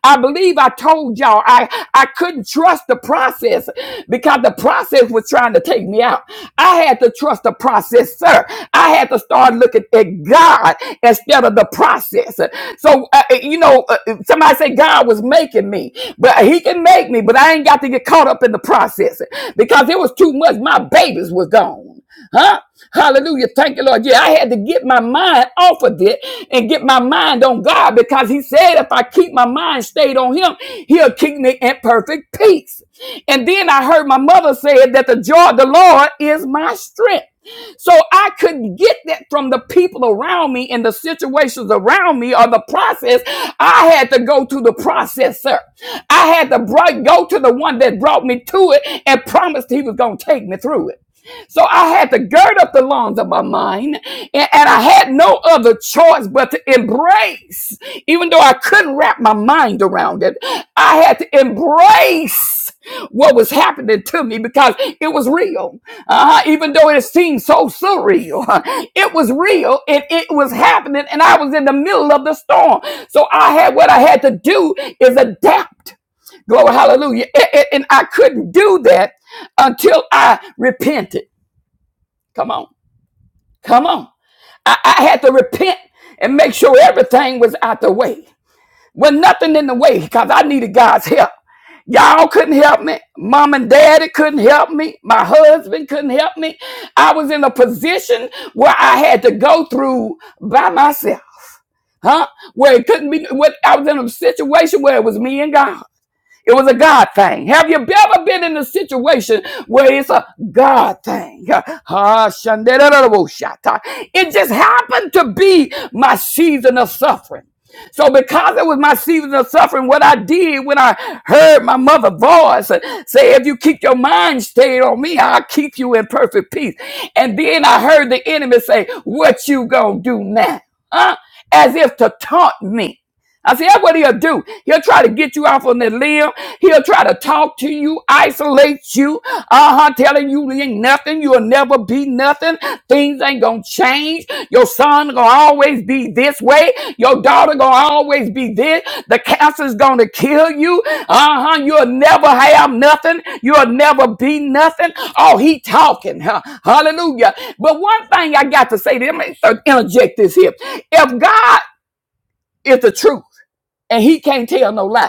I believe I told y'all I, I couldn't trust the process because the process was trying to take me out. I had to trust the process, sir. I had to start looking at God instead of the process. So, uh, uh, you know, uh, somebody say God was making me, but He can make me, but I ain't got to get caught up in the process because it was too much. My babies was gone. Huh? Hallelujah. Thank you, Lord. Yeah, I had to get my mind off of it and get my mind on God because He said if I keep my mind stayed on Him, He'll keep me in perfect peace. And then I heard my mother say that the joy of the Lord is my strength. So I couldn't get that from the people around me and the situations around me or the process. I had to go to the processor. I had to bri- go to the one that brought me to it and promised he was going to take me through it. So I had to gird up the loins of my mind, and, and I had no other choice but to embrace. Even though I couldn't wrap my mind around it, I had to embrace what was happening to me because it was real. Uh, even though it seemed so surreal, it was real and it was happening, and I was in the middle of the storm. So I had what I had to do is adapt. Glory, hallelujah. A- a- and I couldn't do that until I repented Come on. Come on. I, I had to repent and make sure everything was out the way. With nothing in the way because I needed God's help. Y'all couldn't help me. Mom and daddy couldn't help me. My husband couldn't help me. I was in a position where I had to go through by myself. Huh? Where it couldn't be, where I was in a situation where it was me and God. It was a God thing. Have you ever been in a situation where it's a God thing? Ah, It just happened to be my season of suffering. So because it was my season of suffering, what I did when I heard my mother's voice and say, if you keep your mind stayed on me, I'll keep you in perfect peace. And then I heard the enemy say, what you gonna do now? Huh? As if to taunt me. I said, that's what he'll do. He'll try to get you off on that limb. He'll try to talk to you, isolate you, uh-huh, telling you you ain't nothing, you'll never be nothing. Things ain't gonna change. Your son gonna always be this way. Your daughter gonna always be this. The cancer's gonna kill you. Uh-huh, you'll never have nothing. You'll never be nothing. Oh, he talking, huh? Hallelujah. But one thing I got to say, let me interject this here. If God is the truth, and he can't tell no lie.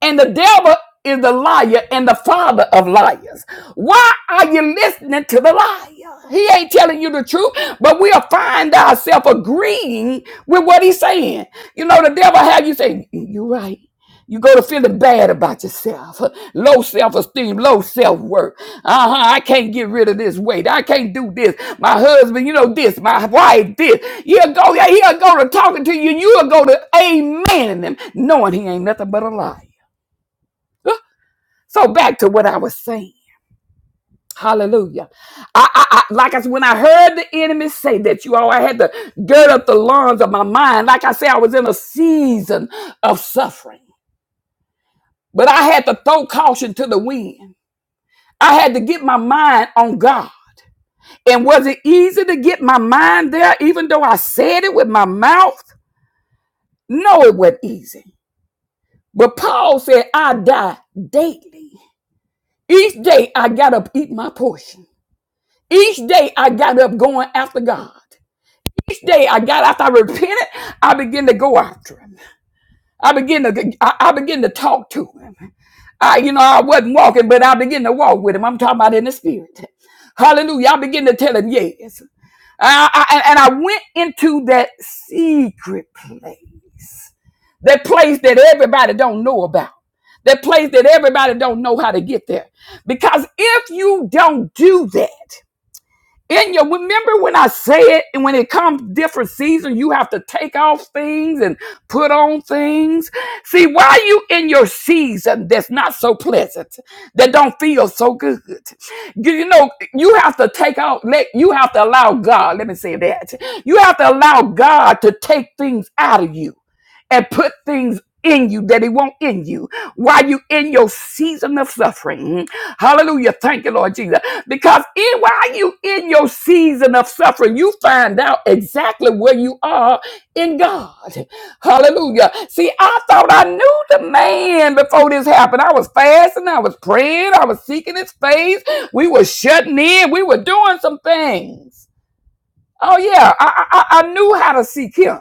And the devil is the liar and the father of liars. Why are you listening to the liar? He ain't telling you the truth, but we'll find ourselves agreeing with what he's saying. You know, the devil have you say, you are right. You go to feeling bad about yourself, low self esteem, low self worth. Uh huh. I can't get rid of this weight. I can't do this. My husband, you know this. My wife, this. He'll go. yeah, He'll go to talking to you. You'll go to amen him, knowing he ain't nothing but a liar. So back to what I was saying. Hallelujah. I, I, I like I said, when I heard the enemy say that you all I had to gird up the loins of my mind. Like I said, I was in a season of suffering. But I had to throw caution to the wind. I had to get my mind on God. And was it easy to get my mind there, even though I said it with my mouth? No, it wasn't easy. But Paul said, I die daily. Each day I got to eat my portion. Each day I got up going after God. Each day I got after I repented, I began to go after him. I began to I, I began to talk to him. I, you know, I wasn't walking, but I began to walk with him. I'm talking about in the spirit. Hallelujah. I began to tell him yes. I, I, and and I went into that secret place, that place that everybody don't know about, that place that everybody don't know how to get there. Because if you don't do that, And you remember when I say it, and when it comes different season, you have to take off things and put on things. See, why are you in your season that's not so pleasant, that don't feel so good? You you know, you have to take out. Let you have to allow God. Let me say that. You have to allow God to take things out of you and put things in you that he won't in you while you in your season of suffering. Hallelujah. Thank you, Lord Jesus. Because in, while you in your season of suffering, you find out exactly where you are in God. Hallelujah. See, I thought I knew the man before this happened. I was fasting, I was praying, I was seeking his face. We were shutting in, we were doing some things. Oh yeah, I I, I knew how to seek him.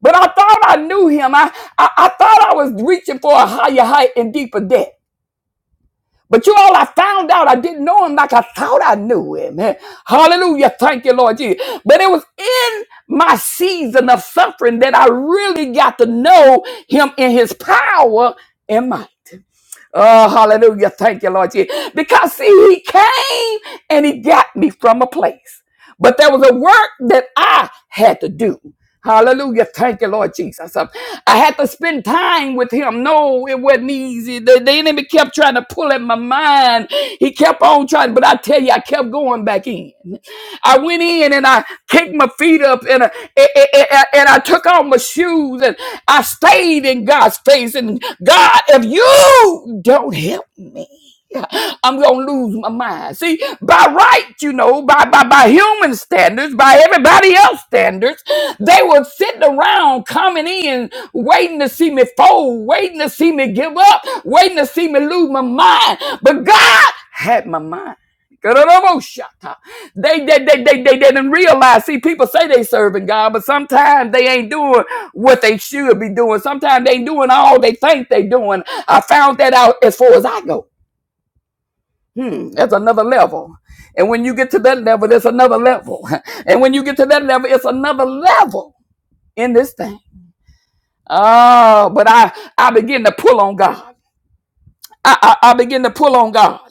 But I thought I knew him. I, I, I thought I was reaching for a higher height and deeper depth. But you all, I found out I didn't know him like I thought I knew him. Hallelujah. Thank you, Lord Jesus. But it was in my season of suffering that I really got to know him in his power and might. Oh, hallelujah. Thank you, Lord Jesus. Because see, he came and he got me from a place. But there was a work that I had to do. Hallelujah. Thank you, Lord Jesus. Uh, I had to spend time with him. No, it wasn't easy. The, the enemy kept trying to pull at my mind. He kept on trying, but I tell you, I kept going back in. I went in and I kicked my feet up and I, a- a- a- and I took off my shoes and I stayed in God's face. And God, if you don't help me, I'm gonna lose my mind. See, by right, you know, by by by human standards, by everybody else standards, they were sitting around coming in, waiting to see me fold, waiting to see me give up, waiting to see me lose my mind. But God had my mind. They they they they they didn't realize. See, people say they serving God, but sometimes they ain't doing what they should be doing. Sometimes they ain't doing all they think they doing. I found that out as far as I go. Hmm, that's another level. And when you get to that level, there's another level. And when you get to that level, it's another level in this thing. Oh, but I I begin to pull on God. I, I, I begin to pull on God.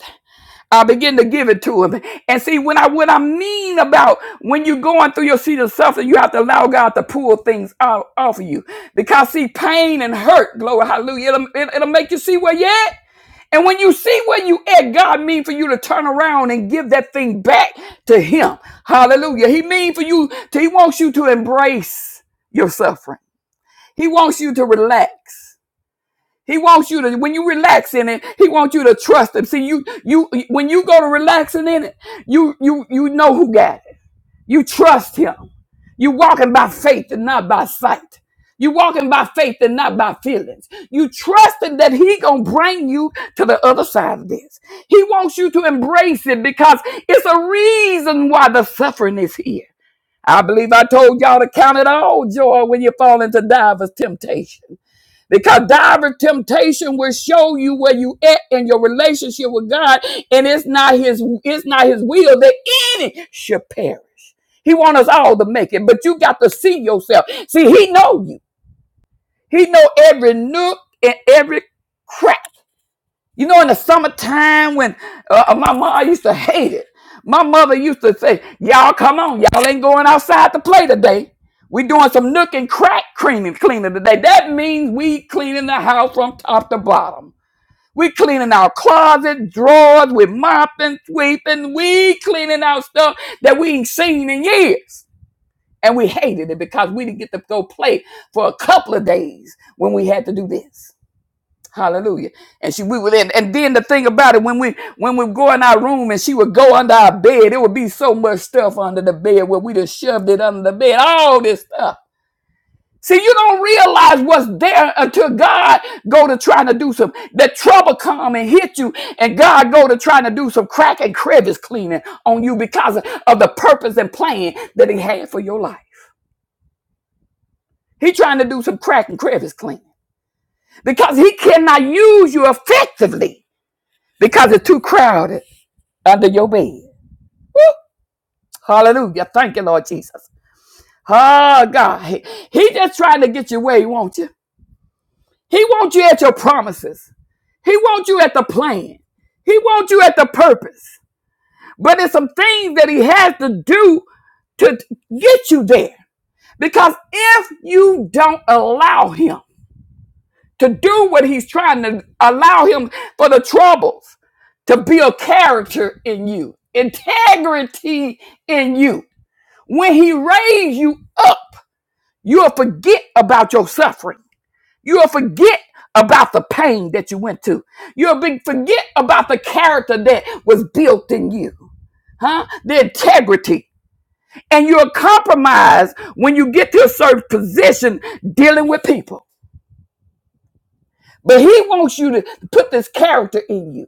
I begin to give it to him. And see, when I what I mean about when you're going through your seat of suffering, you have to allow God to pull things out off of you. Because see, pain and hurt, glory, hallelujah, it'll, it- it'll make you see where you at. And when you see where you at, God mean for you to turn around and give that thing back to Him. Hallelujah. He mean for you. To, he wants you to embrace your suffering. He wants you to relax. He wants you to when you relax in it, he wants you to trust him. See, you you when you go to relaxing in it, you you you know who got it. You trust him. You walking by faith and not by sight. You walking by faith and not by feelings. You trusting that he gonna bring you to the other side of this. He wants you to embrace it because it's a reason why the suffering is here. I believe I told y'all to count it all joy when you fall into divers temptation. Because direct temptation will show you where you at in your relationship with God, and it's not His it's not His will that any should perish. He wants us all to make it, but you got to see yourself. See, He know you. He know every nook and every crack. You know, in the summertime when uh, uh, my mom used to hate it. My mother used to say, "Y'all come on, y'all ain't going outside to play today. We doing some nook and crack cleaning cleaning today. That means we cleaning the house from top to bottom. We cleaning our closet drawers, we mopping, sweeping, we cleaning out stuff that we ain't seen in years." And we hated it because we didn't get to go play for a couple of days when we had to do this. Hallelujah. And she we would and, and then the thing about it, when we when we go in our room and she would go under our bed, it would be so much stuff under the bed where we just shoved it under the bed, all this stuff. See, you don't realize what's there until God go to trying to do some that trouble come and hit you, and God go to trying to do some crack and crevice cleaning on you because of, of the purpose and plan that He had for your life. He trying to do some crack and crevice cleaning because He cannot use you effectively because it's too crowded under your bed. Woo! Hallelujah. Thank you, Lord Jesus. Oh, God. He, he just trying to get you where he wants you. He wants you at your promises. He wants you at the plan. He wants you at the purpose. But there's some things that he has to do to get you there. Because if you don't allow him to do what he's trying to allow him for the troubles, to build character in you, integrity in you. When he raised you up, you'll forget about your suffering. You'll forget about the pain that you went to. You'll be, forget about the character that was built in you, huh? The integrity. And you'll compromise when you get to a certain position dealing with people. But he wants you to put this character in you,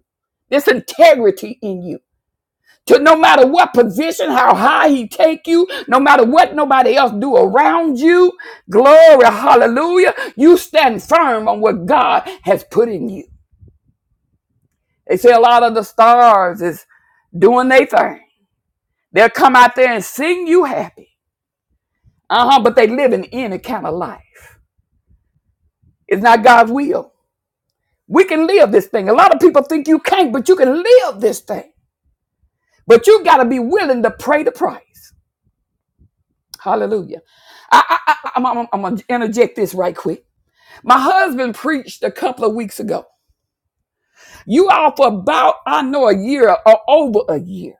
this integrity in you. to no matter what position, how high he take you, no matter what nobody else do around you, glory, hallelujah, you stand firm on what God has put in you. They say a lot of the stars is doing their thing. They'll come out there and sing you happy. Uh-huh, but they live in any kind of life. It's not God's will. We can live this thing. A lot of people think you can't, but you can live this thing. But you got to be willing to pay the price. Hallelujah. I, I, I, am I'm, I'm going to interject this right quick. My husband preached a couple of weeks ago. You all for about, I know, a year or over a year.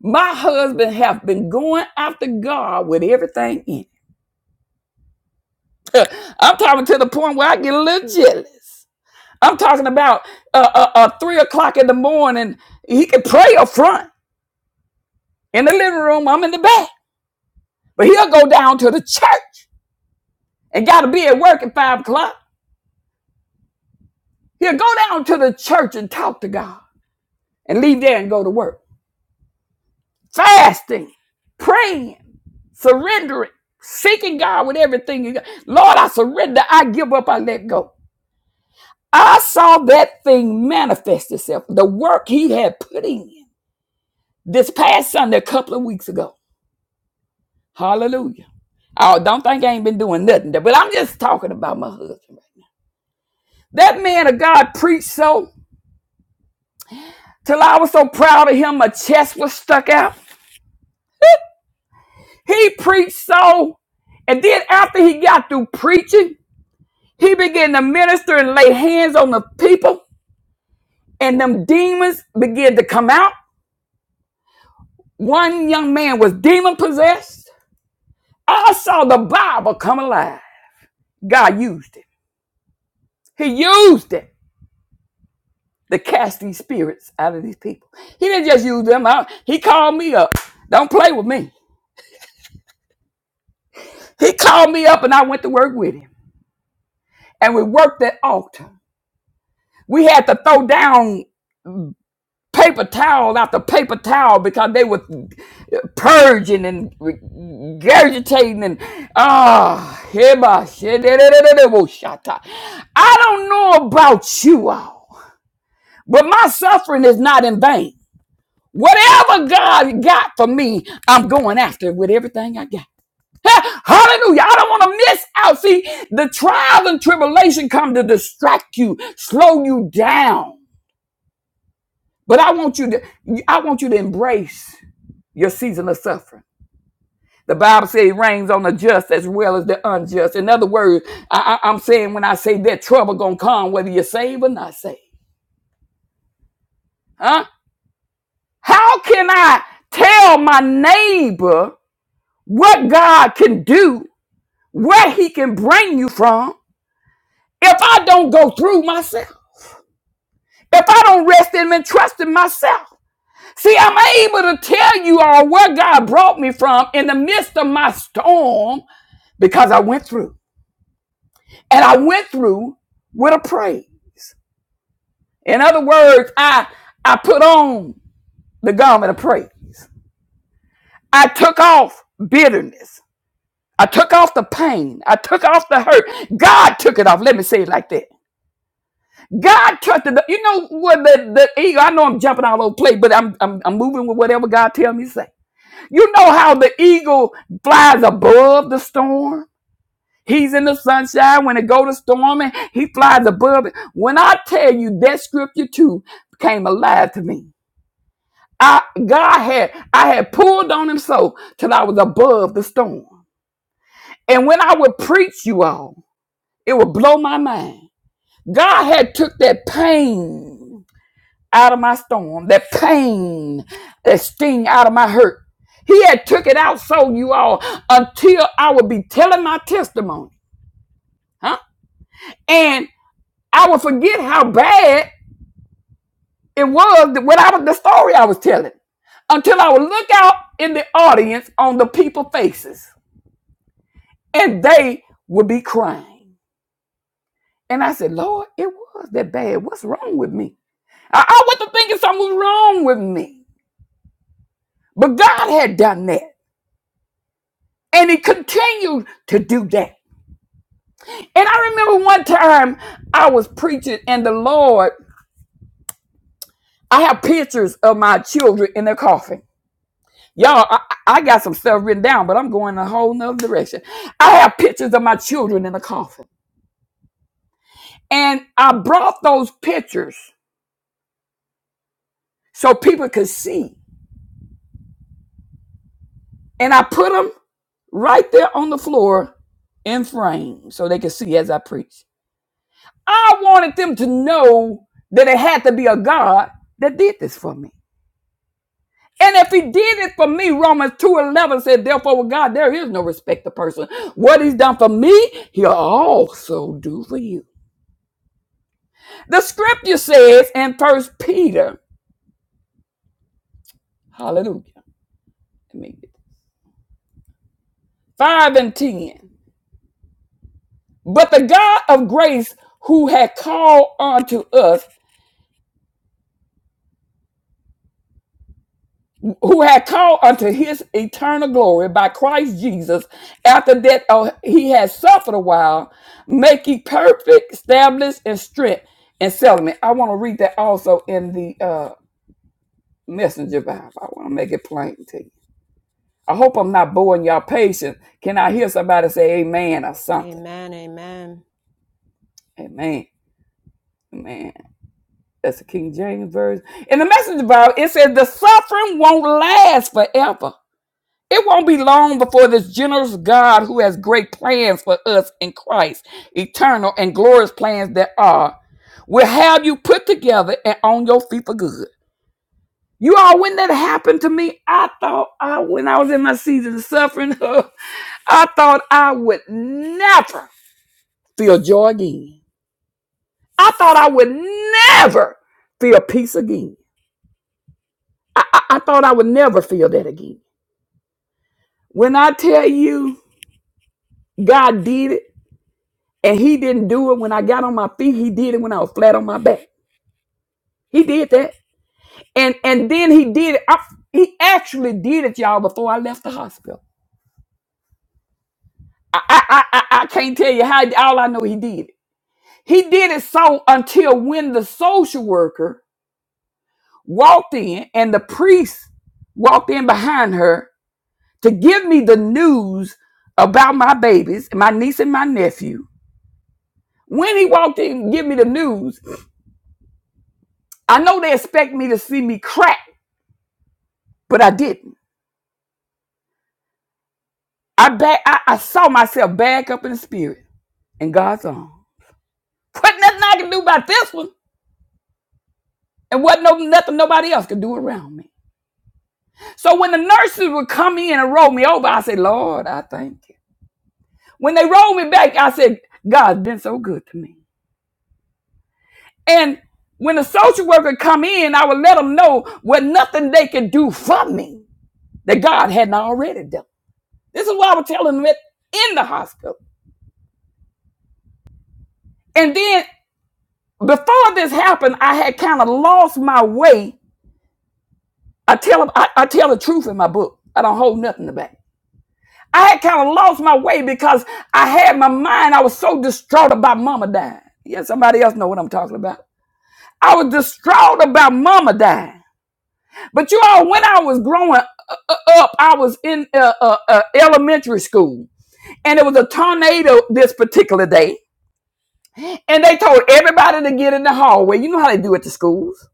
My husband have been going after God with everything in it. I'm talking to the point where I get a little jealous. I'm talking about uh, uh, uh, three o'clock in the morning. He can pray up front in the living room. I'm in the back, but he'll go down to the church and got to be at work at five o'clock. He'll go down to the church and talk to God and leave there and go to work. Fasting, praying, surrendering, seeking God with everything you got. Lord, I surrender. I give up. I let go. I saw that thing manifest itself. The work he had put in this past Sunday, a couple of weeks ago. Hallelujah. Oh, don't think I ain't been doing nothing there, but I'm just talking about my husband. That man of God preached so till I was so proud of him, my chest was stuck out. He preached so, and then after he got through preaching, he began to minister and lay hands on the people, and them demons began to come out. One young man was demon possessed. I saw the Bible come alive. God used it. He used it to cast these spirits out of these people. He didn't just use them out. He called me up. Don't play with me. He called me up and I went to work with him. And we worked that altar. We had to throw down paper towel after paper towel because they were purging and regurgitating and ah heba shata. I don't know about you all, but my suffering is not in vain. Whatever God got for me, I'm going after it with everything I got. Hey, Hallelujah. I don't want to miss out. See, the trials and tribulation come to distract you, slow you down. But I want you to I want you to embrace your season of suffering. The Bible says it rains on the just as well as the unjust. In other words, I, I, am saying when I say that trouble gonna come, whether you're saved or not saved. Huh? How can I tell my neighbor what God can do, where he can bring you from, if I don't go through myself? If I don't rest in him and trust in myself? See, I'm able to tell you all where God brought me from in the midst of my storm because I went through. And I went through with a praise. In other words, I I put on the garment of praise. I took off bitterness. I took off the pain. I took off the hurt. God took it off. Let me say it like that. God took the you know what the, the eagle. I know I'm jumping all over the place, but I'm, I'm I'm moving with whatever God tells me to say. You know how the eagle flies above the storm? He's in the sunshine when it go to storming. He flies above it. When I tell you that scripture too came alive to me. I God had I had pulled on him so till I was above the storm. And when I would preach you all, it would blow my mind. God had took that pain out of my storm, that pain, that sting out of my hurt. He had took it out so you all until I would be telling my testimony. Huh? And. I would forget how bad it was that what I was the story I was telling until I would look out in the audience on the people's faces and they would be crying. And I said, Lord, it was that bad. What's wrong with me? I, I wasn't thinking something was wrong with me. But God had done that. And he continued to do that. And I remember one time I was preaching and the Lord, I have pictures of my children in their coffin. Y'all, I, I got some stuff written down, but I'm going a whole nother direction. I have pictures of my children in a coffin. And I brought those pictures so people could see. And I put them right there on the floor in frame so they could see as I preach. I wanted them to know that it had to be a God that did this for me. And if he did it for me, Romans 2.11 said, therefore with God, there is no respect to person. What he's done for me, he'll also do for you. The scripture says in First Peter, hallelujah, let me 5 and 10. But the God of grace who had called unto us, who had called unto his eternal glory by Christ Jesus, after that uh, he had suffered a while, make ye perfect, establish, and strength and settlement. I want to read that also in the uh, messenger Bible. I want to make it plain to you. I hope I'm not boring y'all patient. Can I hear somebody say amen or something? Amen. Amen. Amen. Amen. That's the King James Version. In the message Bible, it says the suffering won't last forever. It won't be long before this generous God who has great plans for us in Christ, eternal and glorious plans that are, will have you put together and on your feet for good. You all, when that happened to me, I thought I, when I was in my season of suffering, I thought I would never feel joy again. I thought I would never feel peace again. I, I I thought I would never feel that again. When I tell you God did it and he didn't do it when I got on my feet, he did it when I was flat on my back. He did that. And and then he did it. I, he actually did it, y'all, before I left the hospital. I, I, I, I I can't tell you how all I know he did it. He did it so until when the social worker walked in and the priest walked in behind her to give me the news about my babies, my niece and my nephew When he walked in and give me the news, I know they expect me to see me crack, but I didn't. I back I, I saw myself back up in the spirit and God's arm. Wasn't nothing I could do about this one. And wasn't no, nothing nobody else could do around me. So when the nurses would come in and roll me over, I said, Lord, I thank you. When they rolled me back, I said, God's been so good to me. And when the social worker come in, I would let them know what nothing they could do for me that God hadn't already done. This is what I was telling them in the hospital. And then before this happened, I had kind of lost my way. I tell I, I tell the truth in my book. I don't hold nothing back. I had kind of lost my way because I had my mind. I was so distraught about mama dying. Yeah, somebody else know what I'm talking about. I was distraught about mama dying. But you all, when I was growing uh, uh, up, I was in uh, uh, uh, elementary school, and it was a tornado this particular day. And they told everybody to get in the hallway. You know how they do at the schools.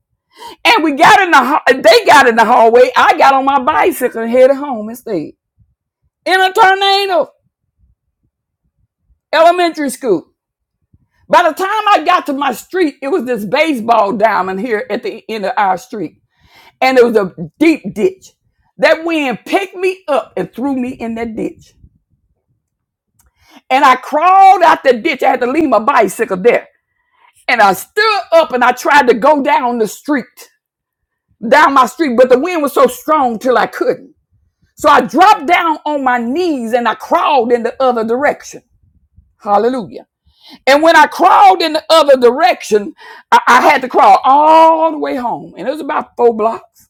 And we got in the they got in the hallway. I got on my bicycle and headed home instead. In a tornado, elementary school. By the time I got to my street, it was this baseball diamond here at the end of our street. And it was a deep ditch. That wind picked me up and threw me in that ditch. And I crawled out the ditch. I had to leave my bicycle there. And I stood up and I tried to go down the street down my street, but the wind was so strong till I couldn't. So I dropped down on my knees and I crawled in the other direction. Hallelujah. And when I crawled in the other direction, I, I had to crawl all the way home. And it was about four blocks.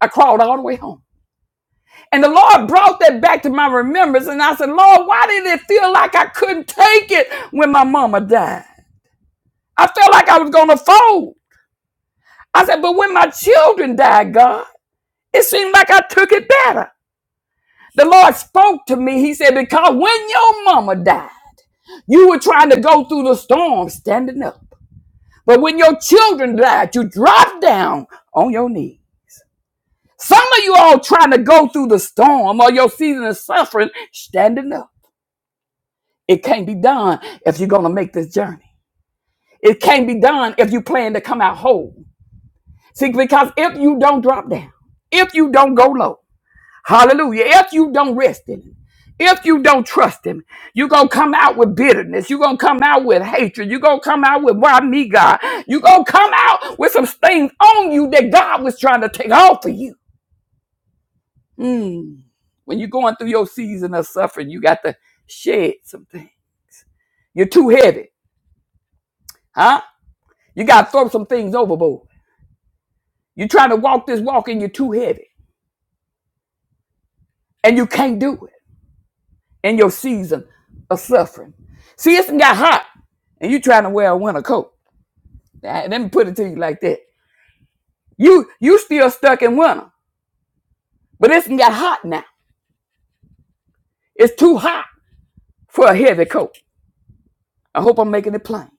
I crawled all the way home. And the Lord brought that back to my remembrance. And I said, Lord, why did it feel like I couldn't take it when my mama died? I felt like I was going to fold. I said, but when my children died, God, it seemed like I took it better. The Lord spoke to me. He said, Because when your mama died, you were trying to go through the storm standing up. But when your children died, you dropped down on your knees. Some of you all trying to go through the storm or your season of suffering standing up. It can't be done if you're going to make this journey. It can't be done if you plan to come out whole. See, because if you don't drop down, if you don't go low, Hallelujah. If you don't rest in him, if you don't trust him, you're going to come out with bitterness. You're going to come out with hatred. You're going to come out with, why me, God? You're going to come out with some things on you that God was trying to take off of you. Mm. When you're going through your season of suffering, you got to shed something. You're too heavy, huh? You got to throw some things overboard. You're trying to walk this walk and you're too heavy and you can't do it. in your season of suffering. See, it's got hot, and you trying to wear a winter coat. Ah, Let me put it to you like that: you you still stuck in winter, but it's got hot now. It's too hot for a heavy coat. I hope I'm making it plain.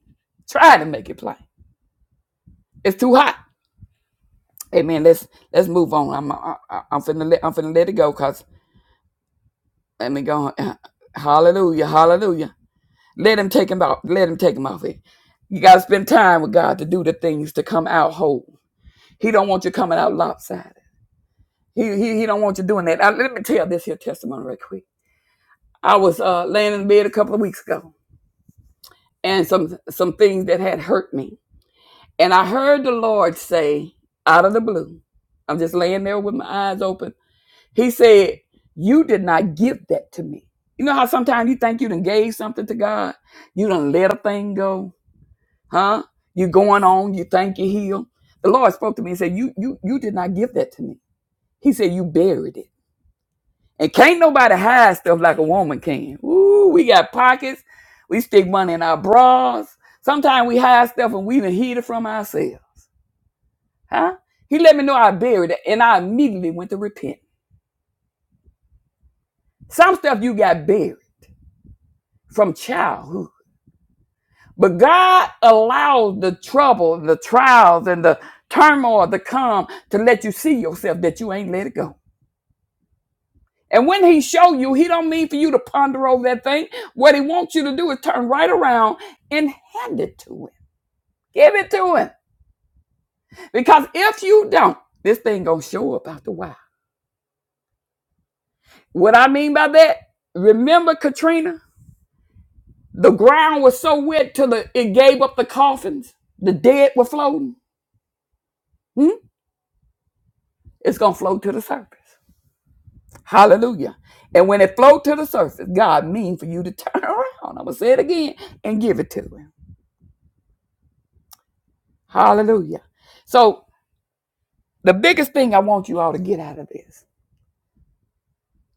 Try to make it plain. It's too hot. Hey man, let's let's move on. I'm I, I- I'm finna let I'm finna let it go. Cause let me go. Hallelujah, hallelujah. Let him take him out. Let him take him off here. You gotta spend time with God to do the things to come out whole. He don't want you coming out lopsided. He he, he don't want you doing that. Uh, let me tell this here testimony right quick. I was uh, laying in bed a couple of weeks ago, and some some things that had hurt me, and I heard the Lord say out of the blue. I'm just laying there with my eyes open. He said, "You did not give that to me." You know how sometimes you think you done gave something to God, you done let a thing go, huh? You are going on, you think you are healed. The Lord spoke to me and said, "You you you did not give that to me." He said, "You buried it." And can't nobody hide stuff like a woman can. Ooh, we got pockets. We stick money in our bras. Sometimes we hide stuff and we even hid it from ourselves. Huh? He let me know I buried it and I immediately went to repent. Some stuff you got buried from childhood. But God allows the trouble, the trials, and the turmoil to come to let you see yourself that you ain't let it go. And when he show you, he don't mean for you to ponder over that thing. What he wants you to do is turn right around and hand it to him. Give it to him. Because if you don't, this thing gonna show up after a while. What I mean by that, remember Katrina? The ground was so wet till the, it gave up the coffins. The dead were floating. Hmm? It's gonna float to the surface. Hallelujah. And when it float to the surface, God mean for you to turn around. I'm gonna say it again and give it to him. Hallelujah. So The biggest thing I want you all to get out of this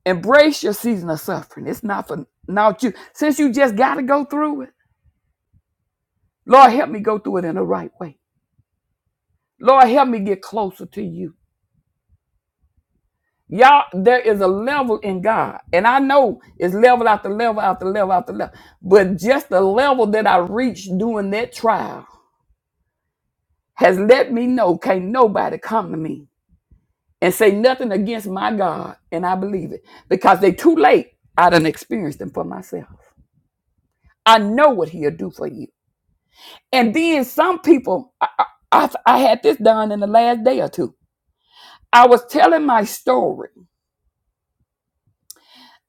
embrace your season of suffering. It's not for not you. Since you just got to go through it, Lord, help me go through it in the right way. Lord, help me get closer to you. Y'all, there is a level in God, and I know it's level after level after level after level, but just the level that I reached during that trial has let me know can't nobody come to me and say nothing against my God, and I believe it because they too late. I done experienced them for myself. I know what he'll do for you. And then some people, I, I, I had this done in the last day or two. I was telling my story,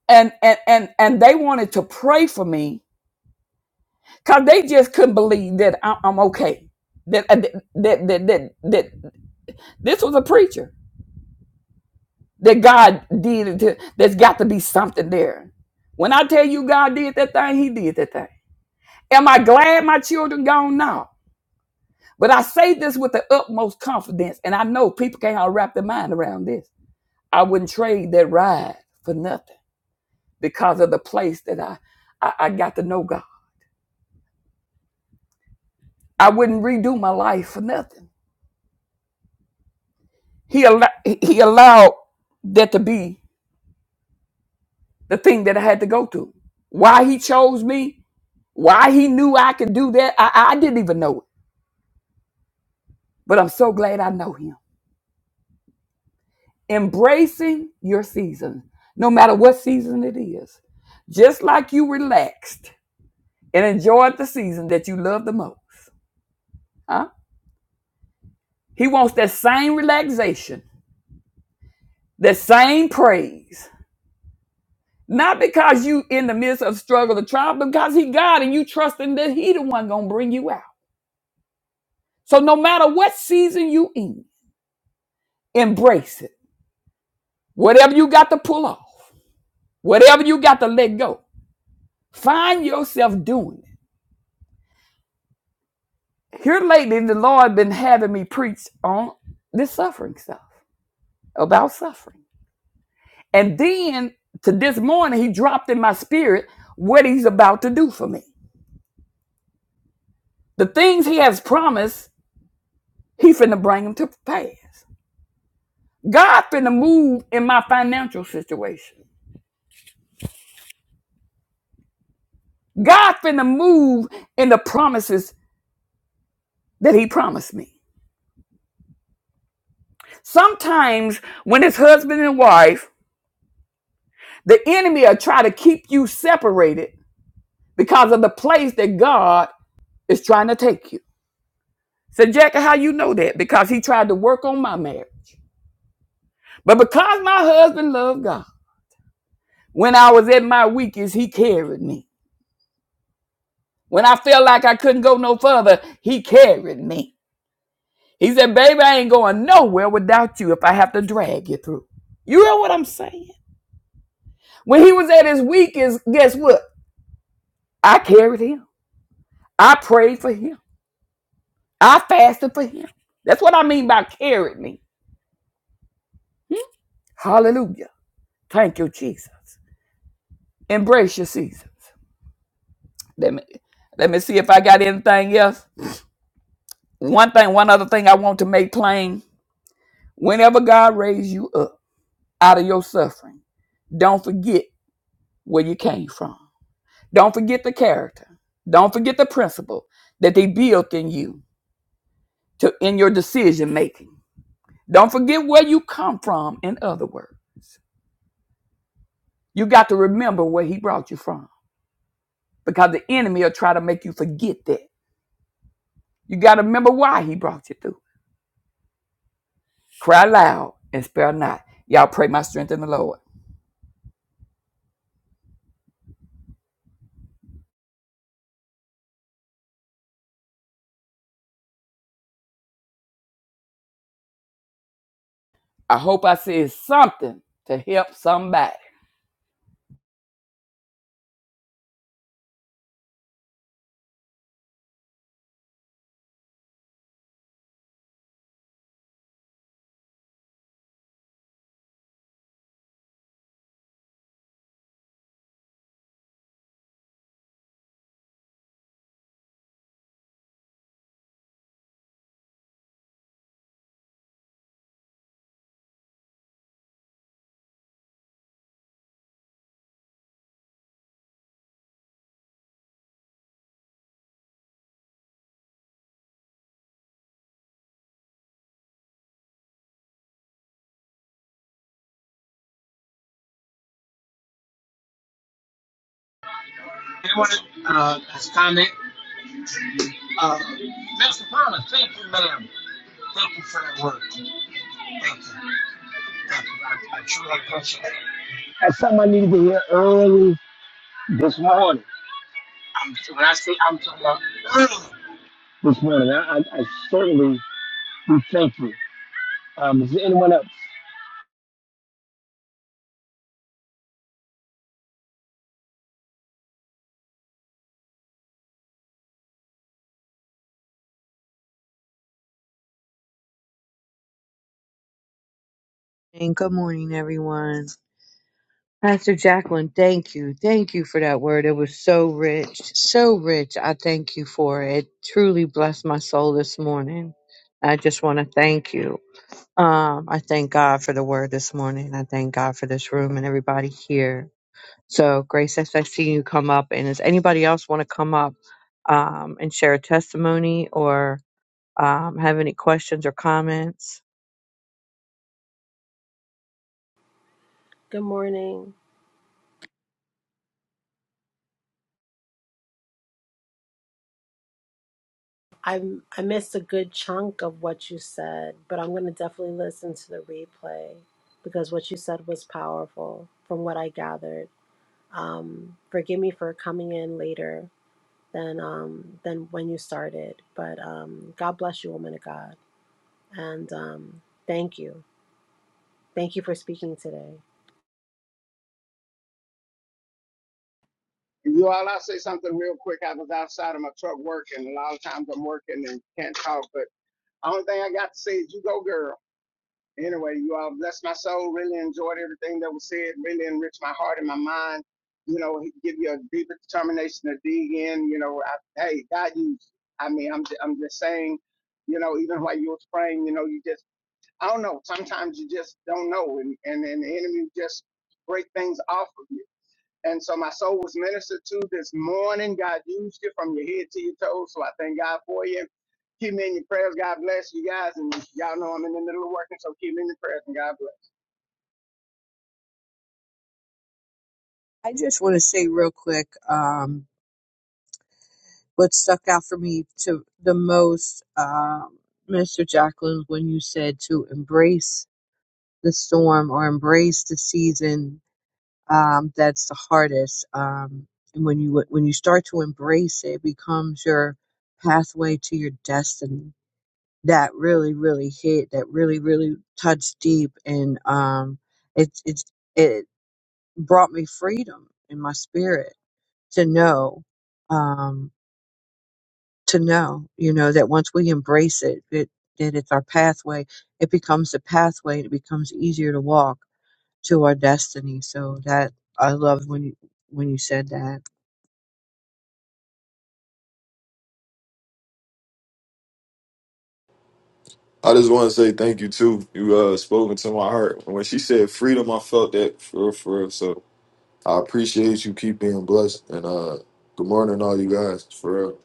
and and and and they wanted to pray for me because they just couldn't believe that I, I'm okay. That, uh, that that that that that this was a preacher that God did it. To, there's got to be something there. When I tell you God did that thing, He did that thing. Am I glad my children gone? No. But I say this with the utmost confidence, and I know people can't all wrap their mind around this. I wouldn't trade that ride for nothing because of the place that I, I, I got to know God. I wouldn't redo my life for nothing. He, al- he allowed that to be the thing that I had to go through. Why he chose me, why he knew I could do that, I, I didn't even know it. But I'm so glad I know him. Embracing your season, no matter what season it is. Just like you relaxed and enjoy the season that you love the most. Huh? He wants that same relaxation, that same praise. Not because you in the midst of struggle or trial, but because he God and you trusting that he the one gonna bring you out. So no matter what season you in, embrace it. Whatever you got to pull off, whatever you got to let go, find yourself doing it. Here lately, the Lord been having me preach on this suffering stuff, about suffering. And then to this morning, he dropped in my spirit what he's about to do for me. The things he has promised, he finna bring them to pass. God finna move in my financial situation. God finna move in the promises that he promised me. Sometimes when it's husband and wife, the enemy will try to keep you separated because of the place that God is trying to take you. So, Jackie, how you know that? Because he tried to work on my marriage. But because my husband loved God, when I was at my weakest, he carried me. When I felt like I couldn't go no further, he carried me. He said, Baby, I ain't going nowhere without you if I have to drag you through. You know what I'm saying? When he was at his weakest, guess what? I carried him. I prayed for him. I fasted for him. That's what I mean by carried me. Hmm? Hallelujah. Thank you, Jesus. Embrace your season. Let me let me see if I got anything else. One thing, one other thing I want to make plain whenever God raised you up out of your suffering, don't forget where you came from. Don't forget the character. Don't forget the principle that they built in you to in your decision making. Don't forget where you come from, in other words. You got to remember where he brought you from because the enemy will try to make you forget that. You got to remember why he brought you through. Cry loud and spare not. Y'all pray my strength in the Lord. I hope I said something to help somebody. That's something I needed to hear early this morning. This morning, I, I, I certainly do thank you. Um, is there anyone else? And good morning, everyone. Pastor Jacqueline, thank you. Thank you for that word. It was so rich, so rich. I thank you for it. It truly blessed my soul this morning. I just want to thank you. Um, I thank God for the word this morning. I thank God for this room and everybody here. So, Grace, as I see you come up, and does anybody else want to come up um, and share a testimony or um, have any questions or comments? Good morning. I I missed a good chunk of what you said, but I'm going to definitely listen to the replay because what you said was powerful from what I gathered. Um, forgive me for coming in later than um, than when you started, but um, God bless you, woman of God, and um, thank you, thank you for speaking today. You all, I'll say something real quick. I was outside of my truck working. A lot of times I'm working and can't talk, but only thing I got to say is you go, girl. Anyway, you all bless my soul. Really enjoyed everything that was said. Really enriched my heart and my mind. You know, he give you a deeper determination to dig in. You know, I, hey, God used. you. I mean, I'm, ju- I'm just saying, you know, even while you was praying, you know, you just, I don't know. Sometimes you just don't know. And, and, and the enemy just break things off of you And so my soul was ministered to this morning. God used you from your head to your toes. So I thank God for you. Keep me in your prayers. God bless you guys. And y'all know I'm in the middle of working, so keep me in your prayers and God bless. I just want to say real quick um, what stuck out for me to the most, um, Mr. Jacqueline, when you said to embrace the storm or embrace the season um, that's the hardest. Um, and when you when you start to embrace it, it becomes your pathway to your destiny. That really, really hit. That really, really touched deep, and um, it it it brought me freedom in my spirit to know, um, to know, you know, that once we embrace it, it, that it's our pathway, it becomes a pathway and it becomes easier to walk to our destiny. So that I love when you, when you said that. I just want to say thank you too. You uh spoken to my heart. When she said freedom, I felt that for real, for real. So I appreciate you. Keep being blessed, and uh, good morning, all you guys. For real.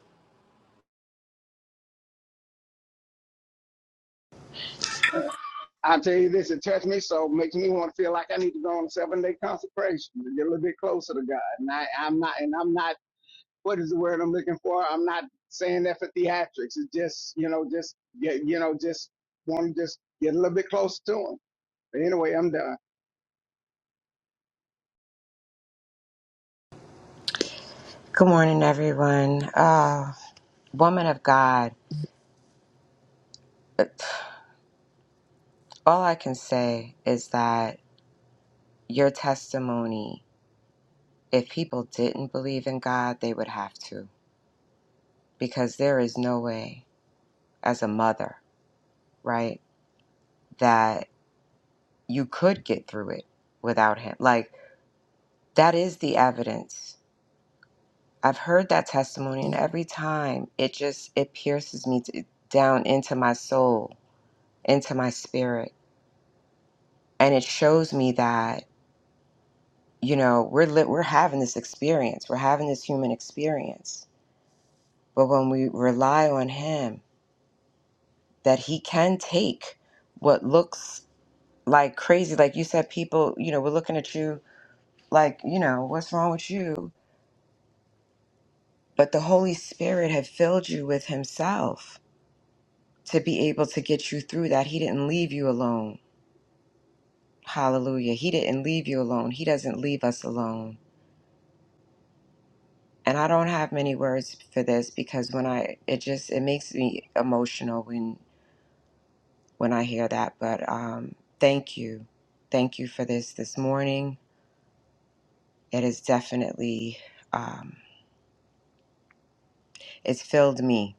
I tell you this, it touched me so it makes me want to feel like I need to go on a seven day consecration to get a little bit closer to God. And I, I'm not and I'm not what is the word I'm looking for? I'm not saying that for theatrics. It's just, you know, just get you know, just want to just get a little bit closer to him. But anyway, I'm done. Good morning, everyone. Uh, woman of God, all I can say is that your testimony, if people didn't believe in God, they would have to, because there is no way, as a mother, right, that you could get through it without Him. Like, that is the evidence. I've heard that testimony, and every time it just it pierces me to, down into my soul, into my spirit and it shows me that you know we're li- we're having this experience we're having this human experience but when we rely on him that he can take what looks like crazy like you said people you know we're looking at you like you know what's wrong with you but the holy spirit had filled you with himself to be able to get you through that he didn't leave you alone hallelujah he didn't leave you alone he doesn't leave us alone and I don't have many words for this because when I it just it makes me emotional when when I hear that. But um, thank you, thank you for this this morning. It is definitely um, it's filled me.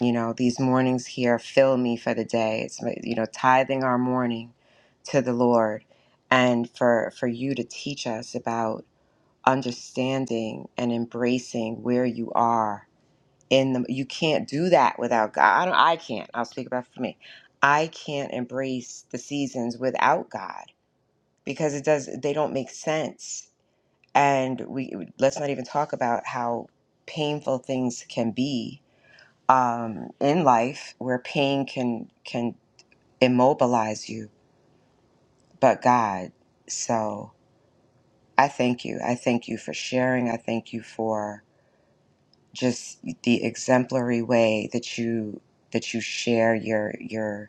You know these mornings here fill me for the day. It's my- you know tithing our morning to the Lord, and for for you to teach us about understanding and embracing where you are in the you can't do that without God. I, don't, I can't. I'll speak about for me. I can't embrace the seasons without God because it does they don't make sense. And we let's not even talk about how painful things can be um, in life, where pain can can immobilize you, but God. So I thank you. I thank you for sharing. I thank you for just the exemplary way that you that you share your your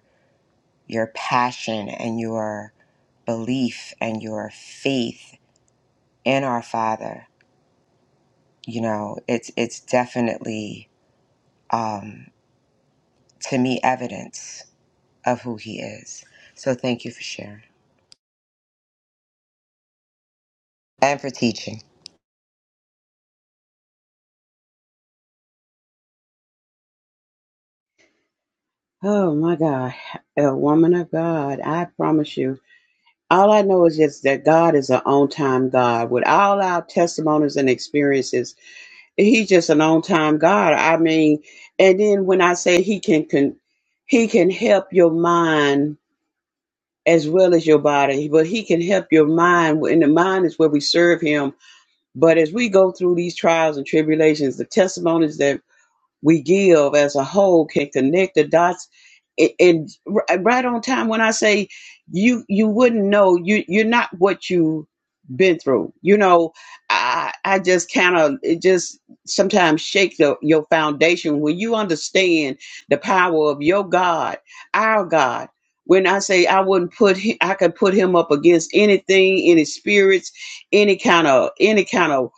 your passion and your belief and your faith in our Father, you know, it's it's definitely um, to me evidence of who He is. So thank you for sharing and for teaching. Oh my God, a woman of God, I promise you. All I know is just that God is an on-time God. With all our testimonies and experiences, He's just an on-time God. I mean, and then when I say He can, can He can help your mind as well as your body, but He can help your mind. And the mind is where we serve Him. But as we go through these trials and tribulations, the testimonies that we give as a whole can connect the dots and, and r- uh, right on time when i say you you wouldn't know you you're not what you been through you know i i just kind of it just sometimes shake the, your foundation when you understand the power of your god our god when i say i wouldn't put him, i could put him up against anything any spirits any kind of any kind of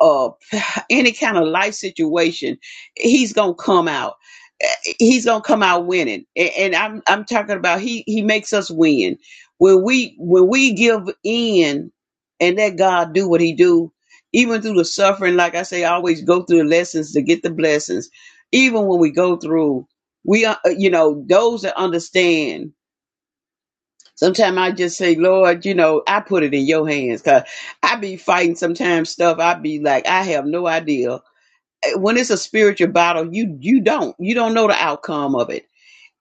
uh any kind of life situation he's gonna come out. Eh, He's gonna come out winning, A- and I'm I'm talking about he he makes us win when we when we give in and let God do what He do, even through the suffering. Like I say, I always go through the lessons to get the blessings. Even when we go through, we are you know those that understand. Sometimes I just say, Lord, you know, I put it in your hands. Cause I be fighting sometimes stuff. I be like, I have no idea when it's a spiritual battle, you you don't you don't know the outcome of it.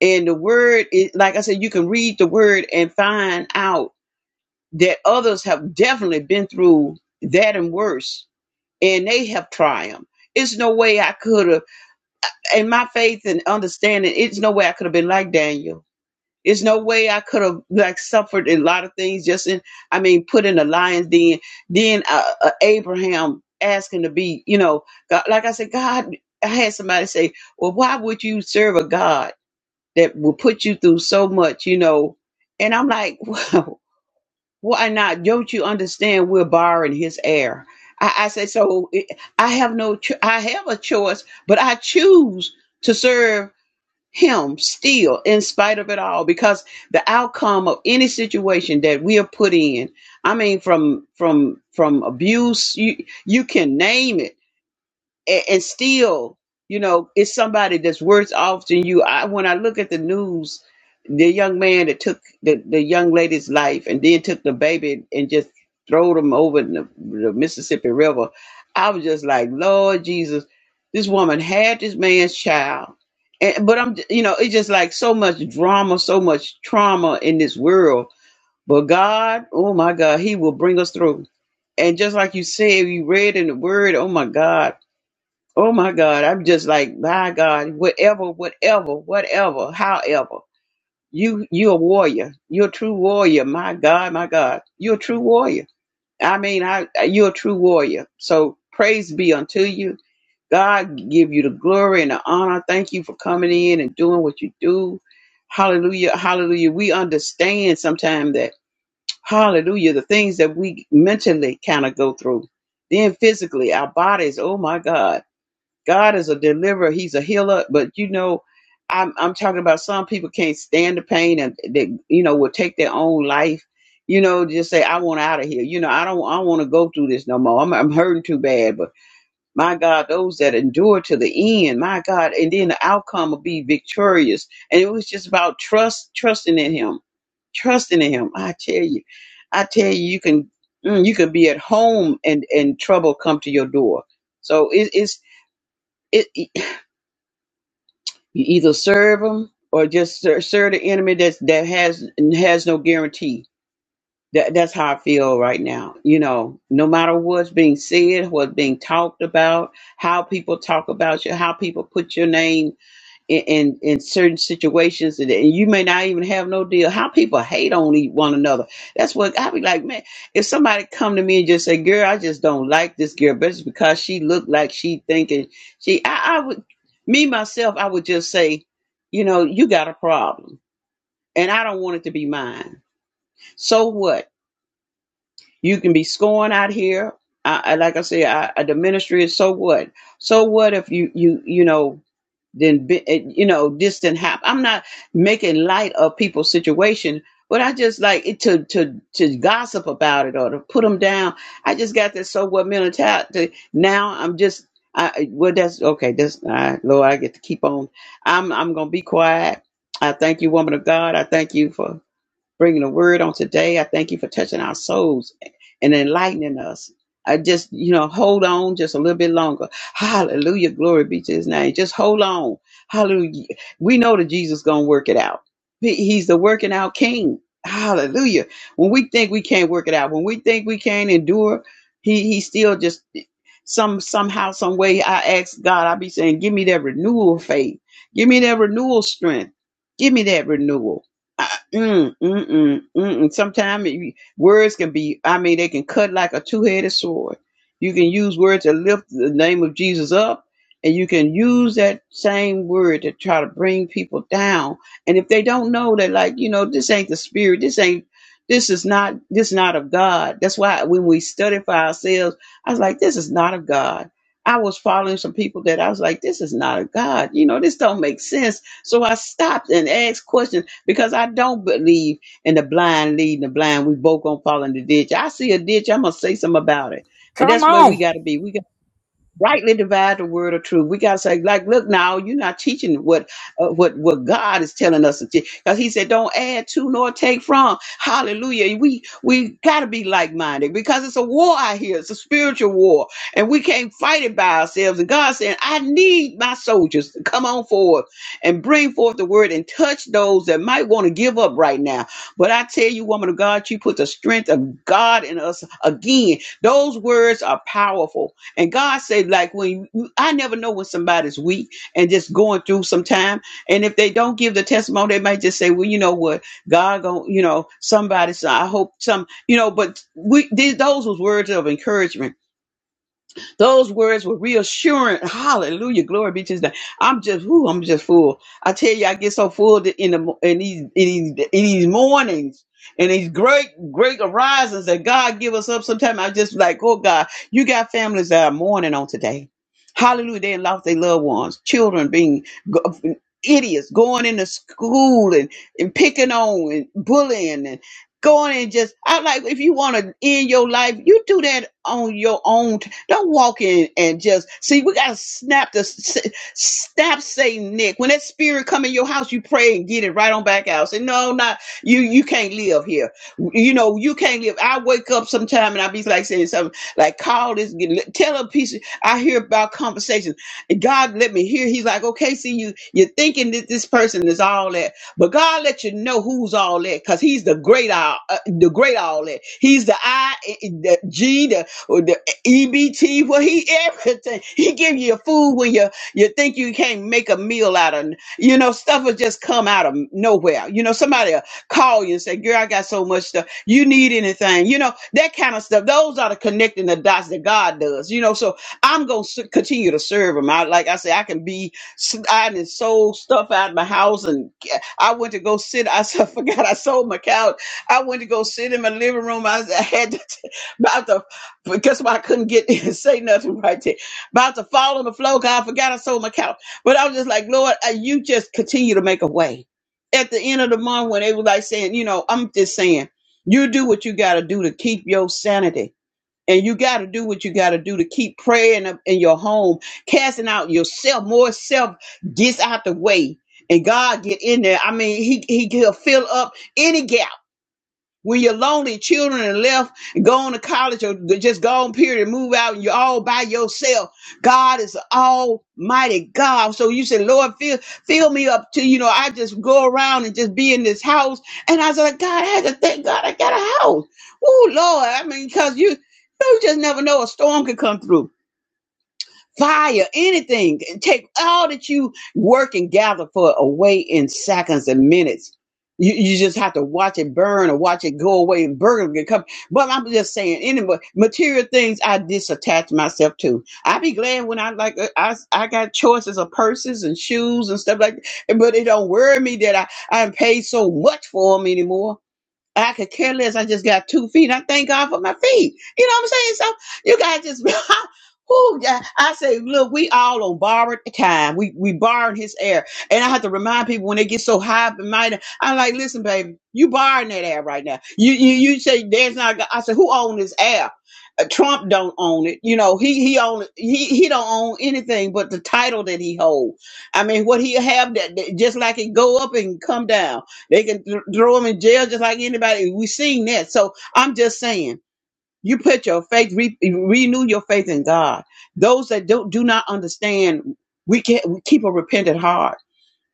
And the word, is, like I said, you can read the word and find out that others have definitely been through that and worse, and they have triumphed. It's no way I could have, in my faith and understanding, it's no way I could have been like Daniel there's no way I could have like suffered a lot of things just in, I mean, put in a lion's den. Then uh, uh, Abraham asking to be, you know, God, like I said, God, I had somebody say, well, why would you serve a God that will put you through so much, you know? And I'm like, well, why not? Don't you understand we're borrowing his air? I, I said, so eh, I have no, cho- I have a choice, but I choose to serve him still in spite of it all because the outcome of any situation that we are put in i mean from from from abuse you you can name it and, and still, you know, it's somebody that's worse off than you. I when I look at the news, the young man that took the, the young lady's life and then took the baby and just threw them over in the, the Mississippi River, I was just like, Lord Jesus, this woman had this man's child. And, but I'm, you know, it's just like so much drama, so much trauma in this world. But God, oh my God, He will bring us through. And just like you said, you read in the Word, oh my God, Oh my God, I'm just like, my God, whatever, whatever, whatever, however. You you're a warrior. You're a true warrior. My God, my God. You're a true warrior. I mean, I you're a true warrior. So praise be unto you. God give you the glory and the honor. Thank you for coming in and doing what you do. Hallelujah. Hallelujah. We understand sometimes that, hallelujah, the things that we mentally kind of go through. Then physically, our bodies, oh my God. God is a deliverer. He's a healer. But you know, I'm I'm talking about some people can't stand the pain and they you know will take their own life. You know, just say I want out of here. You know, I don't I don't want to go through this no more. I'm I'm hurting too bad. But my God, those that endure to the end, my God, and then the outcome will be victorious. And it was just about trust, trusting in Him, trusting in Him. I tell you, I tell you, you can mm, you can be at home and and trouble come to your door. So it, it's it. You either serve them or just ser- serve the enemy that's, that has has no guarantee. That that's how I feel right now. You know, no matter what's being said, what's being talked about, how people talk about you, how people put your name in, in in certain situations and and you may not even have no deal how people hate on e- one another that's what i be like man if somebody come to me and just say girl i just don't like this girl but it's because she looked like she thinking she i, I would me myself i would just say you know you got a problem and i don't want it to be mine so what you can be scoring out here I, I like i said I, I- the ministry is so what so what if you you you know than be, eh, you know this than happen. I'm not making light of people's situation, but I just like it to to to gossip about it or to put them down. I just got this so what mentality. Now I'm just I I- well that's okay. That's all right, Lord. I get to keep on. I'm I'm gonna be quiet. I thank you, woman of God. I thank you for bringing the word on today. I thank you for touching our souls and enlightening us. I just, you know, hold on just a little bit longer. Hallelujah. Glory be to his name. Just hold on. Hallelujah. We know that Jesus going to work it out. He- he's the working out king. Hallelujah. When we think we can't work it out, when we think we can't endure, he, he still just some somehow, some way. I ask God, I be saying, give me that renewal faith. Give me that renewal strength. Give me that renewal. Mm, mm, mm, mm. Sometimes words can be, I mean, they can cut like a two headed sword. You can use words to lift the name of Jesus up, and you can use that same word to try to bring people down. And if they don't know that, like, you know, this ain't the spirit, this ain't. This is not this not of God. That's why when we study for ourselves, I was like, this is not of God. I was following some people that I was like, this is not of God. You know, this don't make sense. So I stopped and asked questions because I don't believe in the blind leading the blind. We both gonna fall in the ditch. I see a ditch, I'm gonna say something about it. And Come that's where we on. gotta be. We rightly divide the word of truth. We gotta say, like, look now, you're not teaching what uh, what what God is telling us to teach, because He said, don't add to nor take from. Hallelujah. We we gotta be like minded because it's a war out here. It's a spiritual war, and we can't fight it by ourselves. And God saying, I need my soldiers to come on forward and bring forth the word and touch those that might want to give up right now. But I tell you, woman of God, you put the strength of God in us again. Those words are powerful and God said, like when you, I never know when somebody's weak and just going through some time. And if they don't give the testimony, they might just say, well, you know what, God going, you know, somebody. So I hope some, you know. But we these, those was words of encouragement those words were reassuring. Hallelujah. Glory be to his name. I'm just, whoo, I'm just full. I tell you, I get so full that in the mo- in these in these in these mornings and these great, great horizons that God give us up sometimes. I just like, oh God, you got families that are mourning on today. Hallelujah. They lost their loved ones, children being go- idiots, going into school and, and picking on and bullying and going and just I like if you want to end your life, you do that on your own don't walk in and just see. We gotta snap the snap Satan neck. When that spirit come in your house, you pray and get it right on back out. Say no, not you. You can't live here. You know you can't live. I wake up sometime and I be like saying something like call this. get- Tell a piece. Of, I hear about conversations. And God let me hear. He's like, okay, see you. You're thinking that this person is all that, but God let you know who's all that because He's the great all, uh, the great all that. He's the I, uh, the G, the the EBT, well, he everything. He give you food when you you think you can't make a meal out of. You know, stuff will just come out of nowhere. You know, somebody will call you and say, "Girl, I got so much stuff. You need anything?" You know, that kind of stuff. Those are the connecting the dots that God does. You know, so I'm gonna s- continue to serve Him. I like I say, I can be. s- I done sold stuff out of my house, and I went to go sit. I s- forgot I sold my couch. I went to go sit in my living room. I, I had to about the but guess what? I couldn't get say nothing right there. About to fall on the floor. God, I forgot I sold my couch. But I was just like, Lord, uh, you just continue to make a way. At the end of the month, when they were like saying, you know, I'm just saying, you do what you got to do to keep your sanity. And you got to do what you got to do to keep praying up in your home, casting out yourself, more self gets out the way. And God get in there. I mean, he, he, he'll fill up any gap when your lonely children are left, going to college or just gone period and move out and you're all by yourself. God is almighty God. So you say, Lord, fill, fill me up to, you know, I just go around and just be in this house. And I was like, God, I had to thank God I got a house. Oh, Lord. I mean, because you, you just never know a storm could come through fire, anything. Take all that you work and gather for away in seconds and minutes. You, you just have to watch it burn or watch it go away and burn and come. But I'm just saying, any ma- material things I disattach myself to. I be glad when I like uh, I I got choices of purses and shoes and stuff like that. But it don't worry me that I I ain't paid so much for them anymore. I could care less. I just got two feet. I thank God for my feet. You know what I'm saying? So you guys just, whoo, yeah. I say, look, we all on borrowed time. We we borrowing his air, and I have to remind people when they get so high and mighty. I'm like, listen, baby, you borrowing that air right now. You you you say there's not. God." I said, who own this air? Uh, Trump don't own it. You know, he he own he he don't own anything but the title that he hold. I mean, what he have that that- just like it go up and come down. They can th- throw them in jail just like anybody. We've seen that. So I'm just saying, you put your faith, re- renew your faith in God. Those that don't do not understand, we can we keep a repentant heart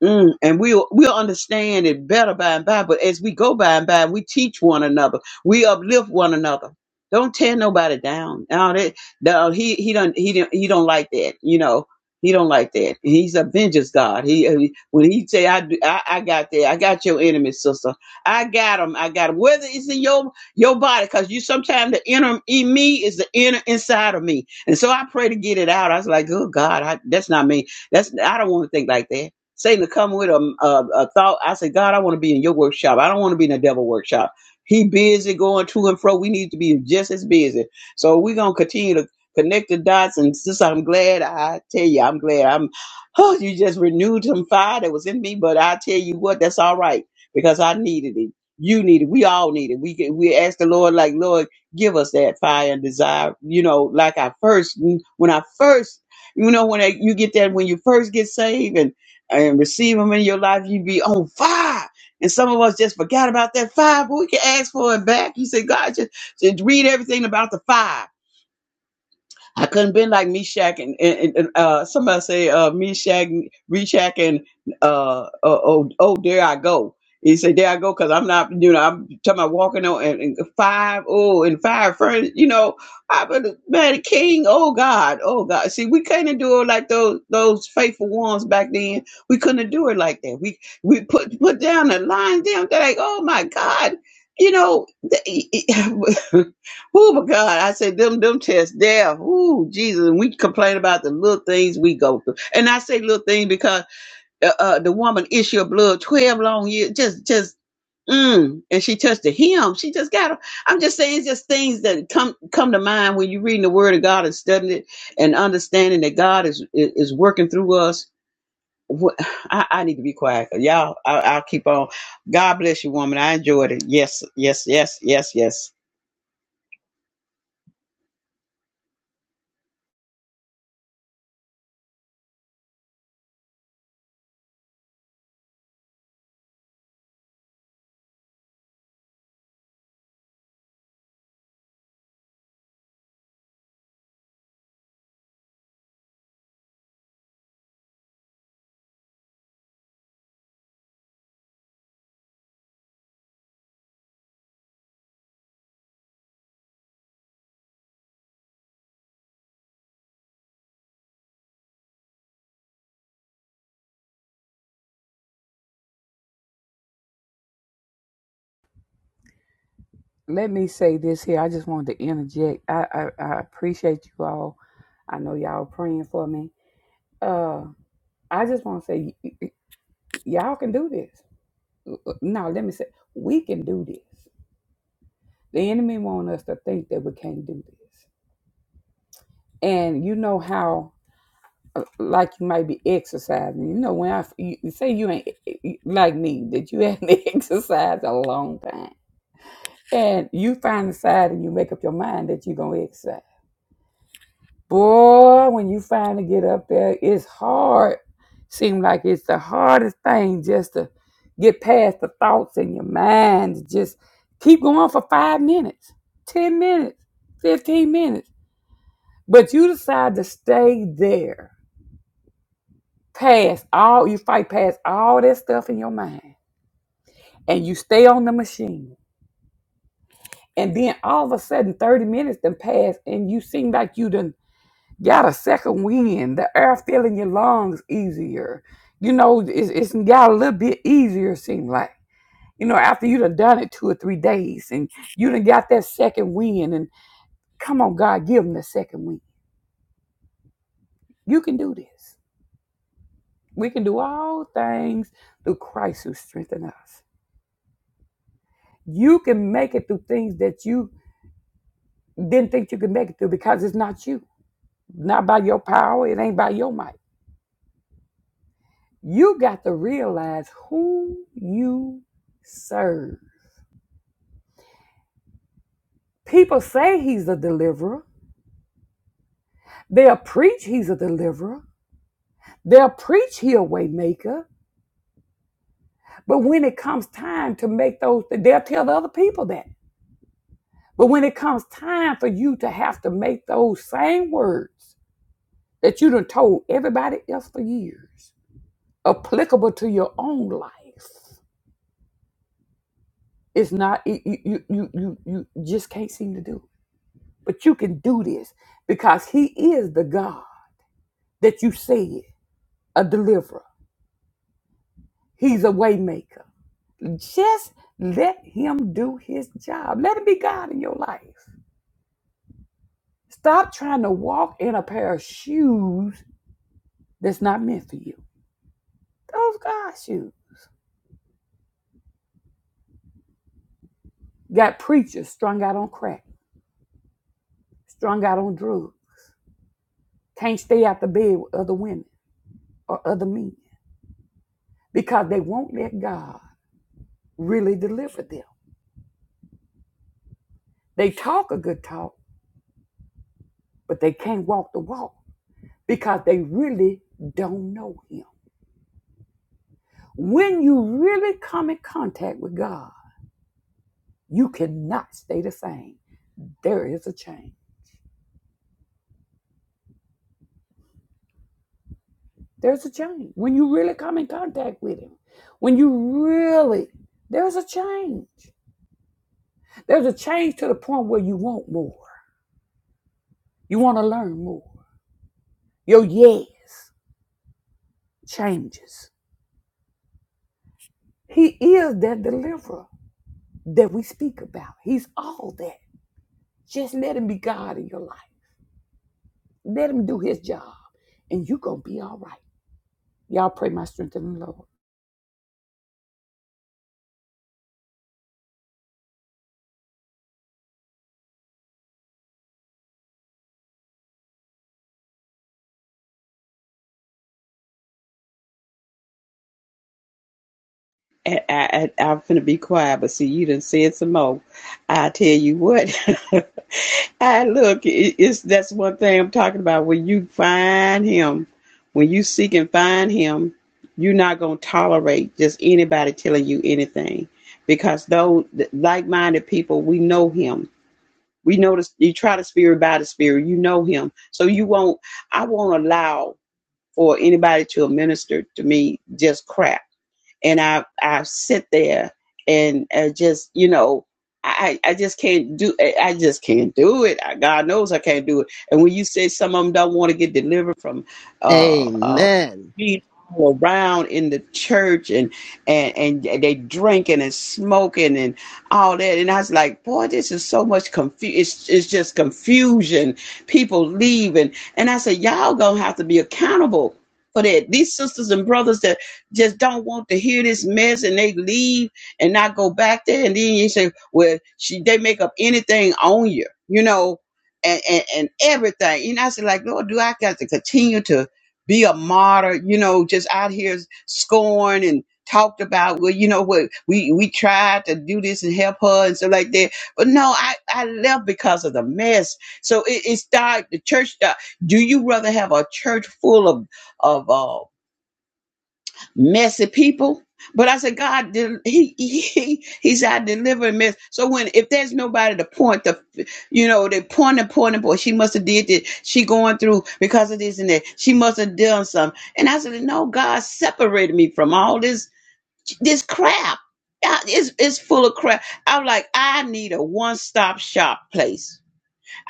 Mm, and we'll we'll understand it better by and by. But as we go by and by, we teach one another. We uplift one another. Don't tear nobody down. Now that no, he he don't he don't he don't like that. You know he don't like that. He's a vengeance God. He he- when he say I do, I, I got that. I got your enemy, sister. I got him. I got him. Whether it's in your your body, because you sometimes the inner in me is the inner inside of me, and so I pray to get it out. I was like, oh God, I, that's not me. That's I don't want to think like that. Satan to come with a, a, a thought. I say, God, I want to be in your workshop. I don't want to be in the devil workshop. He busy going to and fro. We need to be just as busy. So we're gonna continue to connect the dots. And since I'm glad, I tell you, I'm glad. I'm. Oh, you just renewed some fire that was in me. But I tell you what, that's all right because I needed it. You need it. We all need it. We can- we ask the Lord, like Lord, give us that fire and desire. You know, like I first when I first, you know, when I, you get that when you first get saved and and receive them in your life, you be on fire. And some of us just forgot about that fire, but we can ask for it back. You say, God, just, just read everything about the fire. I couldn't been like Meshach and, and, and uh, somebody say uh, Meshach, Meshach, and uh, oh, oh, oh, there I go. He said, "There I go," because I'm not, you know, I'm talking about walking on and, and five, oh, and five friends, you know, I but man, King, oh God, oh God. See, we couldn't do it like those those faithful ones back then. We couldn't do it like that. We we put put down the line down. They're like, oh my God, you know, Oh my God! I say them them tests there. Ooh, Jesus! And we complain about the little things we go through, and I say little things because uh, uh, the woman issue of blood twelve long years, just just mm, and she touched the hem. She just got. a- I'm just saying, it's just things that come come to mind when you're reading the Word of God and studying it and understanding that God is is, is working through us. What- I, I need to be quiet, y'all. I, I'll keep on. God bless you, woman. I enjoyed it. Yes, yes, yes, yes, yes. Let me say this here. I just wanted to interject. I, I, I appreciate you all. I know y'all praying for me. Uh, I just want to say, y- y- y'all can do this. No, let me say, we can do this. The enemy want us to think that we can't do this. And you know how uh, like you might be exercising. You know, when I you, say you ain't eh, eh, like me, that you haven't exercised a long time, and you find the side and you make up your mind that you're gonna exercise. Boy, when you finally get up there, it's hard. Seem like it's the hardest thing just to get past the thoughts in your mind. to Just keep going for five minutes, ten minutes, fifteen minutes, but you decide to stay there past all you fight past all that stuff in your mind and you stay on the machine and then all of a sudden 30 minutes done pass and you seem like you done got a second wind the air filling your lungs easier you know it's, it's got a little bit easier seem like you know after you done done it two or three days and you done got that second wind and come on god give them the second wind you can do this we can do all things through christ who strengthens us You can make it through things that you didn't think you could make it through because it's not you, not by your power, it ain't by your might. You got to realize who you serve. People say he's a deliverer. They'll preach he's a deliverer. They'll preach he a way maker. But when it comes time to make those, they'll tell the other people that. But when it comes time for you to have to make those same words that you done told everybody else for years, applicable to your own life. It's not you you you you you you just can't seem to do. it. But you can do this because he is the God that you said, a deliverer. He's a waymaker. Just let him do his job. Let him be God in your life. Stop trying to walk in a pair of shoes that's not meant for you. Those God shoes. Got preachers strung out on crack, strung out on drugs, can't stay out the bed with other women or other men because they won't let God really deliver them. They talk a good talk, but they can't walk the walk because they really don't know Him. When you really come in contact with God, you cannot stay the same. There is a change. There's a change. When you really come in contact with Him, when you really, there's a change. There's a change to the point where you want more. You want to learn more. Your yes changes. He is that deliverer. that we speak about. He's all that. Just let him be God in your life. Let him do his job, and you're going to be all right. Y'all pray my strength in the Lord. I, I, I- I'm finna be quiet, but see, you done said some more. I tell you what, I look, it, it's that's one thing I'm talking about. When you find him, when you seek and find him, you're not gonna tolerate just anybody telling you anything, because though like-minded people, we know him. We know the, you try the spirit by the spirit. You know him, so you won't. I won't allow for anybody to administer to me just crap and I I sit there and uh, just you know I I just can't do I I just can't do it. I- God knows I can't do it. And when you say some of them don't want to get delivered from uh, uh, Amen. being all around in the church and and and they drinking and smoking and all that, and I was like, boy, this is so much confusion. It's it's just confusion. People leaving, and I said, y'all gonna have to be accountable for that. These sisters and brothers that just don't want to hear this mess and they leave and not go back there. And then you say, well, she, they make up anything on you, you know, and, and, and everything. And I said, like, Lord, do I got to continue to be a martyr, you know, just out here scorned and talked about, well, you know what, we, we tried to do this and help her and stuff like that. But no, I, I left because of the mess. So it, it started, the church started. Do you rather have a church full of, of, uh, messy people. But I said, God, del- he, he, he's our deliverer. Mess. So when, if there's nobody to point the, you know, they point and point and point, she must have did this. She going through because of this and that. She must have done something. And I said, no, God separated me from all this, this crap. I- It's, it's full of crap. I'm like, I need a one-stop shop place.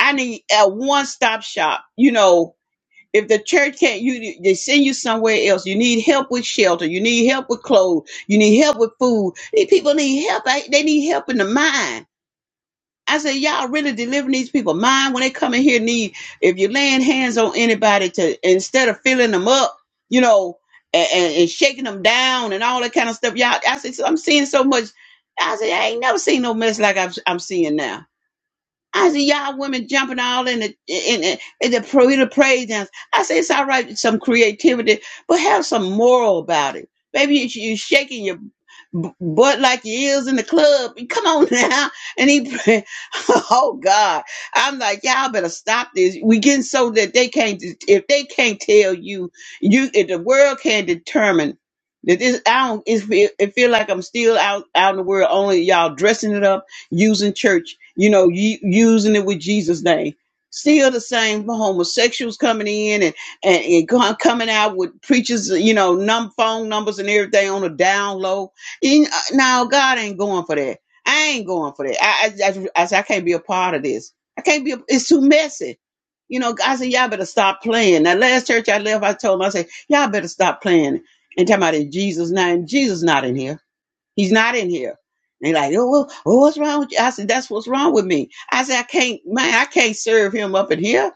I need a one-stop shop, you know, if the church can't you they send you somewhere else you need help with shelter you need help with clothes you need help with food these people need help I- they need help in the mind i say y'all really delivering these people mind when they come in here need if you're laying hands on anybody to instead of filling them up you know and, and, and shaking them down and all that kind of stuff y'all i said "So i'm seeing so much i said i ain't never seen no mess like I've, i'm seeing now I see y'all women jumping all in the in, in, in the pro in the praise dance. I say it's all right, with some creativity, but have some moral about it. Maybe you you shaking your b- butt like you is in the club. Come on now, and he, oh God, I'm like y'all better stop this. We getting so that they can't if they can't tell you you if the world can't determine that this I don't it feel, it feel like I'm still out out in the world only y'all dressing it up using church, you know, you, using it with Jesus' name. Still the same homosexuals coming in and, and, and go- coming out with preachers, you know, num phone numbers and everything on a down low. You kn- Now, God ain't going for that. I ain't going for that. I, I, I, I, I can't be a part of this. I can't be, a, it's too messy. You know, I said, y'all better stop playing. That last church I left, I told them, I said, y'all better stop playing. And talking about in Jesus' name, Jesus not in here. He's not in here. They like, oh, well, oh, what's wrong with you? I said, that's what's wrong with me. I said, I can't, man, I can't serve him up in here.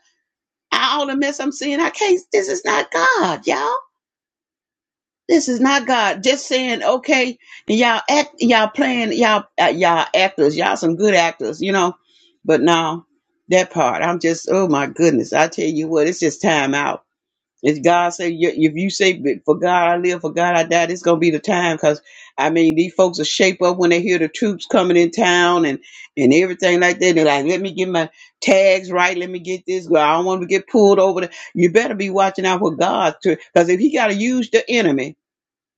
I, all the mess I'm seeing, I can't. This is not God, y'all. This is not God. Just saying, okay, and y'all act, y'all playing, y'all, uh, y'all actors, y'all some good actors, you know. But no, that part, I'm just, oh my goodness, I tell you what, it's just time out if God say, "Yeah," if you say, for God I live, for God I die, this going to be the time. Cause I mean, these folks will shape up when they hear the troops coming in town and, and everything like that. They're like, let me get my tags right. Let me get this. Well, I don't want to get pulled over. The-. You better be watching out for God too. Cause if he got to use the enemy,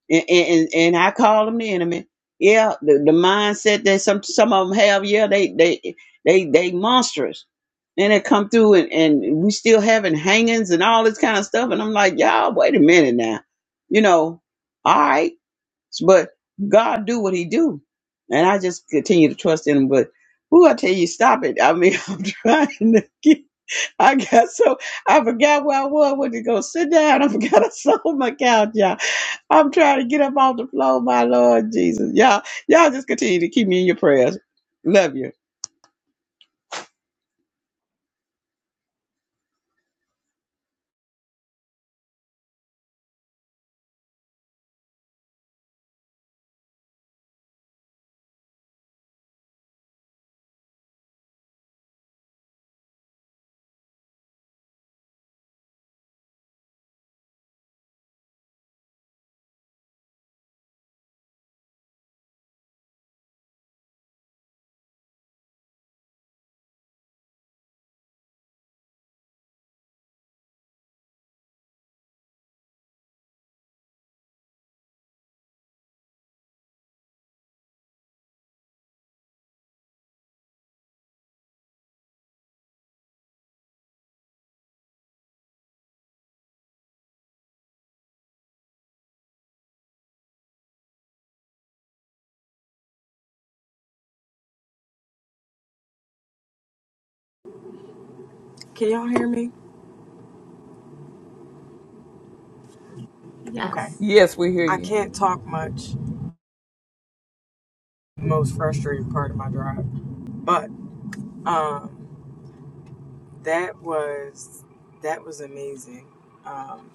and and, and I call them the enemy. Yeah, the, the mindset that some some of them have, yeah, they they they they monstrous. And they come through and, and we still having hangings and all this kind of stuff. And I'm like, y'all, wait a minute now. You know, all right. But God do what he do. And I just continue to trust in him. But who I tell you, stop it. I mean, I'm trying to get I got so I forgot where I was. Went to go sit down. I forgot I sold my couch, y'all. I'm trying to get up off the floor, my Lord Jesus. Y'all, y'all just continue to keep me in your prayers. Love you. Can y'all hear me? Okay. Yes. Yes, we hear I you. can't talk much. Most frustrating part of my drive. But um that was that was amazing. Um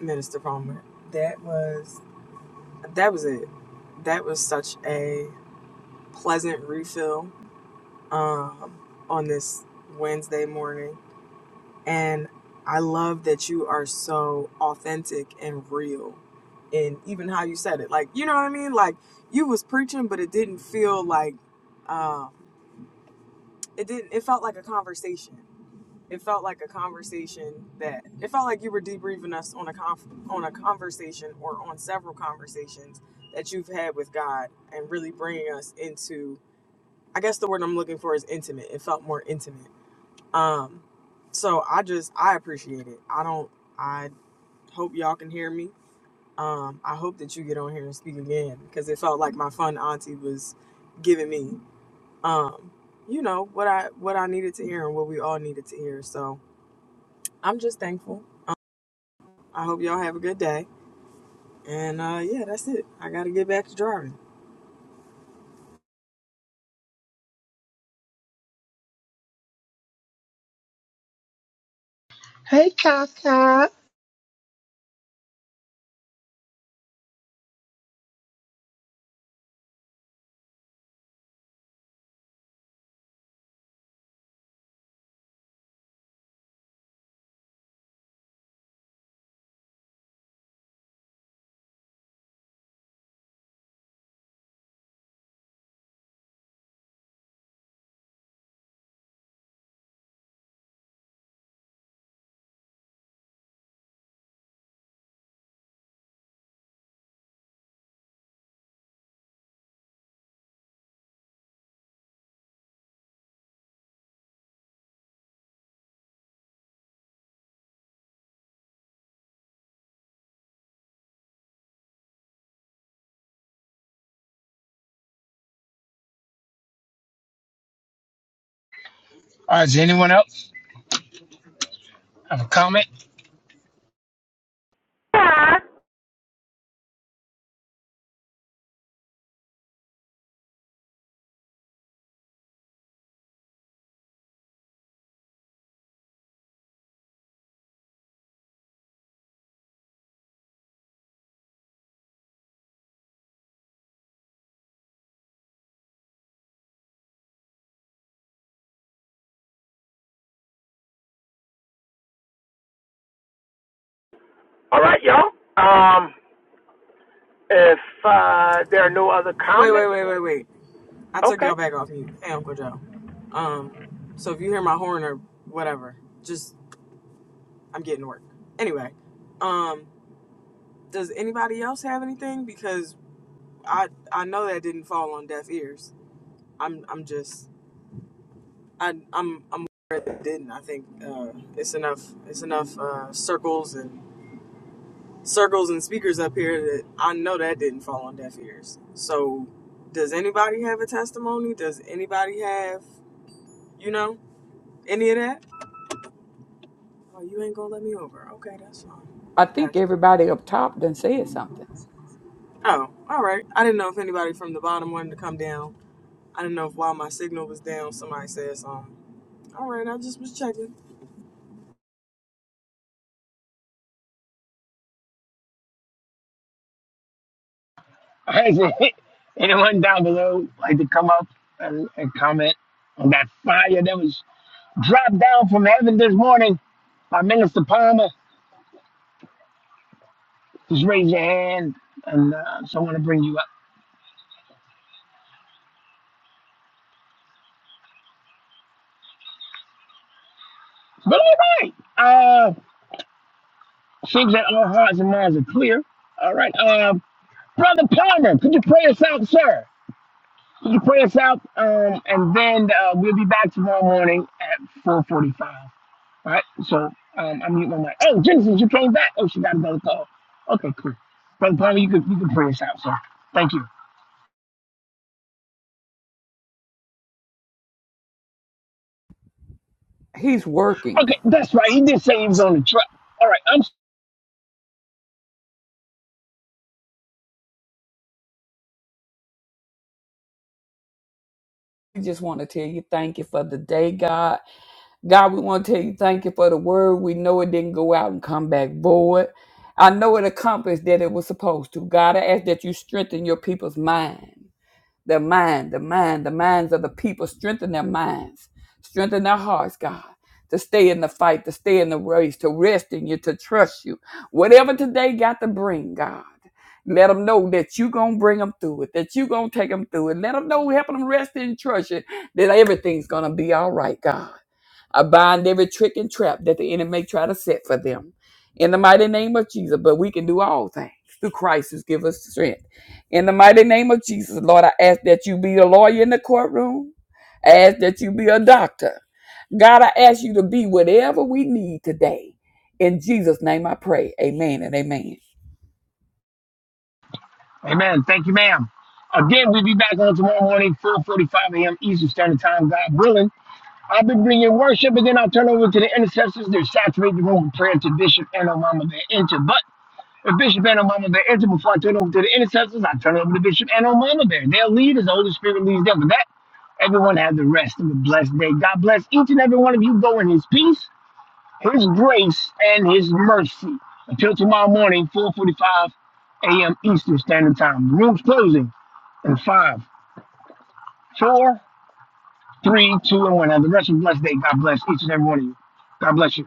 Minister Palmer. That was that was it. That was such a pleasant refill um on this Wednesday morning. And I love that you are so authentic and real in even how you said it. Like, you know what I mean? Like you was preaching, but it didn't feel like um it didn't it felt like a conversation. It felt like a conversation that it felt like you were debriefing us on a conf, on a conversation or on several conversations that you've had with God and really bringing us into I guess the word I'm looking for is intimate. It felt more intimate um, so I just I appreciate it. I don't. I hope y'all can hear me. Um, I hope that you get on here and speak again because it felt like my fun auntie was giving me, um, you know what I what I needed to hear and what we all needed to hear. So I'm just thankful. Um, I hope y'all have a good day. And uh, yeah, that's it. I got to get back to driving. Hey, Kaka. All right, y'all. Um, if uh, there are no other Wait, wait, comments, wait, wait, wait. I took okay. y'all back off mute. Hey, Uncle Joe. Um, so if you hear my horn or whatever, just I'm getting work. Anyway, um, does anybody else have anything? Because I I know that didn't fall on deaf ears. I'm I'm just I I'm I'm aware that it didn't. I think uh, it's enough it's enough uh, circles and circles and speakers up here that I know that didn't fall on deaf ears. So does anybody have a testimony? Does anybody have you know any of that? Oh, you ain't gonna let me over. Okay, that's fine. I I think got you. everybody up top done said something. Oh, all right. I didn't know if anybody from the bottom wanted to come down I didn't know if while my signal was down, somebody said something. All right, I just was checking. All right, Is there anyone down below like to come up and, and comment on that fire that was dropped down from heaven this morning by Minister Palmer? Just raise your hand, and uh, someone will bring you up. But all right. uh, I think that all hearts and minds are clear. All right. Um, Brother Palmer, could you pray us out, sir? Could you pray us out? Um, and then uh, we'll be back tomorrow morning at 4.45. All right. So um, I mute my mic. Oh, Genesis, you came back. Oh, she got another call. Okay, cool. Brother Palmer, you could, you could pray us out, sir. Thank you. He's working. Okay, that's right. He did say he was on the truck. All right. I'm We just want to tell you thank you for the day, God. God, we want to tell you thank you for the word. We know it didn't go out and come back void. I know it accomplished that it was supposed to. God, I ask that you strengthen your people's mind. Their mind, the mind, the minds of the people, strengthen their minds, strengthen their hearts, God, to stay in the fight, to stay in the race, to rest in you, to trust you. Whatever today got to bring, God. Let them know that you are going to bring them through it, that you are going to take them through it. Let them know, help them rest and trust it. that everything's going to be all right, God. I bind every trick and trap that the enemy may try to set for them. In the mighty name of Jesus, but we can do all things through Christ who gives us strength. In the mighty name of Jesus, Lord, I ask that you be a lawyer in the courtroom. I ask that you be a doctor. God, I ask you to be whatever we need today. In Jesus' name I pray. Amen and amen. Amen. Thank you, ma'am. Again, we'll be back on tomorrow morning, 4.45 a.m. Eastern Standard Time, God willing. I'll be bringing worship, and then I'll turn over to the intercessors. they will saturate the room with prayer to Bishop and Omama Bear Enter. But if Bishop and Omama Bear Enter, before I turn over to the intercessors, I turn over to Bishop and Omama Bear. They'll lead as the Holy Spirit leads them. With that, everyone have the rest of a blessed day. God bless each and every one of you. Go in his peace his grace and his mercy. Until tomorrow morning, 4:45 a.m. Eastern Standard Time. The room's closing in five, four, three, two, and one. Have the rest of a blessed day. God bless each and every one of you. God bless you.